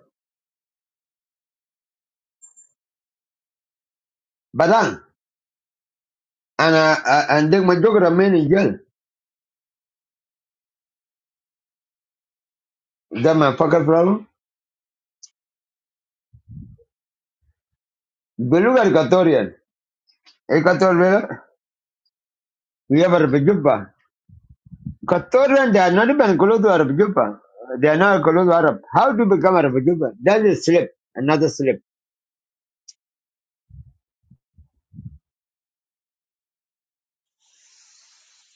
Speaker 1: Badang and uh, uh, and then my dog remain in jail. That my fucking problem. If you look at Equatorian, Equatorian, we have Arab Juba. Equatorian, they are not even close to Arab Juba. They are not close to Arab. How to become Arab Juba? That is slip, another slip.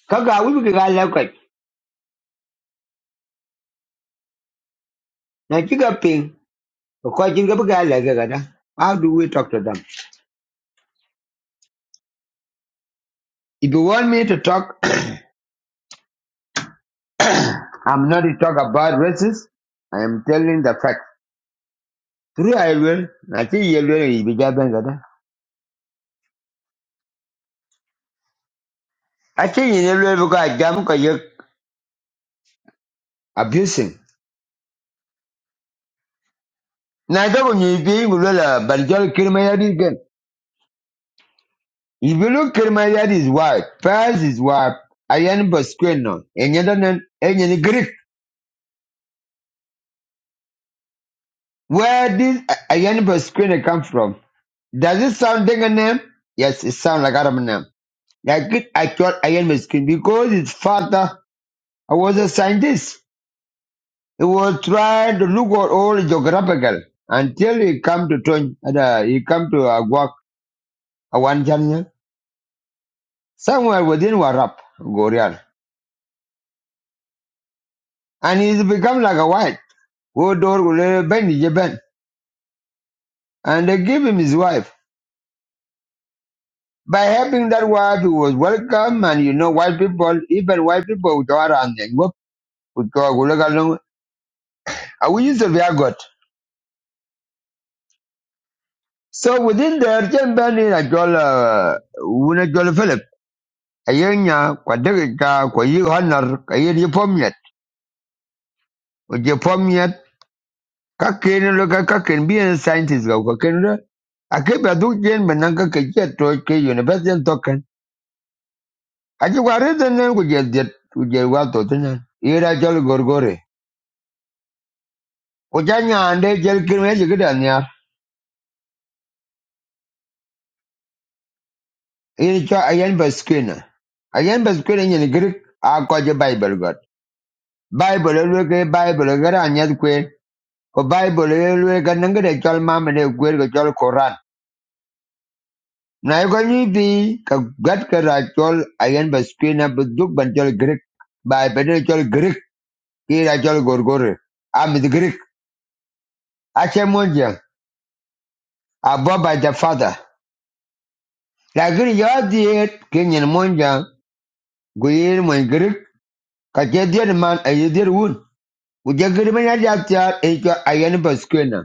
Speaker 1: Kaga we be gala kwaj. Na chiga ping. Kwa chinga be gala ga gada. How do we talk to them? If you want me to talk, I'm not to talk about races. I am telling the fact. Through I will. Na chi yelwe ibi jaben gada. A chi yelwe buka jam ka yek abusing. Na jago nyibi ngulala banjol kirmayadi again. If you look Kirmayadi is white, Faz is white, Ayan Bosqueno, and Yandan and Greek. Where did Ayan Bosqueno come from? Does it sound like a name? Yes, it sounds like Arab name. Like it, I thought Iron Meskin because his father was a scientist. He was trying to look at all geographical until he come to Tony, uh, he come to Aguak, one channel, somewhere within Warap, Gorial. And he's become like a white. Go door, go there, bend, he bend. And they give him his wife. By having that wife, he was welcome, and you know, white people, even white people, would go around and go, I will use the via God. So within there, Jen Benny I Joel, uh, Wuna Joel Philip, Ayanya, Quadrica, Quayu Honor, Kayi Pomiat, Ujipomiat, Kakin, look at Kakin, being a scientist, go Kakin. I keep a duke Jen Benanka Kajet to K University token. I you are written then with your jet, with your water dinner. Here I Joel Gorgore. Ujanya and they Jel Kirme, you get on here. Here it's a Ayan Baskina. Ayan Baskina in Greek, I call your Bible God. Bible elwe ke Bible gara anyat kwe. ko Bible elwe ka nangere chol mamene kwe ko chol Koran na e ko nyibi ka gat ka chol ayen ba buduk bu duk ban chol Greek Bible chol Greek ki chol gorgore am the Greek ache monja ababa the father lakini yodhiet kinyin monja guyin mon Greek ka che dier man ayedir un Ujagir manya jatiar echo ayen ba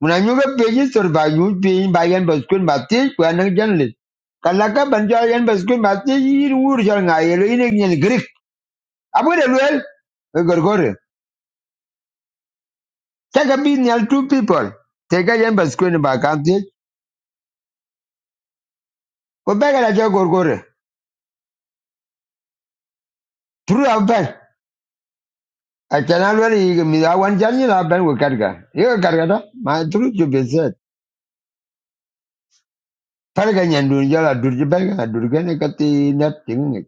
Speaker 1: Muna nyuga peji sur ba yu pin ba yan ba skun ba ti kwa nang jan lit. Kalaka ban jwa yan ba skun ba jal nga yelo nyen grik. Abu de luel. E gorgore. Chaka bin nyal two people. Teka yan ba skun ba kan ti. Ko bega la jo gorgore. Tru a ben. A chana luel yi mi da karga. Yo karga da. Ma tru ju be set. Parga nyan dun jala dur ji berga dur gane ka ti net ting.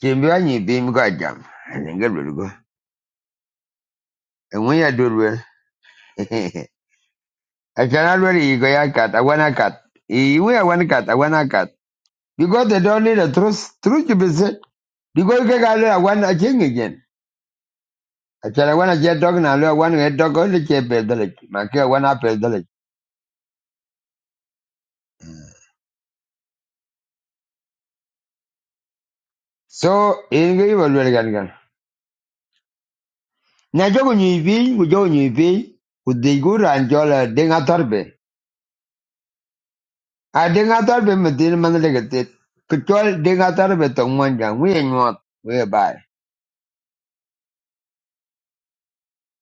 Speaker 1: Kimbi wa nyi bi mi ko ajam. Ngel luel go. ya dur I cannot really go a cut. I want a cut. Eh, We are one cut. I want a cut. Because they don't need a truth. Truth to be said. Because you can I want a king again. I said I want a jet dog and I want a dog on the chip village. My care one up a village. So in the evil will get again. Now you go you be, we go you be, with the good and jola dinga torbe. I dinga torbe, but then man like it. Control dinga torbe to one young. We ain't what.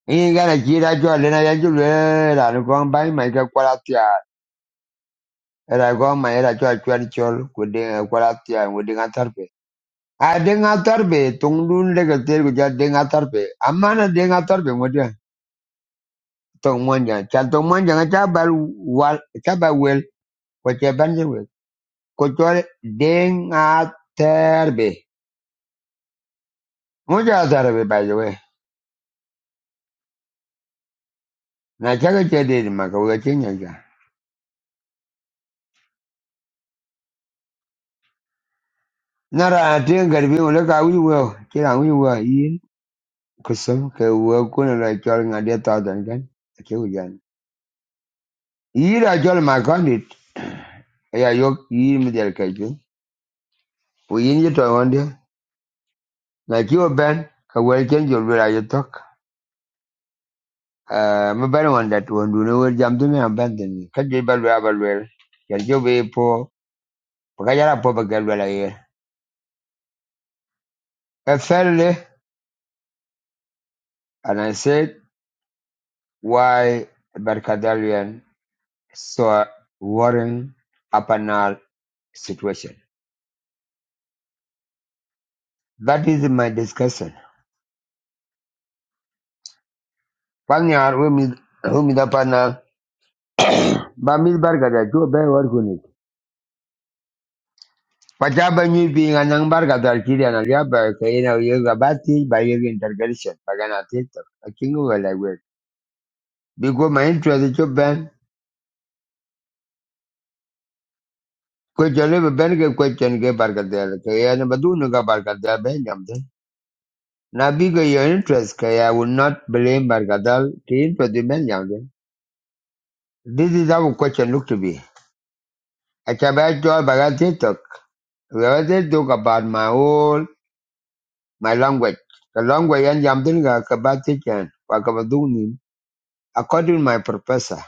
Speaker 1: Igala jira jwa lena ya jule la nukong bai mai ka kwala tia era gong mai era jwa jwa ni chol kude kwala tia wudi nga tarpe a de nga tarpe dun de ke ter gja de nga tarpe amana de nga tarpe tong monja cha tong monja nga cha bal wal cha ba wel ko che ban je wel ko chol de nga tarpe moja tarpe by the way na cha ke che de ma ka ga chen nya ja na ra de ngar bi wala ka wi wo che ra wi wo Kusum ke we kuna na chol nga dia kan ke ujan. Ira chol ma kondit ya yok yi mi der ke ju. Pu yin ji to wonde na ki o ben ka we ken jol bra yi tok. Eh mi ben won dat won ne we jam du me am den ka je bal wa bal wel. Ker jo be po ka jara po ba gal wala ye. E felle and I said why Barkadalian saw Warren Apanal situation. That is my discussion. Palnyar humida pana bamid bargada tu be wargunit. Pachaba nyi being anang bargada kirian alia ba kaina yoga bati by yoga intergration pagana tito. A kingu wala wet. Biko my interest tu ben. Ko jale ben ke question ke bargada kayana badunu ga bargada ben yamde. Na biko your interest kaya I will not blame bargadal ki interest the ben yamde. This is how question look to be. Achaba jo bagatitok. We always talk about my old. my language. The language yan jam din ga kabati ken wakabaduni. According to my professor,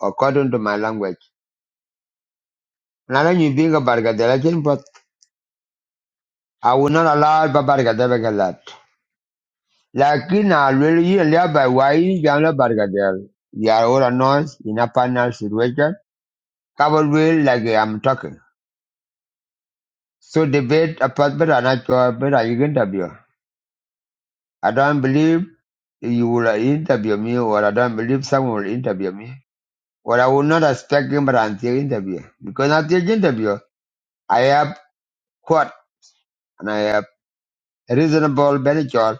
Speaker 1: according to my language. Nala ni binga bargadela ken but I will not allow ba bargadela galat. Lakin na lweli ye lia by wai jamla bargadel. You are all annoyed in a panel situation. Cover will like I'm talking. So debate apart but I'm not sure but I can interview. I don't believe you will interview me or I don't believe someone will interview me. But I will not expect him until interview. Because until the interview, I have quote and I have reasonable benefit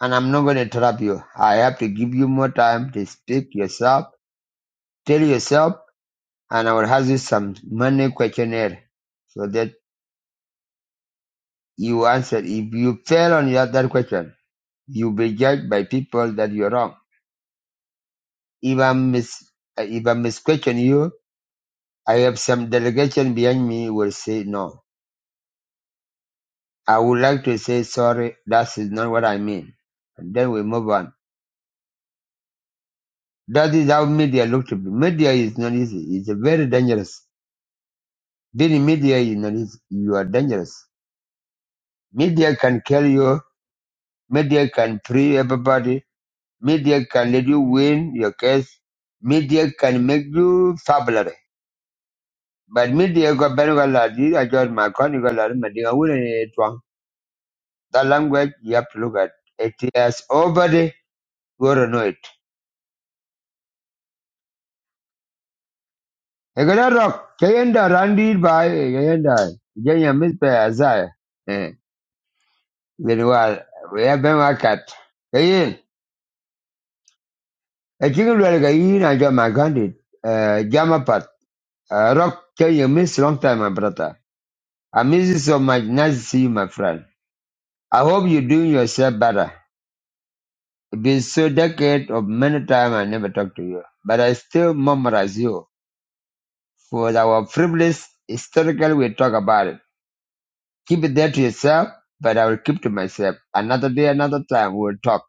Speaker 1: and I'm not going to interrupt you. I have to give you more time to speak yourself, tell yourself, and I will ask you some money questionnaire so that you answer. If you fail on your, that question, you'll be judged by people that you're wrong. If I mis, if I misquestion you, I have some delegation behind me will say no I would like to say sorry, that is not what I mean. And then we move on. That is how media look to be. Media is not easy. It's very dangerous. Being media is not easy. You are dangerous. Media can kill you. Media can free everybody. Media can let you win your case. Media can make you fabulous. But media got very well at I just my country go like media. I wouldn't That language you have to look at. It is over the world. Egera rock kayenda randi by kayenda jenya mit pe azai eh gerwa we have ben wakat kayen a chicken wel kayin a jama gandit eh jama pat Eh, rock kayenya miss long time my brother I miss you so much nice to see you my friend I hope you doing yourself better it been so decade of many time I never talk to you but I still memorize you for our privilege historical we talk about it Keep it there to yourself, but I will keep to myself. Another day, another time, we'll talk.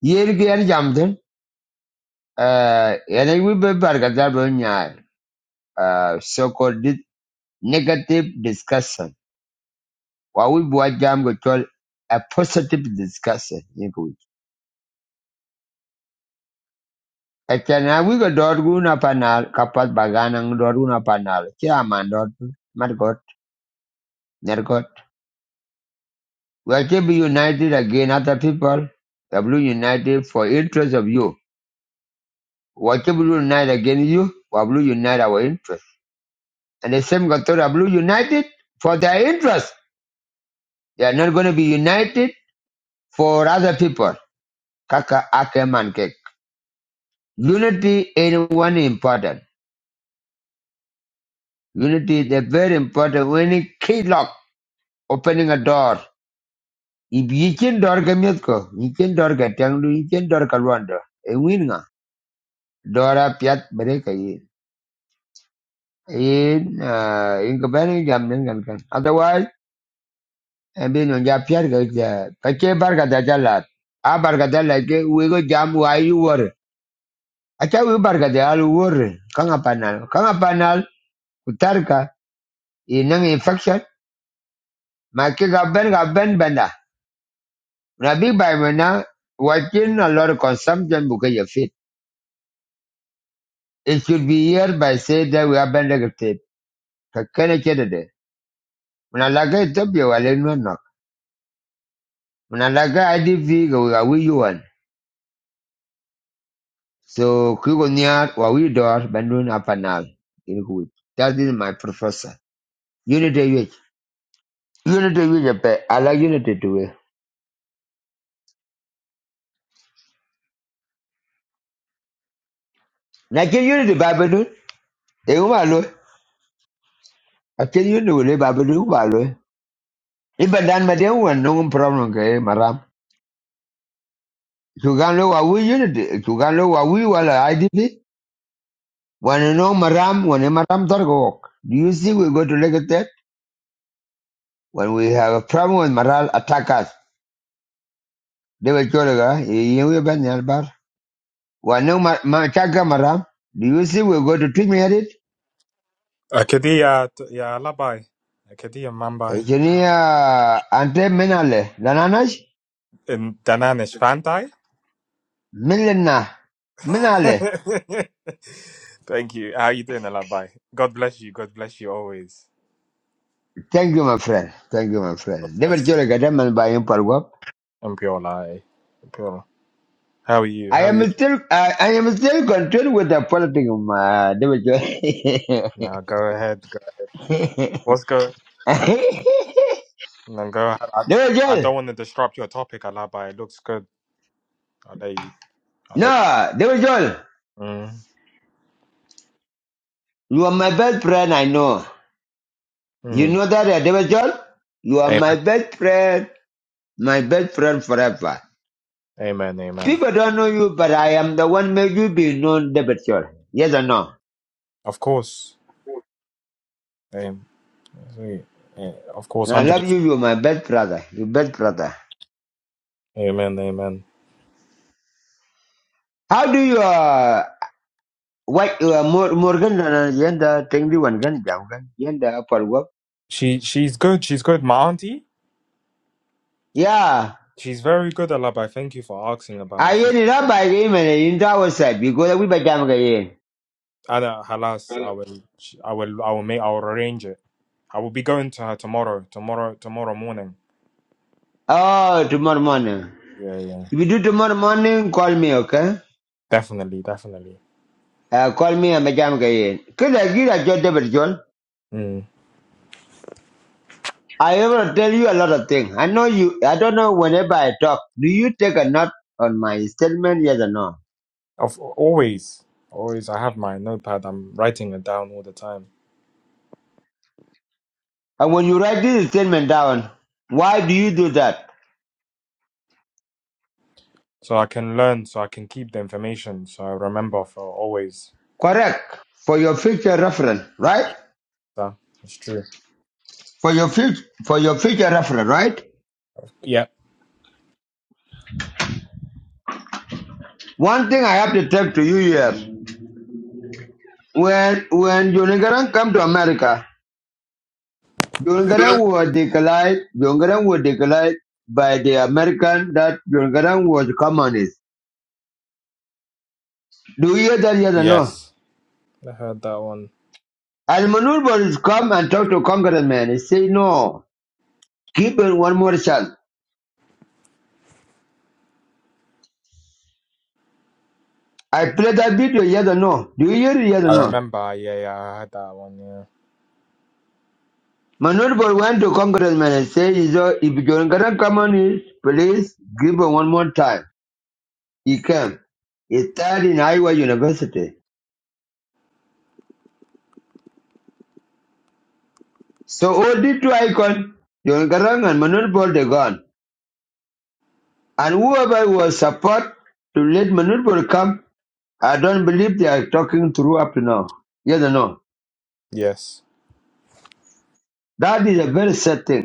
Speaker 1: Here again, Jamden, uh, and I will be Bargadabunya, uh, so called negative discussion. What we boy jam go call a positive discussion. Yingu. Ekena we go dorguna panal, kapat baganang dorguna panal, chairman dort, margot, nergot. We are be united again, other people. W united for interest of you. Whatever will unite against you, we will blue unite our interest. And the same Gatora will unite it for their interest. They are not going to be united for other people. Kaka ake mankek. Unity is one important. Unity is a very important. When a key lock, opening a door. If you can door ke you can door gatanglu, you can door ke luando. E winga. Dora piat bereka yin. In, uh in kabani jam Otherwise. Ebe no ja piar ga ja. Ka che barga da ja A barga da la ke we go jam wa yi wor. A cha we barga da al wor. Kanga panal. Kanga panal kutarka i nang infection. Ma ke ga ben ga ben benda. Na bi bai mena watching a lot of consumption buka ya fit. It should be here by say that we are ben ga tip. Ka kene che de. Muna laga itop yo wale no no. Muna laga IDV ga we ga we yuan So Kigonyar Wawidor Bandun Apanal in Huit. That is my professor. Unity which Unity which pe I like unity to we. Nake unity Babadun, Eumalo, I can unity with Babadun Balo. Even Dan Madame one no problem, okay, Maram. Sugano Wawi unity, Sugano Wawi Wala IDP. When no Maram, when a Maram Targok. Do you see we go to Legatet? When we have a problem with Maral attack us. They were Choraga, Wanu ma- ma- Chaga Maram, do you see we go to tweet me at it?
Speaker 6: أكيد يا يا لباي أكيد يا مامباي
Speaker 1: Engineer Ante Minale, Dananash,
Speaker 6: إن دنانش فانتاي
Speaker 1: Milena, Minale.
Speaker 6: Thank you. How you doing, Labai? God bless you. God bless you always.
Speaker 1: Thank you, my friend. Thank you, my
Speaker 6: God
Speaker 1: friend. Never
Speaker 6: bless
Speaker 1: tell a gentleman by him, Palwap.
Speaker 6: you. Mpiola. eh? Mpiola. How are you?
Speaker 1: I
Speaker 6: How are
Speaker 1: am
Speaker 6: you?
Speaker 1: still, I I am still content with the politics of my David Joel.
Speaker 6: Now go ahead. Go. What's good? Now go ahead. I,
Speaker 1: David
Speaker 6: I
Speaker 1: Joel,
Speaker 6: don't want to disrupt your topic, Labai. It looks good. I'll let you. I'll let
Speaker 1: no, David Joel,
Speaker 6: you. Mm,
Speaker 1: you are my best friend, I know. You
Speaker 6: mm.
Speaker 1: know that, uh, David Joel? You are my
Speaker 6: Amen.
Speaker 1: best friend, my best friend forever.
Speaker 6: Amen. Amen.
Speaker 1: People don't know you, but I am the one made you be known, Debature. Yes or no?
Speaker 6: Of course. Amen. Of course.
Speaker 1: And I love
Speaker 6: 100%.
Speaker 1: you. You're my best brother. Your best brother.
Speaker 6: Amen. Amen.
Speaker 1: How do you, uh, what, uh, Mor- Morgan, uh, yenda, thing the one gun, jam gun, yenda, for work?
Speaker 6: She she's good. She's good. My auntie,
Speaker 1: Yeah.
Speaker 6: she's very good at Labai. Thank you for asking about her.
Speaker 1: I
Speaker 6: She's
Speaker 1: get it up by him and in the outside because we by jam again.
Speaker 6: at halas. I will she- I will I will make I will arrange it. I will be going to her tomorrow. Tomorrow tomorrow morning.
Speaker 1: Oh, tomorrow morning.
Speaker 6: Yeah yeah.
Speaker 1: If you do tomorrow morning, call me, okay?
Speaker 6: Definitely definitely.
Speaker 1: Uh, call me and by jam again. Could I give a job, Debature?
Speaker 6: Mm.
Speaker 1: I will tell you a lot of things. I know you, I don't know whenever I talk, do you take a note on my statement, yes or no?
Speaker 6: Of always always I have my notepad. I'm writing it down all the time
Speaker 1: And when you write this statement down, why do you do that?
Speaker 6: so I can learn. So I can keep the information. So I remember for always.
Speaker 1: Correct. For your future reference, right?
Speaker 6: So it's true.
Speaker 1: For your future, for your future reference, right?
Speaker 6: Yeah.
Speaker 1: One thing I have to tell to you here, when, when Jonathan come to America, Jonathan was declared, Jonathan was declared by the American that Jonathan was communist. Do you hear that, yes or no?
Speaker 6: Yes. I heard that one.
Speaker 1: As Manurbo come and talk to congressman, he say no, give it one more chance. I played that video, yes or no? Do you hear it, yes or
Speaker 6: I
Speaker 1: no?
Speaker 6: remember. Yeah yeah. I heard that one. yeah.
Speaker 1: Manurbo went to congressman and say, "Is there- if John Garang come on in, please give it one more time. He came. He studied in Iowa University. So all the two icons, John Garang and Manurbo, they gone. And whoever was support to let Manurbo come, I don't believe they are talking through up to now. Yes or no?
Speaker 6: Yes.
Speaker 1: That is a very sad thing.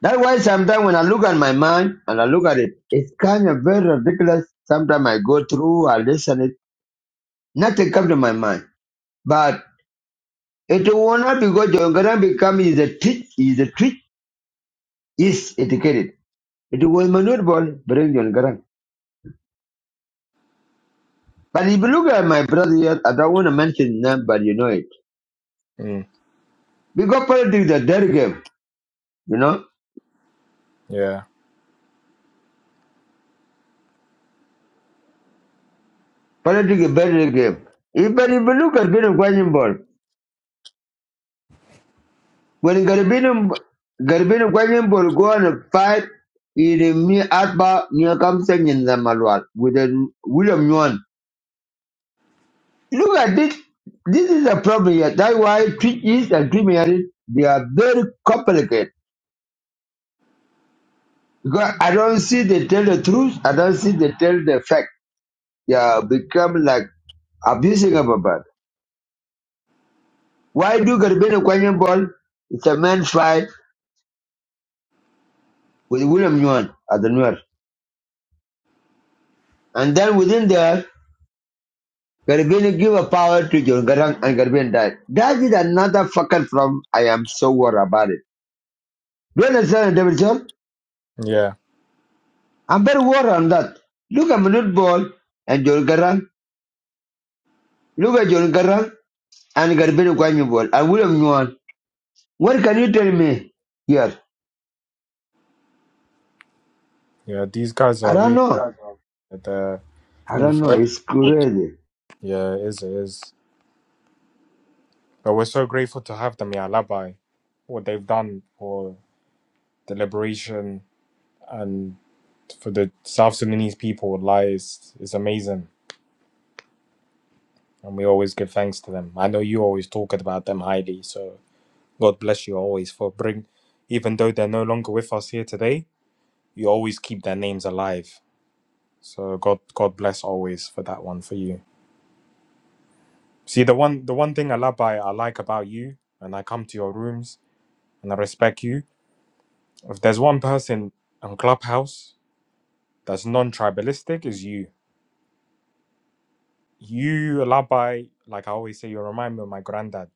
Speaker 1: That's why sometimes when I look at my mind and I look at it, it's kind of very ridiculous. Sometimes I go through, I listen it, nothing comes to my mind. But it will not because John Garang become is a teach, is a teach, is educated. It was maneuverable, bring John Garang. But if you look at my brother here, I don't want to mention his name, but you know it.
Speaker 6: Mm.
Speaker 1: Because politics is a dirty game, you know?
Speaker 6: Yeah.
Speaker 1: Politics is a dirty game. If, but if you look at Bino When Garibim Gwanyin would go on fight, in me Atba near Kamsen in the Malwat with a William Yuan. Look at this. This is a problem here. That's why treaties and criminality, they are very complicated. Because I don't see they tell the truth. I don't see they tell the fact. They are become like abusing of a bad. Why do Garibino Kwanyan Ball? It's a man fight with William Yuan at the north. And then within there, Garibin give a power to John Garang and Garibin died. That is another fucker from I am so worried about it. Do you understand, David John?
Speaker 6: Yeah.
Speaker 1: I'm very worried on that. Look at Minute Ball and John Garang. Look at John Garang and Garibin Kwanyu Ball and William Yuan. What can you tell me here?
Speaker 6: Yeah. These guys
Speaker 1: I
Speaker 6: are
Speaker 1: don't
Speaker 6: really
Speaker 1: know.
Speaker 6: the
Speaker 1: I don't know.
Speaker 6: influential.
Speaker 1: It's crazy.
Speaker 6: Yeah, it is. It is. But we're so grateful to have them, yeah, Labai, what they've done for the liberation and for the South Sudanese people, like, is, is amazing. And we always give thanks to them. I know you always talk about them highly. So God bless you always for bring, even though they're no longer with us here today, you always keep their names alive. So God, God bless always for that one for you. See, the one the one thing I love by I like about you, and I come to your rooms and I respect you. If there's one person on Clubhouse that's non-tribalistic, is you. You Labai, like I always say, you remind me of my granddad.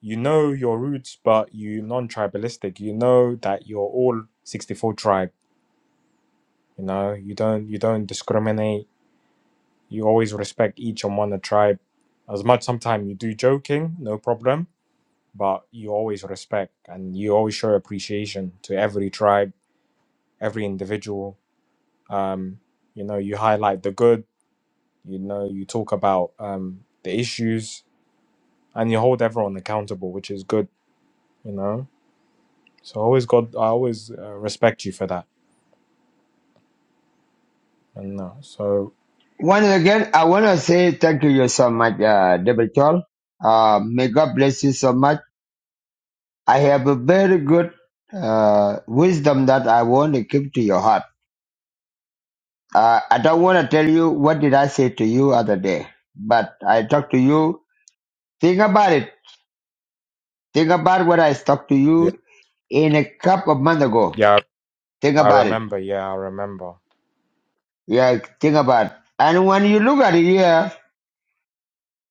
Speaker 6: You know your roots, but you non-tribalistic. You know that you're all 64 tribe. You know, you don't you don't discriminate. You always respect each and one a tribe. As much sometimes you do joking, no problem but you always respect and you always show appreciation to every tribe, every individual. Um, you know, you highlight the good, you know, you talk about um, the issues and you hold everyone accountable, which is good, you know. So I always God, I always uh, respect you for that. And uh, so,
Speaker 1: Once again, I want to say thank you so much, uh, David John. Uh, may God bless you so much. I have a very good uh, wisdom that I want to keep to your heart. Uh, I don't want to tell you what did I say to you other day, but I talked to you. Think about it. Think about what I talked to
Speaker 6: yeah,
Speaker 1: you in a couple of months ago.
Speaker 6: yeah,
Speaker 1: Think
Speaker 6: I
Speaker 1: about it.
Speaker 6: remember. Yeah, I remember.
Speaker 1: Yeah, think about it. And when you look at it here,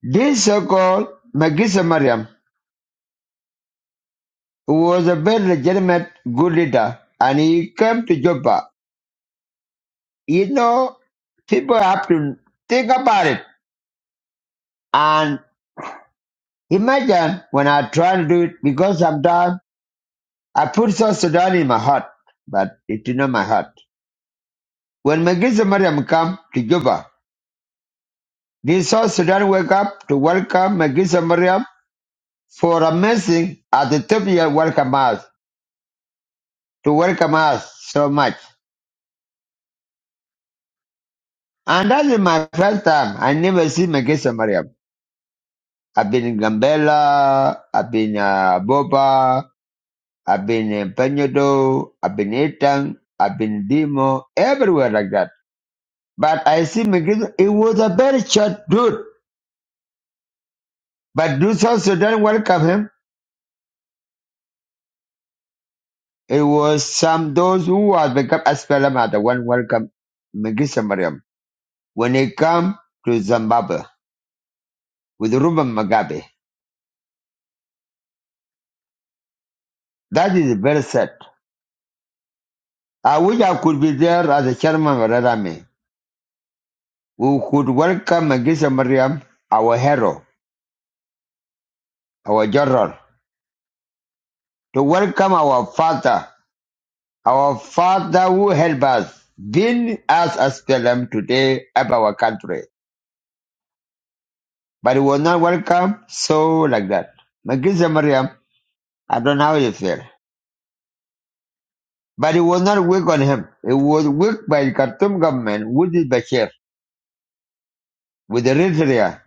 Speaker 1: this so-called Magisa Mariam was a very legitimate good leader, and he came to Juba. You know, people have to think about it. And Imagine when I try to do it because sometimes I put South Sudan in my heart, but it's not my heart. When Magisa Mariam come to Juba, did South Sudan wake up to welcome Magisa Mariam for amazing at the top. Ethiopia welcome us to welcome us so much. And that is my first time. I never see Magisa Mariam. I've been in Gambela, I've been uh, Boba, I've been in Peñodo, I've been Etang, I've been Dimo, everywhere like that. But I see McGregor, it was a very short dude. But do South Sudan welcome him? It was some those who had become SPLM are the one welcome Magisa Mariam when he come to Zimbabwe with Ruben Mugabe. That is very sad. I wish I could be there as a chairman of Red Army. We could welcome Magisa Mariam, our hero, our general, to welcome our father, our father who helped us, been us as SPLM today, of our country. But he was not welcome, so like that. Magisa Mariam, I don't know how you feel. But it was not weak on him. It was weak by the Khartoum government with the Bashir, with Eritrea,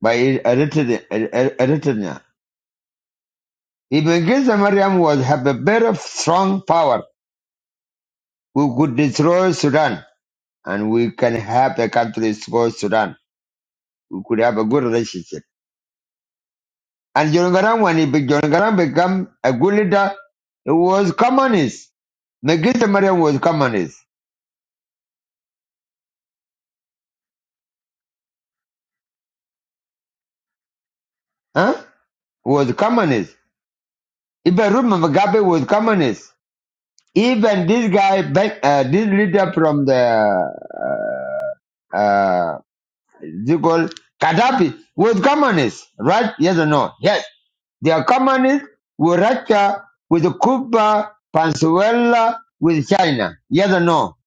Speaker 1: by Eritrea. Eritrea. If Magisa Mariam was have a very strong power, we could destroy Sudan and we can have the country called Sudan. We could have a good relationship. And John Garang, when he be, John Garang become a good leader, he was communist. Magisa Mariam was communist. huh? Was communist. Even Robert Mugabe was communist. Even this guy, back, uh, this leader from the, uh, you call Gaddafi was communist, right? Yes or no? Yes. They are communists with Russia, with Cuba, Venezuela, with China. Yes or no?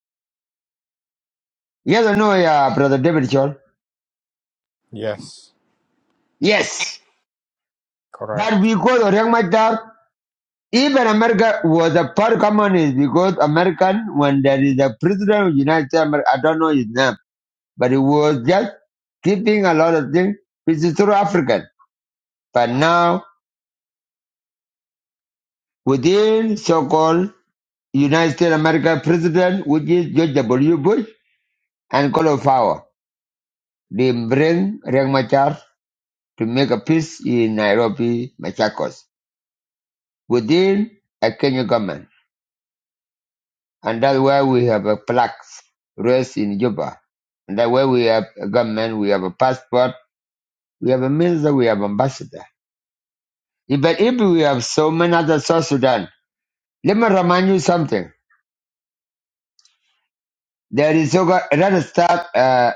Speaker 1: Yes or no, yeah, brother David Shaw?
Speaker 6: Yes,
Speaker 1: Yes. But
Speaker 6: correct,
Speaker 1: we call Orang Even America was a part communist because American, when there is a president of the United States, America, I don't know his name, but he was just keeping a lot of things, which is through African. But now, within so-called United States America president, which is George W. Bush, and Color Power, they bring Riek Machar to make a peace in Nairobi, Machakos, within a Kenyan government. And that's why we have a plaques raised in Juba. And that way we have a government, we have a passport, we have a minister, we have ambassador. If- But if we have so many other South Sudan, let me remind you something. There is so called, let's start, uh,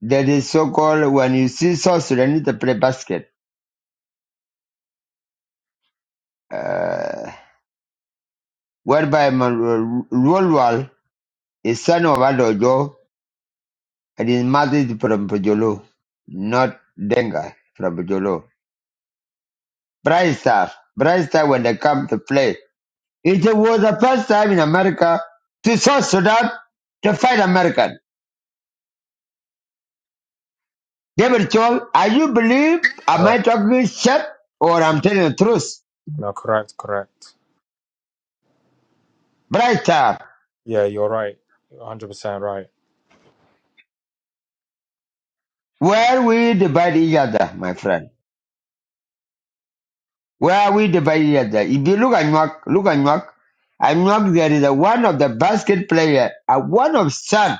Speaker 1: there is so called when you see South Sudan need to play basket, uh, whereby Rulwal is son of Adojo and his mother is from Pajolo, not Denga from Pajolo. Bright Star, Bright Star when they come to play. It was the first time in America to South Sudan to fight American. David Chol, are you believe, am I
Speaker 6: correct.
Speaker 1: talking shit or I'm telling the truth?
Speaker 6: No, correct, correct.
Speaker 1: Bright Star,
Speaker 6: Yeah, you're right. 100% right.
Speaker 1: where we divide each other, my friend. Where we divide each other. If you look at Nyak, look at Nyak, and Nyak there is a one of the basket player, a one of son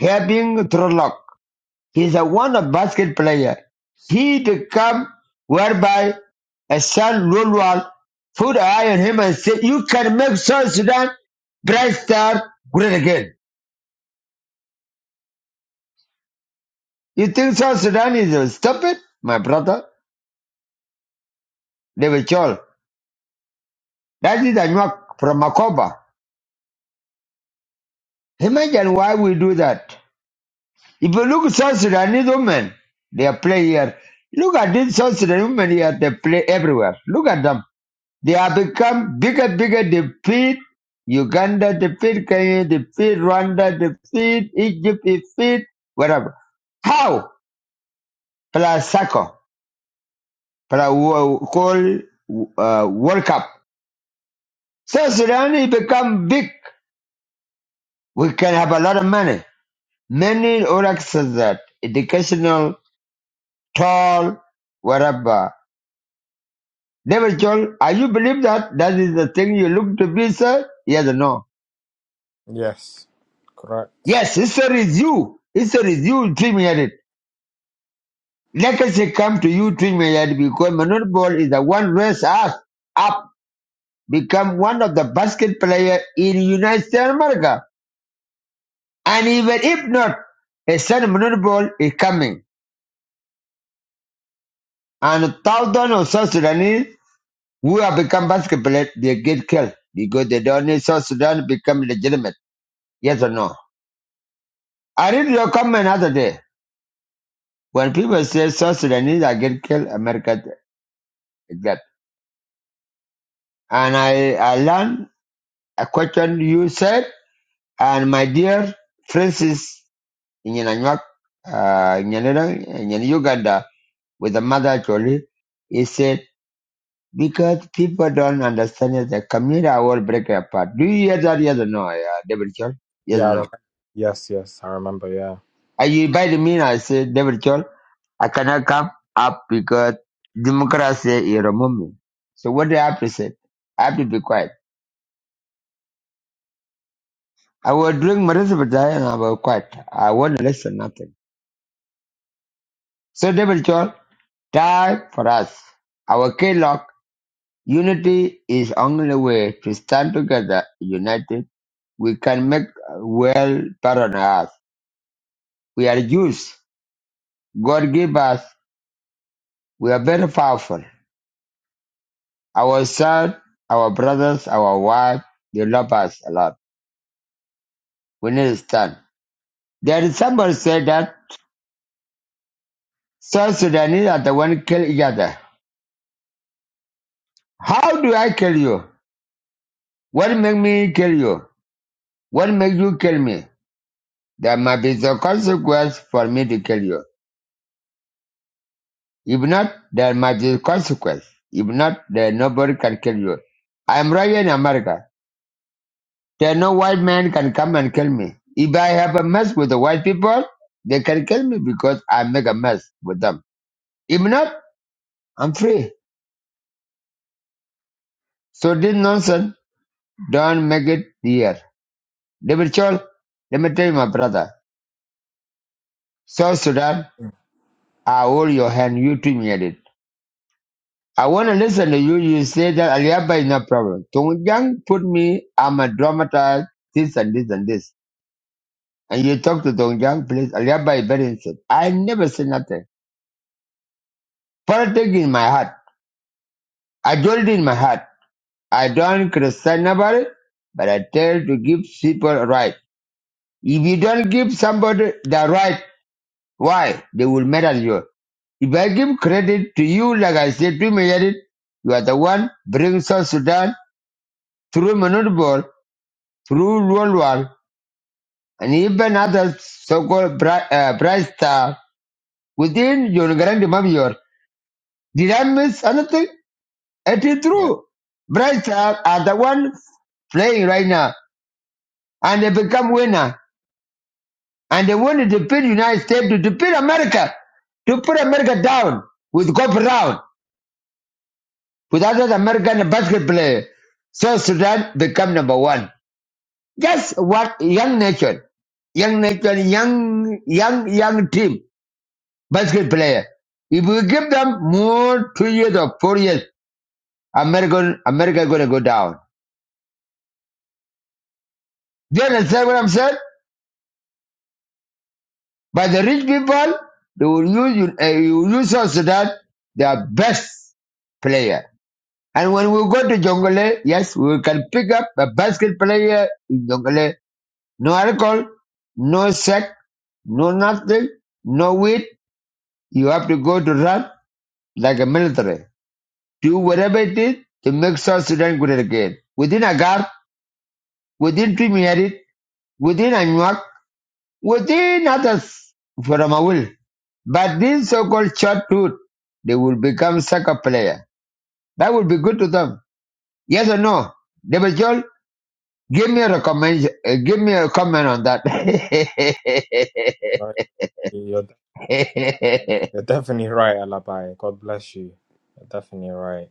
Speaker 1: having throw lock. He is a wonder basket player. He become whereby a son Lulwal put an eye on him and said, You can make South Sudan bright star great again. You think South Sudan is uh, stupid? My brother, David Chol. That is a knock from Makoba. Imagine why we do that. If you look at South Sudanese women, they play here. Look at these South Sudanese women here, they play everywhere. Look at them. They have become bigger, bigger defeat. Uganda defeat, Kenya defeat, Rwanda defeat, Egypt defeat, whatever. How? Plus soccer, plus wo- call uh, World Cup. So Sudan it become big. We can have a lot of money. Many all access that educational, tall, whatever. David Joel, are you believe that that is the thing you look to be, sir? Yes or no?
Speaker 6: Yes, correct.
Speaker 1: Yes, history is you. History is you dreaming at it. Legacy come to you, Twin Mayad, because Manute Bol is the one raised us up, become one of the basket player in United States of America. And even if not, a son of Manur Ball is coming. And thousands of South Sudanese who have become basket players, they get killed because they don't need South Sudan to become legitimate. Yes or no? I read your comment other day. When people say South Sudanese are get killed, America is that. And I, I learned a question you said, And my dear Francis in Nyananyuak, uh, in Nyanera- in Uganda, with the mother actually, he said, because people don't understand it, the community will break apart. Do you hear that? Yes or no, uh, David Chol? Yes or
Speaker 6: Yeah, I
Speaker 1: no?
Speaker 6: remember. yes, yes, I remember. Yeah,
Speaker 1: And you invited me and I said, David Chol, I cannot come up because democracy is remove me. So what do I have to say? I have to be quiet. I will drink my respect and I will quiet. I won't listen nothing. So David Chol, Time for us. Our Kellogg unity is only way to stand together united. We can make well on earth. We are Jews. God give us. We are very powerful. Our son, our brothers, our wife, they love us a lot. We need to stand. There is somebody said that South Sudanese are the one kill each other. How do I kill you? What make me kill you? What make you kill me? There must be the consequence for me to kill you. If not, there might be consequence. If not, then nobody can kill you. I am right here in America. There no white man can come and kill me. If I have a mess with the white people, they can kill me because I make a mess with them. If not, I'm free. So this nonsense, don't make it here. David Chol, let me tell you, my brother. South Sudan,
Speaker 6: Mm.
Speaker 1: I hold your hand. You treat me at it. I want to listen to you. You say that Aliaba is no problem. Tongyang put me, I'm a dramatized, this and this and this. And you talk to Dong Jiang, please. Aliabai Berin said, I never said nothing. Politics in my heart. I told it in my heart. I don't criticize nobody, but I tell to give people right. If you don't give somebody the right, why? They will mad at you. If I give credit to you, like I said, premeditated, you are the one bring South Sudan through Manudbor, through World War, and even other so-called bright, uh, bright star within your grand mafia. Did I miss anything? It is
Speaker 6: yeah,
Speaker 1: true. Brides are, are the one playing right now, and they become winner, and they want to defeat United States, to defeat America, to put America down with golf round, with other American basket player. So Sudan become number one. Just what young nation, young nation, young, young, young team, basket player. If we give them more two years or four years, America America gonna go down. Do you understand what I'm saying? But the rich people, they will use, you- uh, you use South Sudan, their best player. And when we go to Jonglei, yes, we can pick up a basket player in Jonglei. No alcohol, no sex, no nothing, no weed. You have to go to run like a military. Do whatever it is to make South Sudan good again. Within Agar, within Trimierit, within Anuak, within others from a will. But these so-called childhood, they will become soccer player. That will be good to them. Yes or no? David Joel, give me a recommend, uh, give me a comment on that.
Speaker 6: right. You're you're definitely right, Alabai. God bless you. You're definitely right.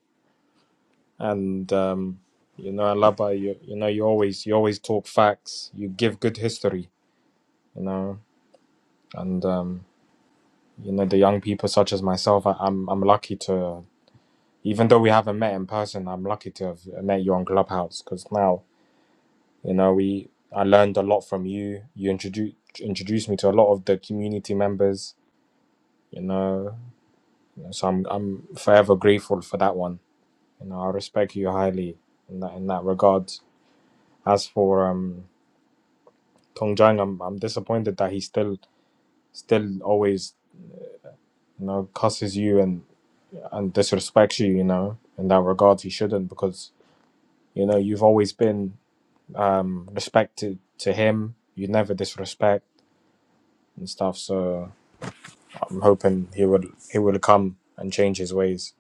Speaker 6: And um, you know, Alabai, you you know, you always you always talk facts. You give good history. You know, and um, you know, the young people such as myself, I, I'm I'm lucky to, even though we haven't met in person, I'm lucky to have met you on Clubhouse because now you know we I learned a lot from you. You introduced introduced me to a lot of the community members you know. So I'm I'm forever grateful for that one. You know, I respect you highly in that in that regard. As for um Tong Jang, I'm I'm disappointed that he still still always you know cusses you and and disrespects you. You know, in that regard, he shouldn't because you know you've always been um respected to him. You never disrespect and stuff. So I'm hoping he will he will come and change his ways.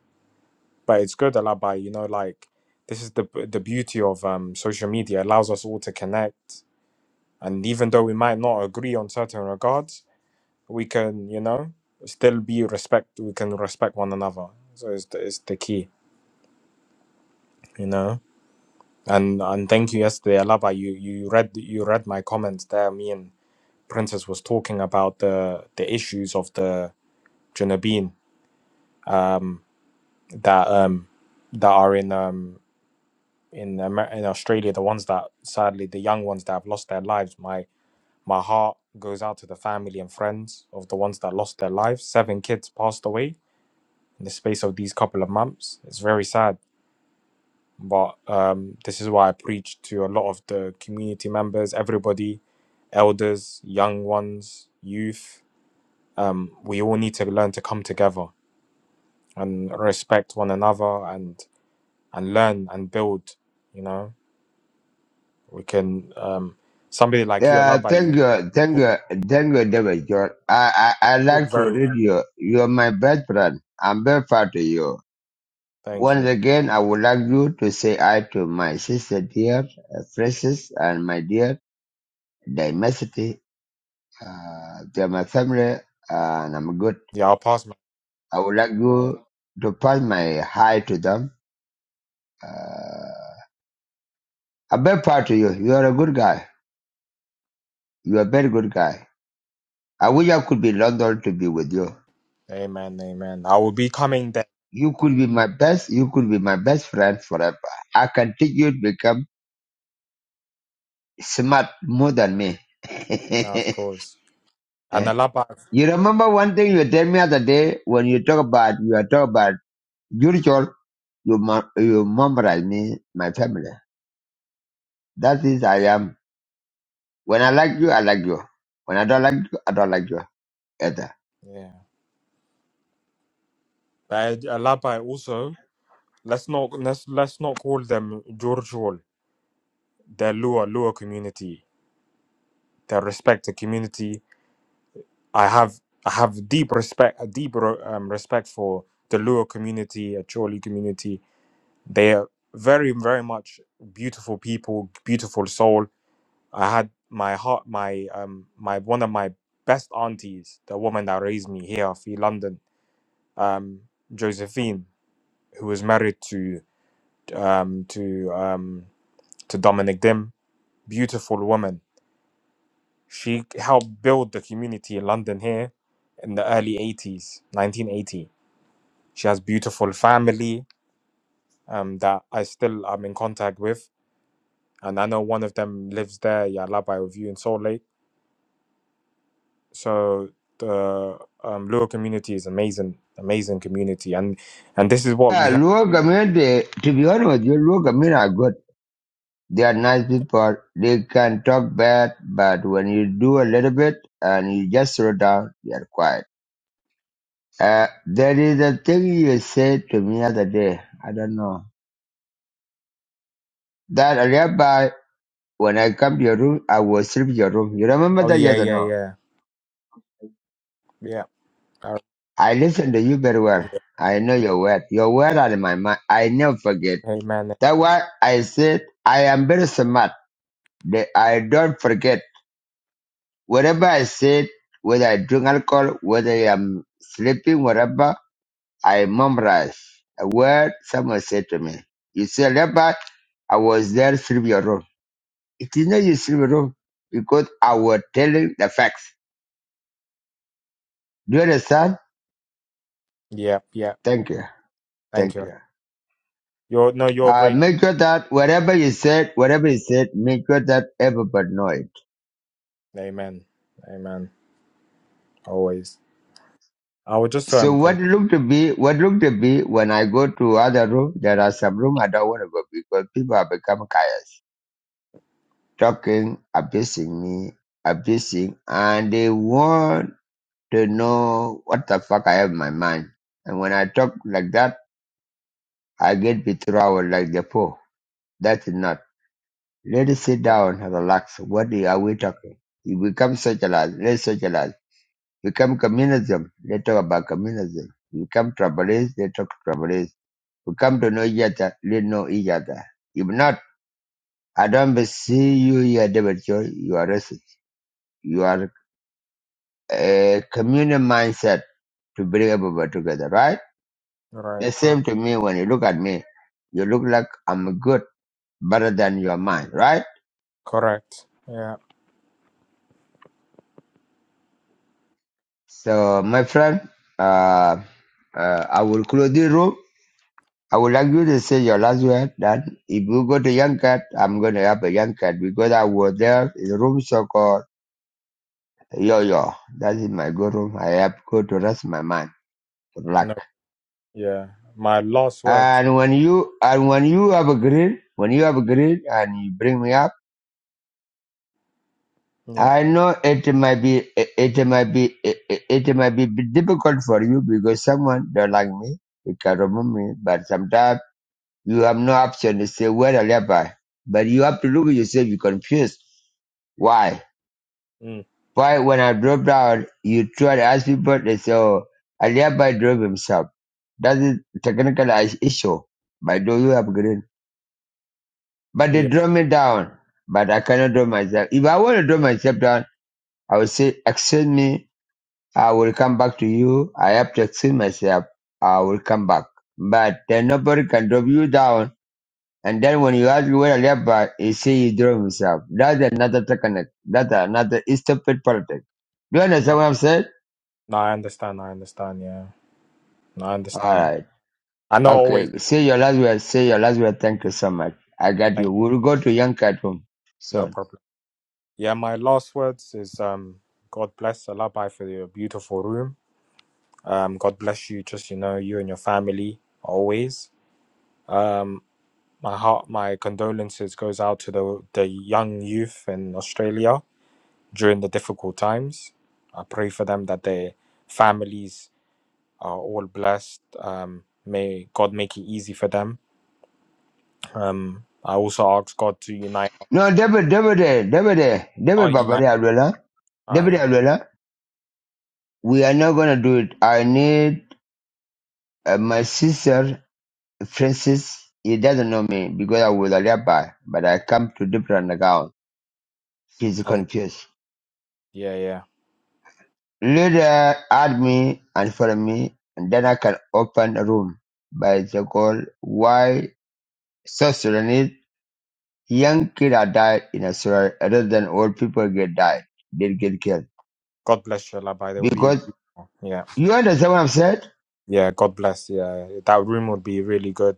Speaker 6: but it's good alabai you know like this is the the beauty of um social media it allows us all to connect and even though we might not agree on certain regards we can you know still be respect we can respect one another so it's the, it's the key you know and and thank you yesterday alaba you you read you read my comments there me and princess was talking about the the issues of the Junabin that um that are in um in Amer- in Australia, the ones that sadly the young ones that have lost their lives, my my heart goes out to the family and friends of the ones that lost their lives. Seven kids passed away in the space of these couple of months. It's very sad, but um, this is why I preach to a lot of the community members, everybody, elders, young ones, youth. Um, we all need to learn to come together and respect one another and and learn and build. You know, We can um somebody like you,
Speaker 1: yeah,
Speaker 6: Alaba,
Speaker 1: thank
Speaker 6: you
Speaker 1: you,
Speaker 6: you
Speaker 1: thank
Speaker 6: talk,
Speaker 1: you, thank you, David Joel. I, I, I
Speaker 6: talk
Speaker 1: like to
Speaker 6: very well.
Speaker 1: read you. You're my best friend. I'm very proud of you.
Speaker 6: thank
Speaker 1: Once
Speaker 6: you.
Speaker 1: again, I would like you to say hi to my sister dear, uh, Francis, and my dear. diversity. Uh, they're my family, and I'm good.
Speaker 6: Yeah, I'll pass my
Speaker 1: I would like
Speaker 6: yeah.
Speaker 1: you to pass my hi to them. Uh, I'm very proud of you. You are a good guy. You are a very good guy. I wish I could be in London to be with you.
Speaker 6: Amen, amen. I will be coming there
Speaker 1: You could be my best. You could be my best friend forever. I can teach you to become smart more than me.
Speaker 6: now, of course. And
Speaker 1: Eh?
Speaker 6: Alaba
Speaker 1: you remember one thing you told me other day when you talk about you are talk about spiritual. You mem- you memorize me, my family. That is I am. When I like you, I like you. When I don't like you, I don't like you either.
Speaker 6: yeah. But Alaba also let's not let's let's not call them Georgial. They're Lua Lua community. They respect the community. I have I have deep respect a deep um, respect for the Lua community, a Choli community They are very, very much beautiful people, beautiful soul. I had my heart, my um, my one of my best aunties, the woman that raised me here in London, um, Josephine, who was married to um to um to Dominic Dim, beautiful woman. She helped build the community in London here in the early 80s, 1980. She has beautiful family um, that I still am in contact with and I know one of them lives there, yeah, Labai with you in Salt Lake. So the um, Lua community is amazing, amazing community, and and this is what
Speaker 1: Yeah,
Speaker 6: we have.
Speaker 1: Luo community, to be honest with you, Luo community are good. They are nice people. They can talk bad, but when you do a little bit and you just slow down, they are quiet. Uh, there is a thing you said to me other day. I don't know. That a when I come to your room, I will sleep in your room. You remember
Speaker 6: Oh
Speaker 1: that?
Speaker 6: yeah,
Speaker 1: Yes or
Speaker 6: yeah,
Speaker 1: no?
Speaker 6: yeah, yeah. All right.
Speaker 1: I listen to you very well.
Speaker 6: yeah.
Speaker 1: I know your word. Your word are in my mind. I never forget.
Speaker 6: Amen.
Speaker 1: That's why I said I am very smart. That I don't forget. Whatever I said, whether I drink alcohol, whether I am sleeping, whatever, I memorize. A word someone said to me. You say, Rabbi, I was there sleeping alone." It is not you sleeping alone because I was telling the facts. Do you understand?
Speaker 6: Yeah, yeah.
Speaker 1: Thank you.
Speaker 6: Thank
Speaker 1: Thank
Speaker 6: you.
Speaker 1: you.
Speaker 6: You're no, you're
Speaker 1: Uh,
Speaker 6: great.
Speaker 1: make sure that whatever you said, whatever you said, make sure that everybody knows.
Speaker 6: Amen. Amen. Always. I would just
Speaker 1: So
Speaker 6: um.
Speaker 1: what
Speaker 6: Con-
Speaker 1: looked to be what looked to be when I go to other room, there are some room I don't want to go because people have become curious, talking, abusing me, abusing, and they want to know what the fuck I have in my mind. And when I talk like that, I get betrayal like the poor. That's not. Let us sit
Speaker 6: uh,
Speaker 1: down and relax. What are we talking? If we come socialize, let's socialize. We come communism, let's talk about communism. We come tribalism, let's talk tribalism We come to know each other, let know each other. If not, I don't see you here, David Choi. You are racist. You are a communal mindset to bring everybody together, right? The
Speaker 6: right. Correct.
Speaker 1: same to me when you look at me. You look like I'm good, better than your mind, right?
Speaker 6: Correct. Yeah.
Speaker 1: So, my friend, uh, uh, I will close the room. I would like you to say your last word that if you go to Young Cat, I'm going to help a Young Cat because I was there in the room so called Yo, yo, that is my good room. I have go to rest my mind. Good luck.
Speaker 6: No. Yeah. My last word.
Speaker 1: And when you, and when you have agreed, when you have agreed and you bring me up,
Speaker 6: Yeah.
Speaker 1: I know it might be, it, it might be, it, it might be difficult for you because someone don't like me. You can remove me, but sometimes you have no option to say where I live by. But you have to look at yourself. You're confused. Why?
Speaker 6: Mm,
Speaker 1: Why, when I drove down, you tried to ask people to so I thereby drove himself. That's a technical is- issue. But do you have green? But they
Speaker 6: yeah.
Speaker 1: drove me down. But I cannot drove myself. If I want to drove myself down, I will say, excuse me, I will come back to you. I have to excuse myself. I will come back. But then nobody can drop you down. And then when you ask where I left by, he say he drove himself. That's another technique. That's another stupid politics. Do you
Speaker 6: Uh,
Speaker 1: understand what I'm saying?
Speaker 6: No, I understand. I understand. Yeah. No, I
Speaker 1: All
Speaker 6: understand.
Speaker 1: right.
Speaker 6: I know always.
Speaker 1: Okay, say your last word. Say your last word. Thank you so much. I got you.
Speaker 6: Thank you.
Speaker 1: We'll go to Young cat Room
Speaker 6: No
Speaker 1: soon.
Speaker 6: problem. Yeah, my last words is um, God bless Alabai for your beautiful room. Um, God bless you, just you know, you and your family always. Um, my heart, my condolences goes out to the the young youth in Australia during the difficult times. I pray for them that their families are all blessed. Um, may God make it easy for them. Um, I also ask God to unite.
Speaker 1: No, David, David, eh, David, eh,
Speaker 6: Oh,
Speaker 1: David
Speaker 6: unite.
Speaker 1: babari Alwela. David
Speaker 6: I.
Speaker 1: Alwela. We are not going to do it. I need uh, my sister, Francis. He doesn't know me because I was a rabbi, but I come to different account. He's
Speaker 6: Oh,
Speaker 1: confused.
Speaker 6: yeah, yeah.
Speaker 1: Later, add me and follow me, and then I can open a room by the call. Why sorcerer Young kids are died in Australia other than old people get died. They get killed.
Speaker 6: God bless you, Labai. They will be,
Speaker 1: Because
Speaker 6: beautiful. yeah,
Speaker 1: you understand what I've said?
Speaker 6: yeah. God bless. Yeah, that room would be really good.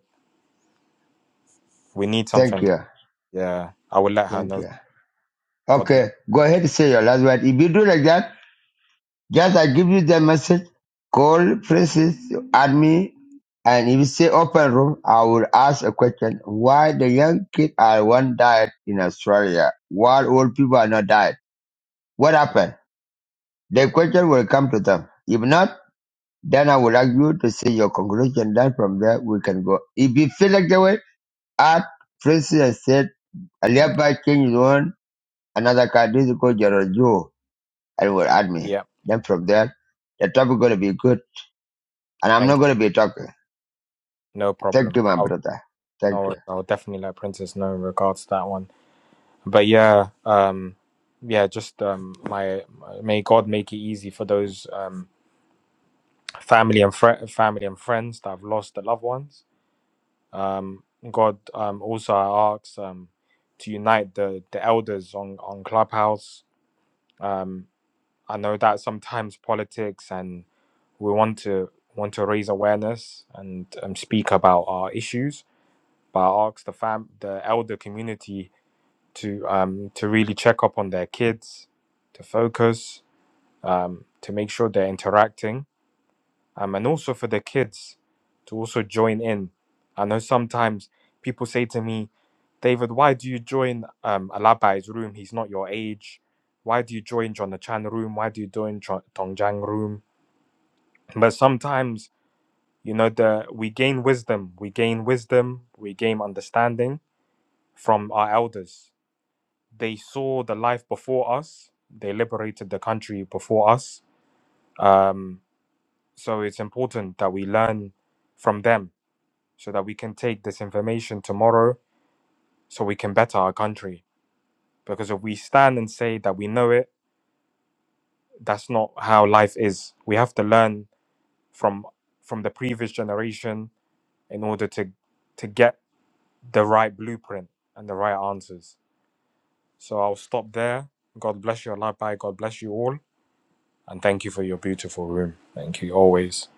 Speaker 6: We need
Speaker 1: Thank
Speaker 6: something. Like,
Speaker 1: you.
Speaker 6: yeah, I will let her
Speaker 1: Thank
Speaker 6: know.
Speaker 1: you.
Speaker 6: God bless.
Speaker 1: Okay, go ahead and say your last word. If you do like that, just I give you the message. Call Francis, add me, and if you say open room, I will ask a question. Why the young kids are one died in Australia while old people are not died? What happened? The question will come to them. If not, Then I would like you to say your conclusion. Then from there we can go. If you feel like the way, add Francis and said,
Speaker 6: Thank.
Speaker 1: Aliaba King is one, another card is called Gerald Joe, and will add
Speaker 6: you.
Speaker 1: me.
Speaker 6: Yeah,
Speaker 1: Then from there, the topic going to be good, and I'm not
Speaker 6: thank
Speaker 1: going to be talking.
Speaker 6: you. No
Speaker 1: Thank
Speaker 6: problem.
Speaker 1: you, my
Speaker 6: I'll
Speaker 1: brother. Thank
Speaker 6: no,
Speaker 1: you.
Speaker 6: worries. I'll definitely let Princess know in regards to that one. But yeah, um, yeah, just um, my may God make it easy for those um family and fr- family and friends that have lost their loved ones. Um, God, um, also I ask um to unite the the elders on on Clubhouse Um, I know that sometimes politics and we want to want to raise awareness and um, speak about our issues, but I ask the fam the elder community to um, to really check up on their kids, to focus, um, to make sure they're interacting um, and also for the kids to also join in. I know sometimes people say to me, David, why do you join um, Alaba's room? He's not your age. Why do you join Jonathan room? Why do you join Cho- Tongjang room? But sometimes, you know, the we gain wisdom, we gain wisdom, we gain understanding from our elders. They saw the life before us. They liberated the country before us. Um, so it's important that we learn from them so that we can take this information tomorrow so we can better our country. Because if we stand and say that we know it, that's not how life is. We have to learn from from the previous generation in order to to get the right blueprint and the right answers. So I'll stop there. God bless you, Allah Bye. God bless you all. And thank you for your beautiful room. Thank you always.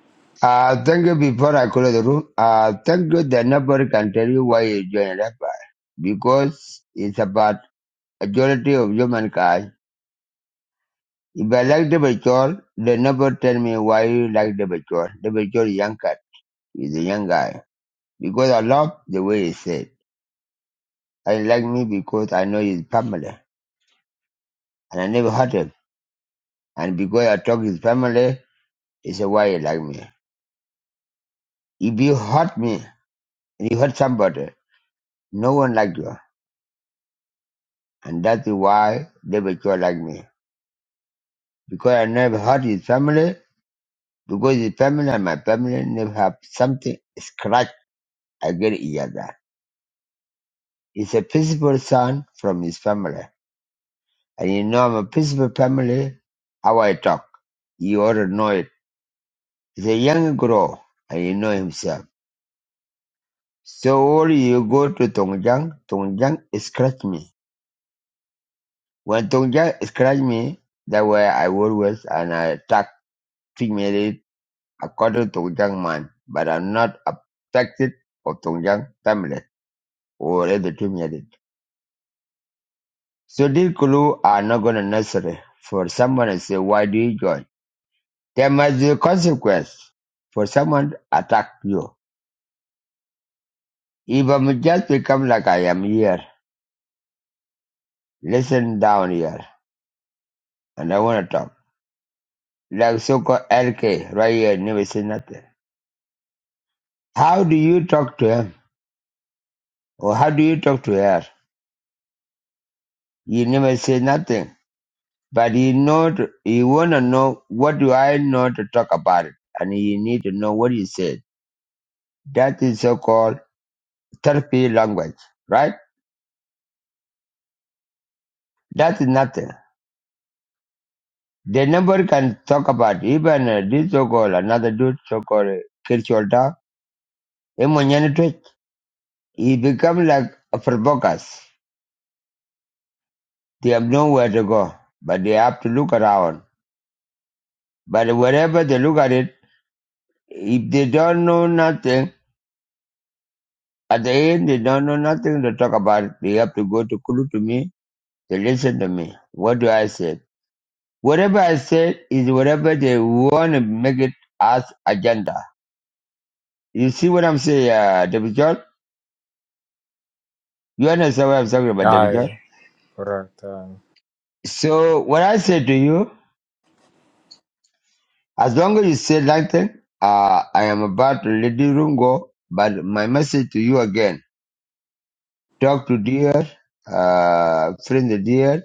Speaker 1: Uh, thank you before I close the room. Uh, thank you that nobody can tell you why you joined Rabbi. Because it's about majority of humankind If I like the Bachol, they never tell me why you like the Bachol. The Bachol is young cat. He's a young guy. Because I love the way he said. I like me because I know his family. And I never hurt him. And because I talk his family, it's why he like me. If you hurt me, and you hurt somebody, no one like you. And that's why the Bachol like me. Because I never hurt his family. Because his family and my family never have something scratch against each other. is a principal son from his family. And you know, I'm a principal family, how I talk. You ought to know it. He's a young girl, and you know himself. So all you go to Tongjiang, Tongjiang scratch me. When Tongjiang scratch me, that way I always and I attack female according to Tongjiang man. But I'm not affected of Tongjiang family or other female. So these clues are not gonna necessary for someone to say, why do you join? There must be a consequence for someone attack you. If I'm just become like I am here, listen down here, and I want to talk. Like so-called LK right here, never say nothing. How do you talk to him? Or how do you talk to her? You never say nothing. But you know, to, you want to know what do I know to talk about it. And you need to know what you said. That is so-called therapy language, right? That is nothing. Then nobody can talk about even uh, this so-called another dude so-called uh, Kirchholder. Him on any He become like a provokers. They have nowhere to go, but they have to look around. But wherever they look at it, if they don't know nothing, at the end they don't know nothing to talk about. They have to go to Kulu to me. They listen to me. What do I say? Whatever I say is whatever they want to make it as agenda. You see what I'm saying, uh, David John? You understand what I'm talking about, David John?
Speaker 6: Aye, correct. Um,
Speaker 1: So what I say to you, as long as you say like that, uh, I am about to let the room go. But my message to you again: talk to dear, uh, friend the dear,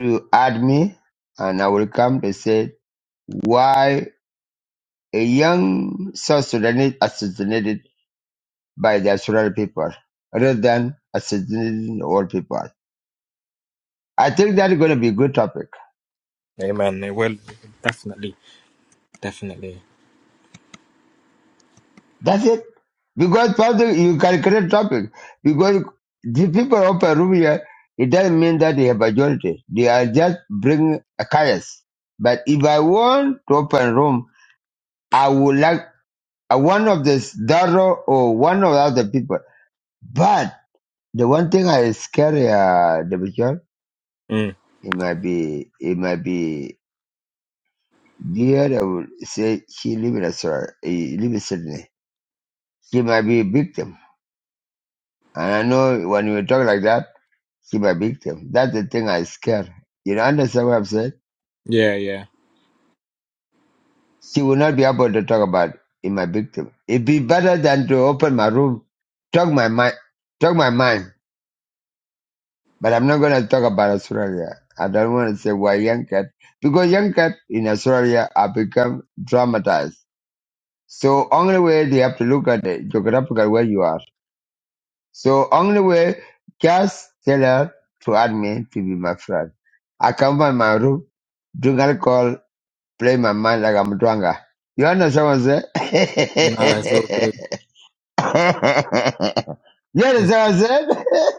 Speaker 1: to add me, and I will come to say why a young South Sudanese assassinated by the Australian people rather than assassinating all people. I think that is going to be a good topic.
Speaker 6: amen. It will definitely, definitely.
Speaker 1: That's it. Because something you can create topic. Because the people of Peru here, it doesn't mean that they have majority. They are just bring a chaos. But if I want to open room, I would like uh, one of the Daro or one of the other people. But the one thing I is scary, uh, the picture,
Speaker 6: Mm.
Speaker 1: it might be, it might be dear. I would say she live in a, he live in Sydney. She might be a victim. And I know when you talk like that. She my victim. That's the thing I scare. You know, understand what I'm saying?
Speaker 6: Yeah, yeah.
Speaker 1: She will not be able to talk about in my victim. It'd be better than to open my room, talk my mind, talk my mind. But I'm not gonna talk about Australia. I don't want to say why young cat because young cat in Australia are become traumatized. So only way they have to look at the geographical where you are. So only way just tell her to add me to be my friend. I come by my room, drink alcohol, Play my mind like I'm drunk. ah. You understand what I'm saying?
Speaker 6: No, it's all good.
Speaker 1: you
Speaker 6: It's,
Speaker 1: understand what I'm saying?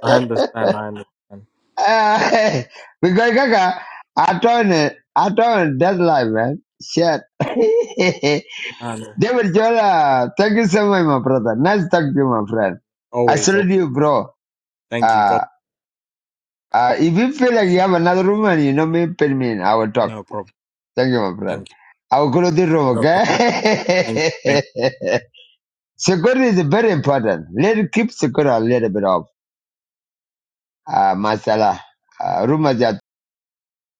Speaker 6: I understand. I understand.
Speaker 1: Uh, because Kaka, I told it, I told it that life, man. Shit.
Speaker 6: No, no.
Speaker 1: David Jola, thank you so much, my brother. Nice talking to you, my friend. I
Speaker 6: Always, always.
Speaker 1: salute you, bro.
Speaker 6: Thank you,
Speaker 1: Uh,
Speaker 6: God.
Speaker 1: uh, if you feel like you have another room and you know me, pin me in. I will talk.
Speaker 6: No problem.
Speaker 1: Thank you, my friend.
Speaker 6: Thank you.
Speaker 1: I will close the room,
Speaker 6: No problem. Thank you. Thank
Speaker 1: okay? Security is very important. Let's keep security a little bit of Uh, masala. Uh, rumors are